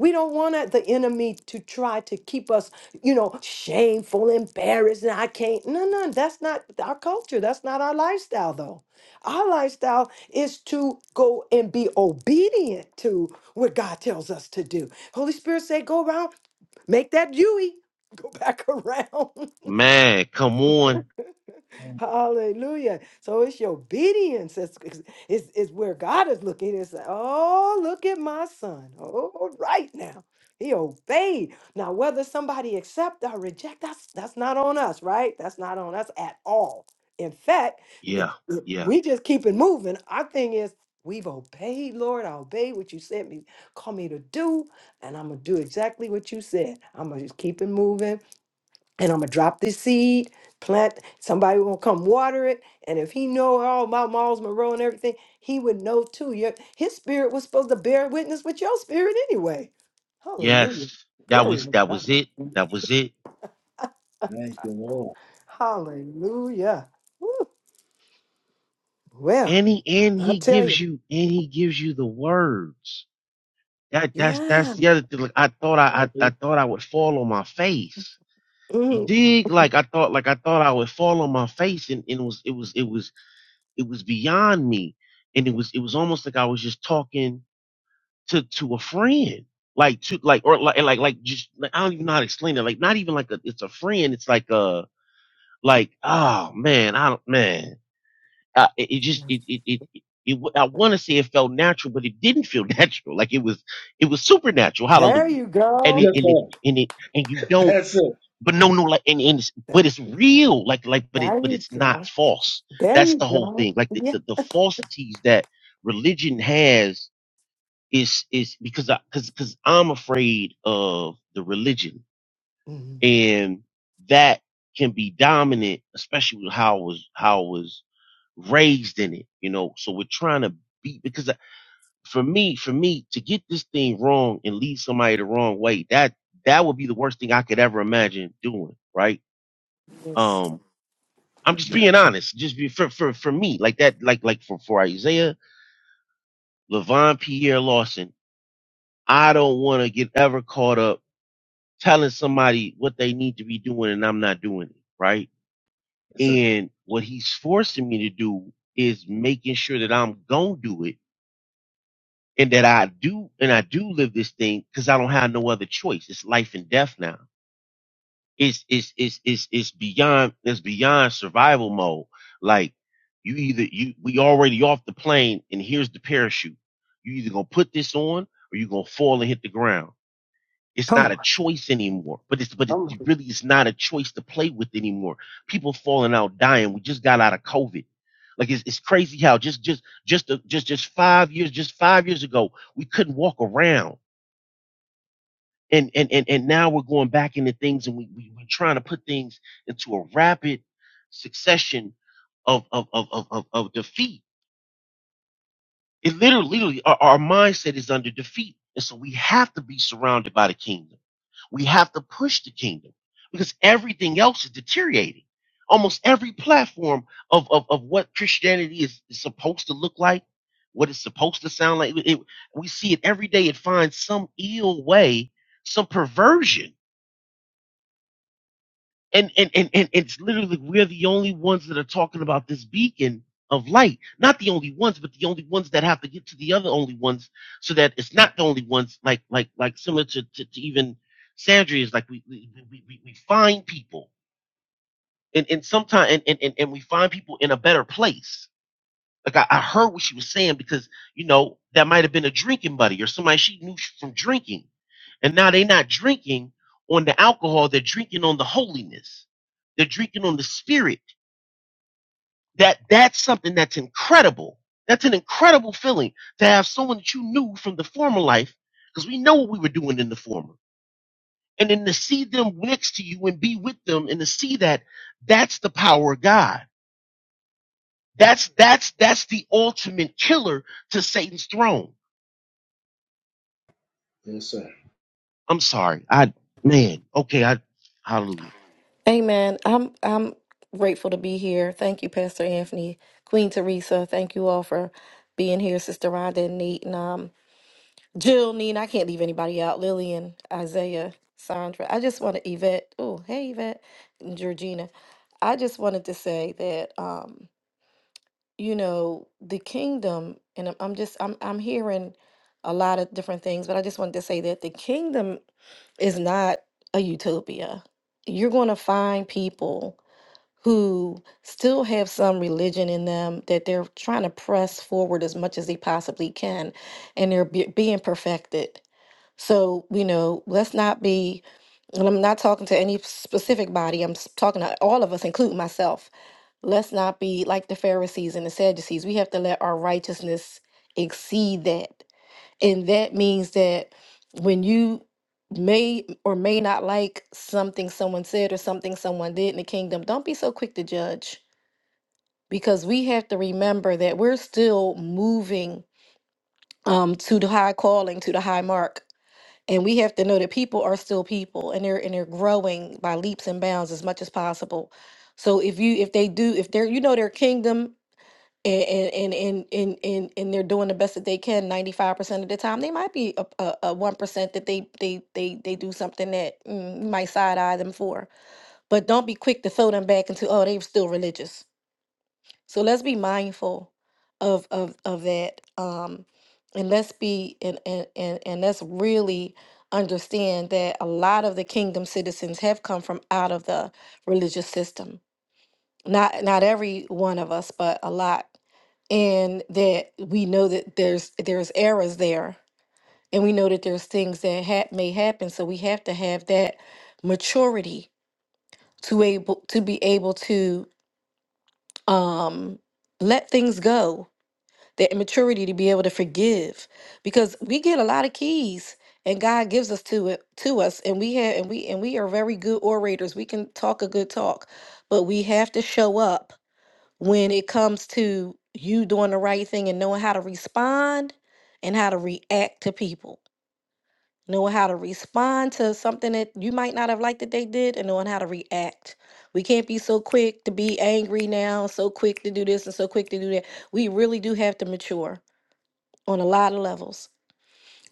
S2: We don't want it- the enemy to try to keep us, you know, shameful, embarrassed, and I can't. No, no, that's not our culture. That's not our lifestyle, though. Our lifestyle is to go and be obedient to what God tells us to do. Holy Spirit say, go around, make that Dewey. Go back around.
S4: Man, come on.
S2: Hallelujah. So it's your obedience is, is, is where God is looking and saying, Oh, look at my son. Oh, right now. He obeyed. Now, whether somebody accept or reject, that's that's not on us, right? That's not on us at all. In fact, th-
S4: Yeah.
S2: th-
S4: Yeah.
S2: we just keep it moving. Our thing is we've obeyed, Lord. I obeyed what you sent me, call me to do, and I'm gonna do exactly what you said. I'm gonna just keep it moving and I'm gonna drop this seed, plant. Somebody gonna come water it, and if he know all about Miles Monroe and everything, he would know too. Your his spirit was supposed to bear witness with your spirit anyway. Hallelujah,
S4: Yes. That
S2: glory
S4: was
S2: to
S4: that was
S2: God.
S4: it. That was it.
S2: Hallelujah. Woo. Well,
S4: And he and
S2: I
S4: he
S2: tell
S4: gives
S2: you,
S4: you and he gives you the words. That that's that's
S2: yeah.
S4: the other thing. Like I thought I, I I thought I would fall on my face. You
S2: mhm.
S4: dig? Like I thought like I thought I would fall on my face and, and it was it was it was it was beyond me. And it was it was almost like I was just talking to to a friend like to like or like like like just like, i don't even know how to explain it like not even like a, it's a friend it's like a like oh man i don't man uh, it, it just it it, it it it w- I want to say it felt natural, but it didn't feel natural. Like it was, it was supernatural.
S2: There
S4: Hallelujah.
S2: you
S4: And
S2: go.
S4: it,
S1: Yes,
S4: and it,
S1: sir.
S4: and it, and you don't,
S1: That's it.
S4: but no, no, like, and, and it's, but
S2: There,
S4: it's real. Like, like, but it,
S2: there
S4: but
S2: you
S4: it's not
S2: go.
S4: false.
S2: There
S4: That's
S2: you
S4: the whole
S2: go.
S4: thing. Like the,
S2: Yeah.
S4: the, the falsities that religion has it's it's because I because because I'm afraid of the religion
S2: Mhm.
S4: and that can be dominant, especially with how I was how I was raised in it. You know, so we're trying to be because I- for me for me to get this thing wrong and lead somebody the wrong way that that would be the worst thing I could ever imagine doing. Right?
S2: Yes.
S4: Um, I'm just
S1: Yeah.
S4: being honest. Just be for for for me like that like like like for for Isaiah Levon Pierre Lawson. I don't want to get ever caught up telling somebody what they need to be doing and I'm not doing it, right?
S1: Yes, sir.
S4: And what he's forcing me to do is making sure that I'm going to do it and that I do and I do live this thing cuz I don't have no other choice. It's life and death now. It's it's it's it's it's beyond it's beyond survival mode. Like you either you we already off the plane and here's the parachute. You either going to put this on or you're going to fall and hit the ground It's
S2: Come on.
S4: not a choice anymore. But it's but it
S2: Come on.
S4: really is not a choice to play with anymore. People falling out, dying. We just got out of COVID. Like it's, it's crazy how just just just a, just just five years just five years ago we couldn't walk around and and and, and now we're going back into things and we, we we're trying to put things into a rapid succession of of of of, of, of defeat. It literally, literally, our, our mindset is under defeat, and so we have to be surrounded by the kingdom. We have to push the kingdom because everything else is deteriorating. Almost every platform of, of, of what Christianity is, is supposed to look like, what it's supposed to sound like, it- we see it every day. It finds some ill way, some perversion and and and, and it's literally we're the only ones that are talking about this beacon of light not the only ones but the only ones that have to get to the other only ones so that it's not the only ones like like like similar to to, to even sandra is like we we, we we we find people and and sometimes and, and and and we find people in a better place like I, I heard what she was saying because you know that might have been a drinking buddy or somebody she knew from drinking, and now they're not drinking on the alcohol; they're drinking on the holiness. They're drinking on the spirit. That that's something that's incredible. That's an incredible feeling to have someone that you knew from the former life, because we know what we were doing in the former, and then to see them next to you and be with them, and to see that that's the power of God. That's that's that's the ultimate killer to Satan's throne
S1: Yes, sir.
S4: I'm sorry. I man, okay, I hallelujah.
S8: Amen. I'm I'm grateful to be here. Thank you, Pastor Anthony, Queen Teresa. Thank you all for being here, Sister Rhonda and Nate and um Jill, Nina. I can't leave anybody out. Lillian, Isaiah, Sandra. I just want to Yvette. Oh, hey Yvette and Georgina. I just wanted to say that um, you know, the kingdom, and I'm, I'm just I'm I'm hearing a lot of different things, but I just wanted to say that the kingdom is not a utopia. You're gonna find people who still have some religion in them that they're trying to press forward as much as they possibly can and they're be- being perfected. So, you know, let's not be, and I'm not talking to any specific body, I'm s- talking to all of us, including myself. Let's not be like the Pharisees and the Sadducees. We have to let our righteousness exceed that. And that means that when you may or may not like something someone said or something someone did in the kingdom, don't be so quick to judge because we have to remember that we're still moving um, to the high calling, to the high mark. And we have to know that people are still people and they're and they're growing by leaps and bounds as much as possible. So if you if they do if they're you know their kingdom and and and and and and they're doing the best that they can 95% of the time they might be a, a, a 1% that they they they they do something that mm, you might side eye them for but don't be quick to throw them back into oh they're still religious so let's be mindful of of of that um and let's be and and and, and let's really understand that a lot of the kingdom citizens have come from out of the religious system not not every one of us but a lot and that we know that there's there's errors there and we know that there's things that ha- may happen so we have to have that maturity to able to be able to um let things go that maturity to be able to forgive because we get a lot of keys and God gives us to it to us and we have and we and we are very good orators we can talk a good talk but we have to show up when it comes to you doing the right thing and knowing how to respond and how to react to people, knowing how to respond to something that you might not have liked that they did, and knowing how to react. We can't be so quick to be angry now, so quick to do this and so quick to do that. We really do have to mature on a lot of levels.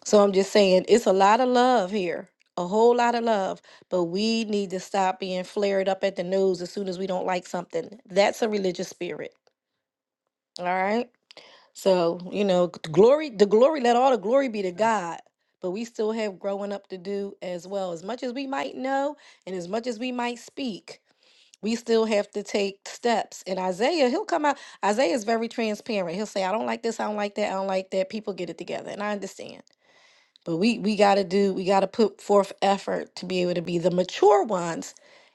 S8: So I'm just saying, it's a lot of love here, a whole lot of love, but we need to stop being flared up at the nose as soon as we don't like something. That's a religious spirit. All right. So, you know, g- glory, the glory, let all the glory be to
S1: Amen.
S8: God. But we still have growing up to do as well. As much as we might know and as much as we might speak, we still have to take steps. And Isaiah, he'll come out. Isaiah is very transparent. He'll say, I don't like this, I don't like that, I don't like that. People get it together. And I understand. But we we got to do we got to put forth effort to be able to be the mature ones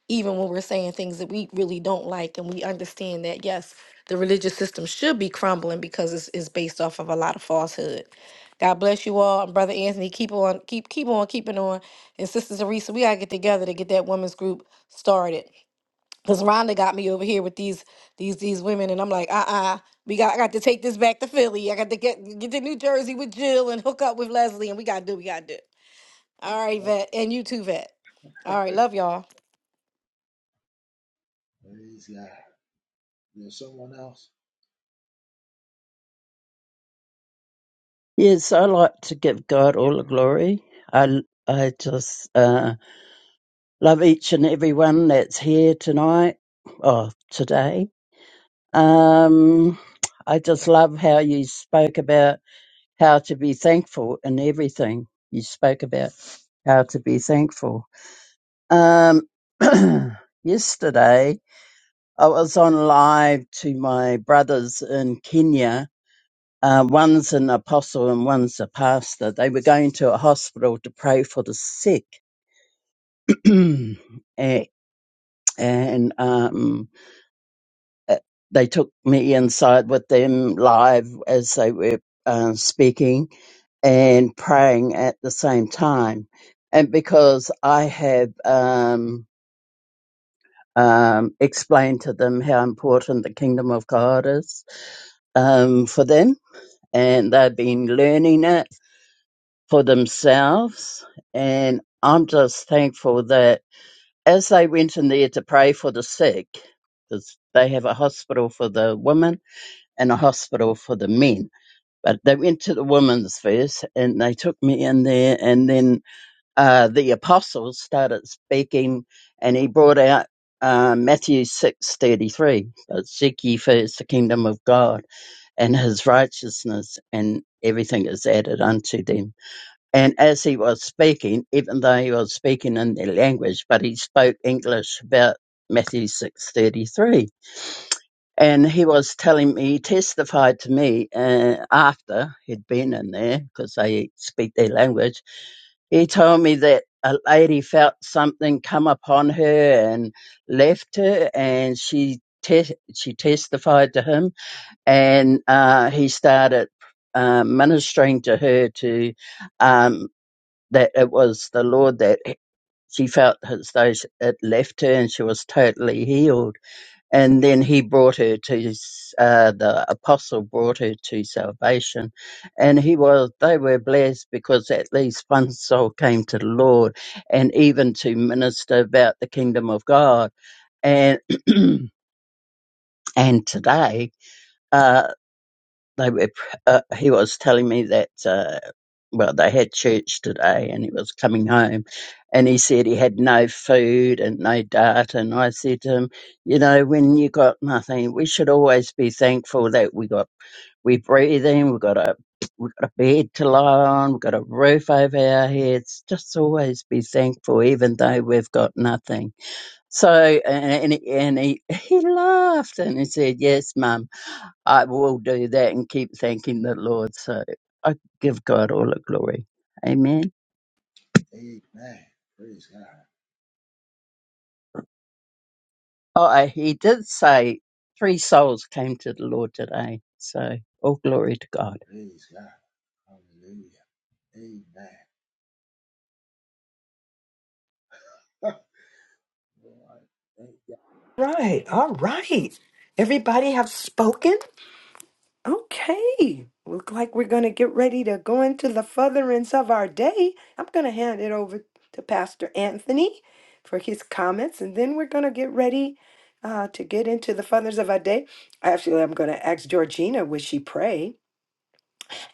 S8: even when we're saying things that we really don't like and we understand that yes, the religious system should be crumbling because it's, it's based off of a lot of falsehood. God bless you all. And Brother Anthony, keep on keep keep on keeping on. And Sister Teresa, we got to get together to get that women's group started. Cause Rhonda got me over here with these these these women, and I'm like, uh uh we got I got to take this back to Philly. I got to get get to New Jersey with Jill and hook up with Leslie, and we gotta do what we gotta do. All right,
S1: Oh,
S8: Vet, and you too, Vet. All right, love y'all.
S1: praise God. There's someone else.
S9: Yes, I like to give God all the glory. I, I just uh, love each and everyone that's here tonight or today. Um, I just love how you spoke about how to be thankful in everything. You spoke about how to be thankful. Um, yesterday, I was on live to my brothers in Kenya Uh, one's an apostle and one's a pastor. They were going to a hospital to pray for the sick. and and um, uh, they took me inside with them live as they were uh, speaking and praying at the same time. And because I have um, um, explained to them how important the kingdom of God is um, for them, and they've been learning it for themselves. And I'm just thankful that as they went in there to pray for the sick, because they have a hospital for the women and a hospital for the men. But they went to the women's first and they took me in there. And then uh, the apostles started speaking and he brought out uh, Matthew six thirty three. But seek ye first the kingdom of God and his righteousness, and everything is added unto them. And as he was speaking, even though he was speaking in their language, but he spoke English about Matthew 6.33. And he was telling me, he testified to me uh, after he'd been in there, because they speak their language. He told me that a lady felt something come upon her and left her, and she te- she testified to him, and uh, he started uh, ministering to her to. um, that it was the Lord that she felt as though sh- it left her and she was totally healed. And then he brought her to, s- uh, the apostle brought her to salvation. And he was, they were blessed because at least one soul came to the Lord and even to minister about the kingdom of God. And, and today. uh, they were uh, he was telling me that uh, well they had church today and he was coming home and he said he had no food and no data and i said to him you know when you got nothing we should always be thankful that we got we breathing we got a we got a bed to lie on we got a roof over our heads just always be thankful even though we've got nothing so and, and, he, and he he laughed and he said yes mum I will do that and keep thanking the Lord. So I give God all the glory. Amen.
S1: Amen. Praise God.
S9: Oh, I- he did say three souls came to the Lord today. So all glory to God.
S1: Praise God. Hallelujah. Amen. Lord, thank God.
S2: Right, all right. Everybody have spoken? Okay. Look like we're gonna get ready to go into the furtherance of our day. I'm gonna hand it over to Pastor Anthony for his comments, and then we're gonna get ready uh, to get into the furtherance of our day. Actually, I'm gonna ask Georgina, would she pray?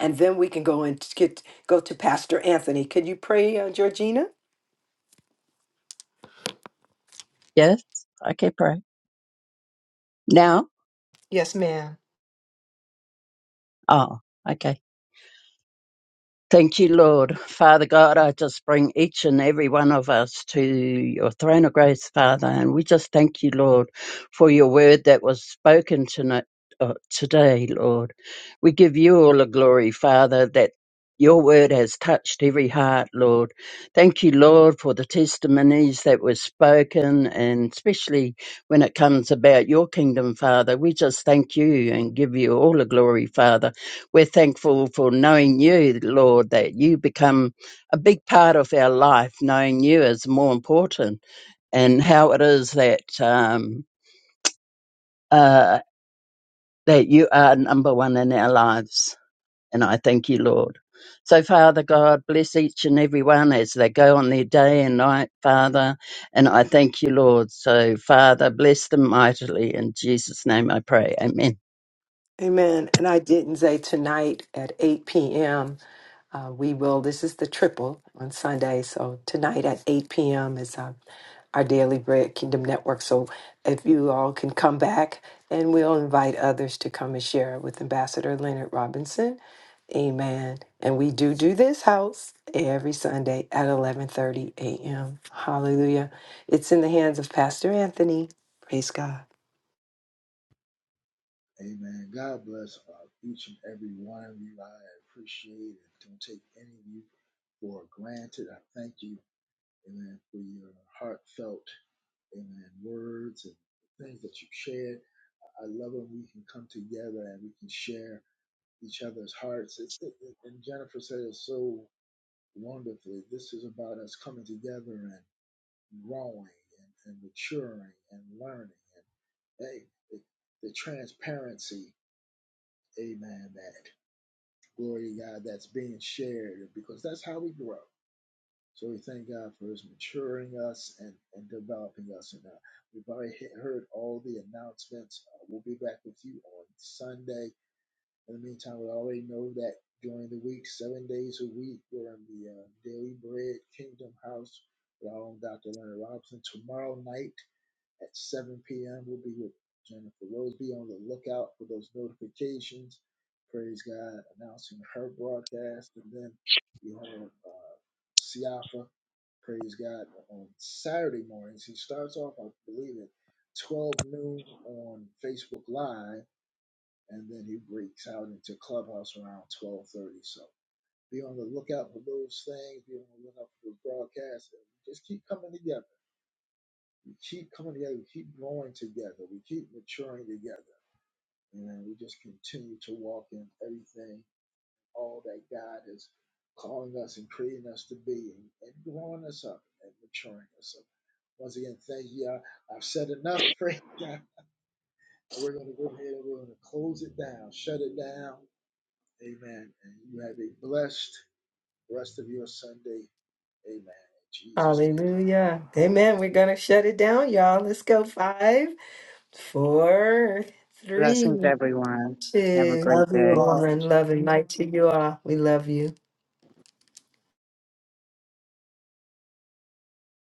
S2: And then we can go and get go to Pastor Anthony. Could you pray, uh, Georgina?
S9: Yes, I can pray now.
S2: Yes, ma'am.
S9: Oh, okay. Thank you, Lord. Father God, I just bring each and every one of us to your throne of grace, Father, and we just thank you, Lord, for your word that was spoken tonight, uh, today, Lord. We give you all the glory, Father, that your word has touched every heart, Lord. Thank you, Lord, for the testimonies that were spoken, and especially when it comes about your kingdom, Father. We just thank you and give you all the glory, Father. We're thankful for knowing you, Lord, that you become a big part of our life. Knowing you is more important, and how it is that um, uh, that you are number one in our lives. And I thank you, Lord. So, Father God, bless each and every one as they go on their day and night, Father. And I thank you, Lord. So, Father, bless them mightily. In Jesus' name I pray. Amen.
S2: Amen. And I didn't say tonight at 8 p.m. Uh, we will, this is the triple on Sunday. So tonight at 8 p.m. is uh, our Daily Bread Kingdom Network. So if you all can come back and we'll invite others to come and share with Ambassador Leonard Robinson. Amen. And we do do this house every Sunday at 11:30 a.m. Hallelujah. It's in the hands of Pastor Anthony. Praise God.
S1: Amen. God bless uh, each and every one of you. I appreciate it. Don't take any of you for granted. I thank you, amen, for your heartfelt, amen, words and things that you shared. I love when we can come together and we can share. each other's hearts. It's, it, it- and Jennifer said it so wonderfully. This is about us coming together and growing and, and maturing and learning. And hey, the, the transparency, amen, that glory to God that's being shared because that's how we grow. So we thank God for His maturing us and, and developing us. And uh, we've already he- heard all the announcements. Uh, we'll be back with you on Sunday In the meantime, we already know that during the week, seven days a week, we're in the uh, Daily Bread Kingdom House with our own Dr. Leonard Robinson. Tomorrow night at 7 p.m., we'll be with Jennifer Rose. Be on the lookout for those notifications. Praise God, announcing her broadcast. And then you have uh, Siafa, praise God, on Saturday mornings. He starts off, I believe, at 12 noon on Facebook Live and then he breaks out into clubhouse around 12.30 so be on the lookout for those things be on the lookout for those broadcasts and we just keep coming together we keep coming together we keep growing together we keep maturing together and we just continue to walk in everything all that god is calling us and creating us to be and, and growing us up and maturing us up once again thank you I, i've said enough praise god and we're going to go ahead and we're going to close it down shut it down Amen. And you have a blessed rest of your Sunday. Amen. In Jesus'
S2: Hallelujah. Amen. We're going to shut it down, y'all. Let's go five, four,
S5: blessings,
S2: three,
S5: everyone. Have a
S2: two,
S5: great
S7: Love you
S5: day.
S7: all.
S2: one. Love and light to you all. We love you.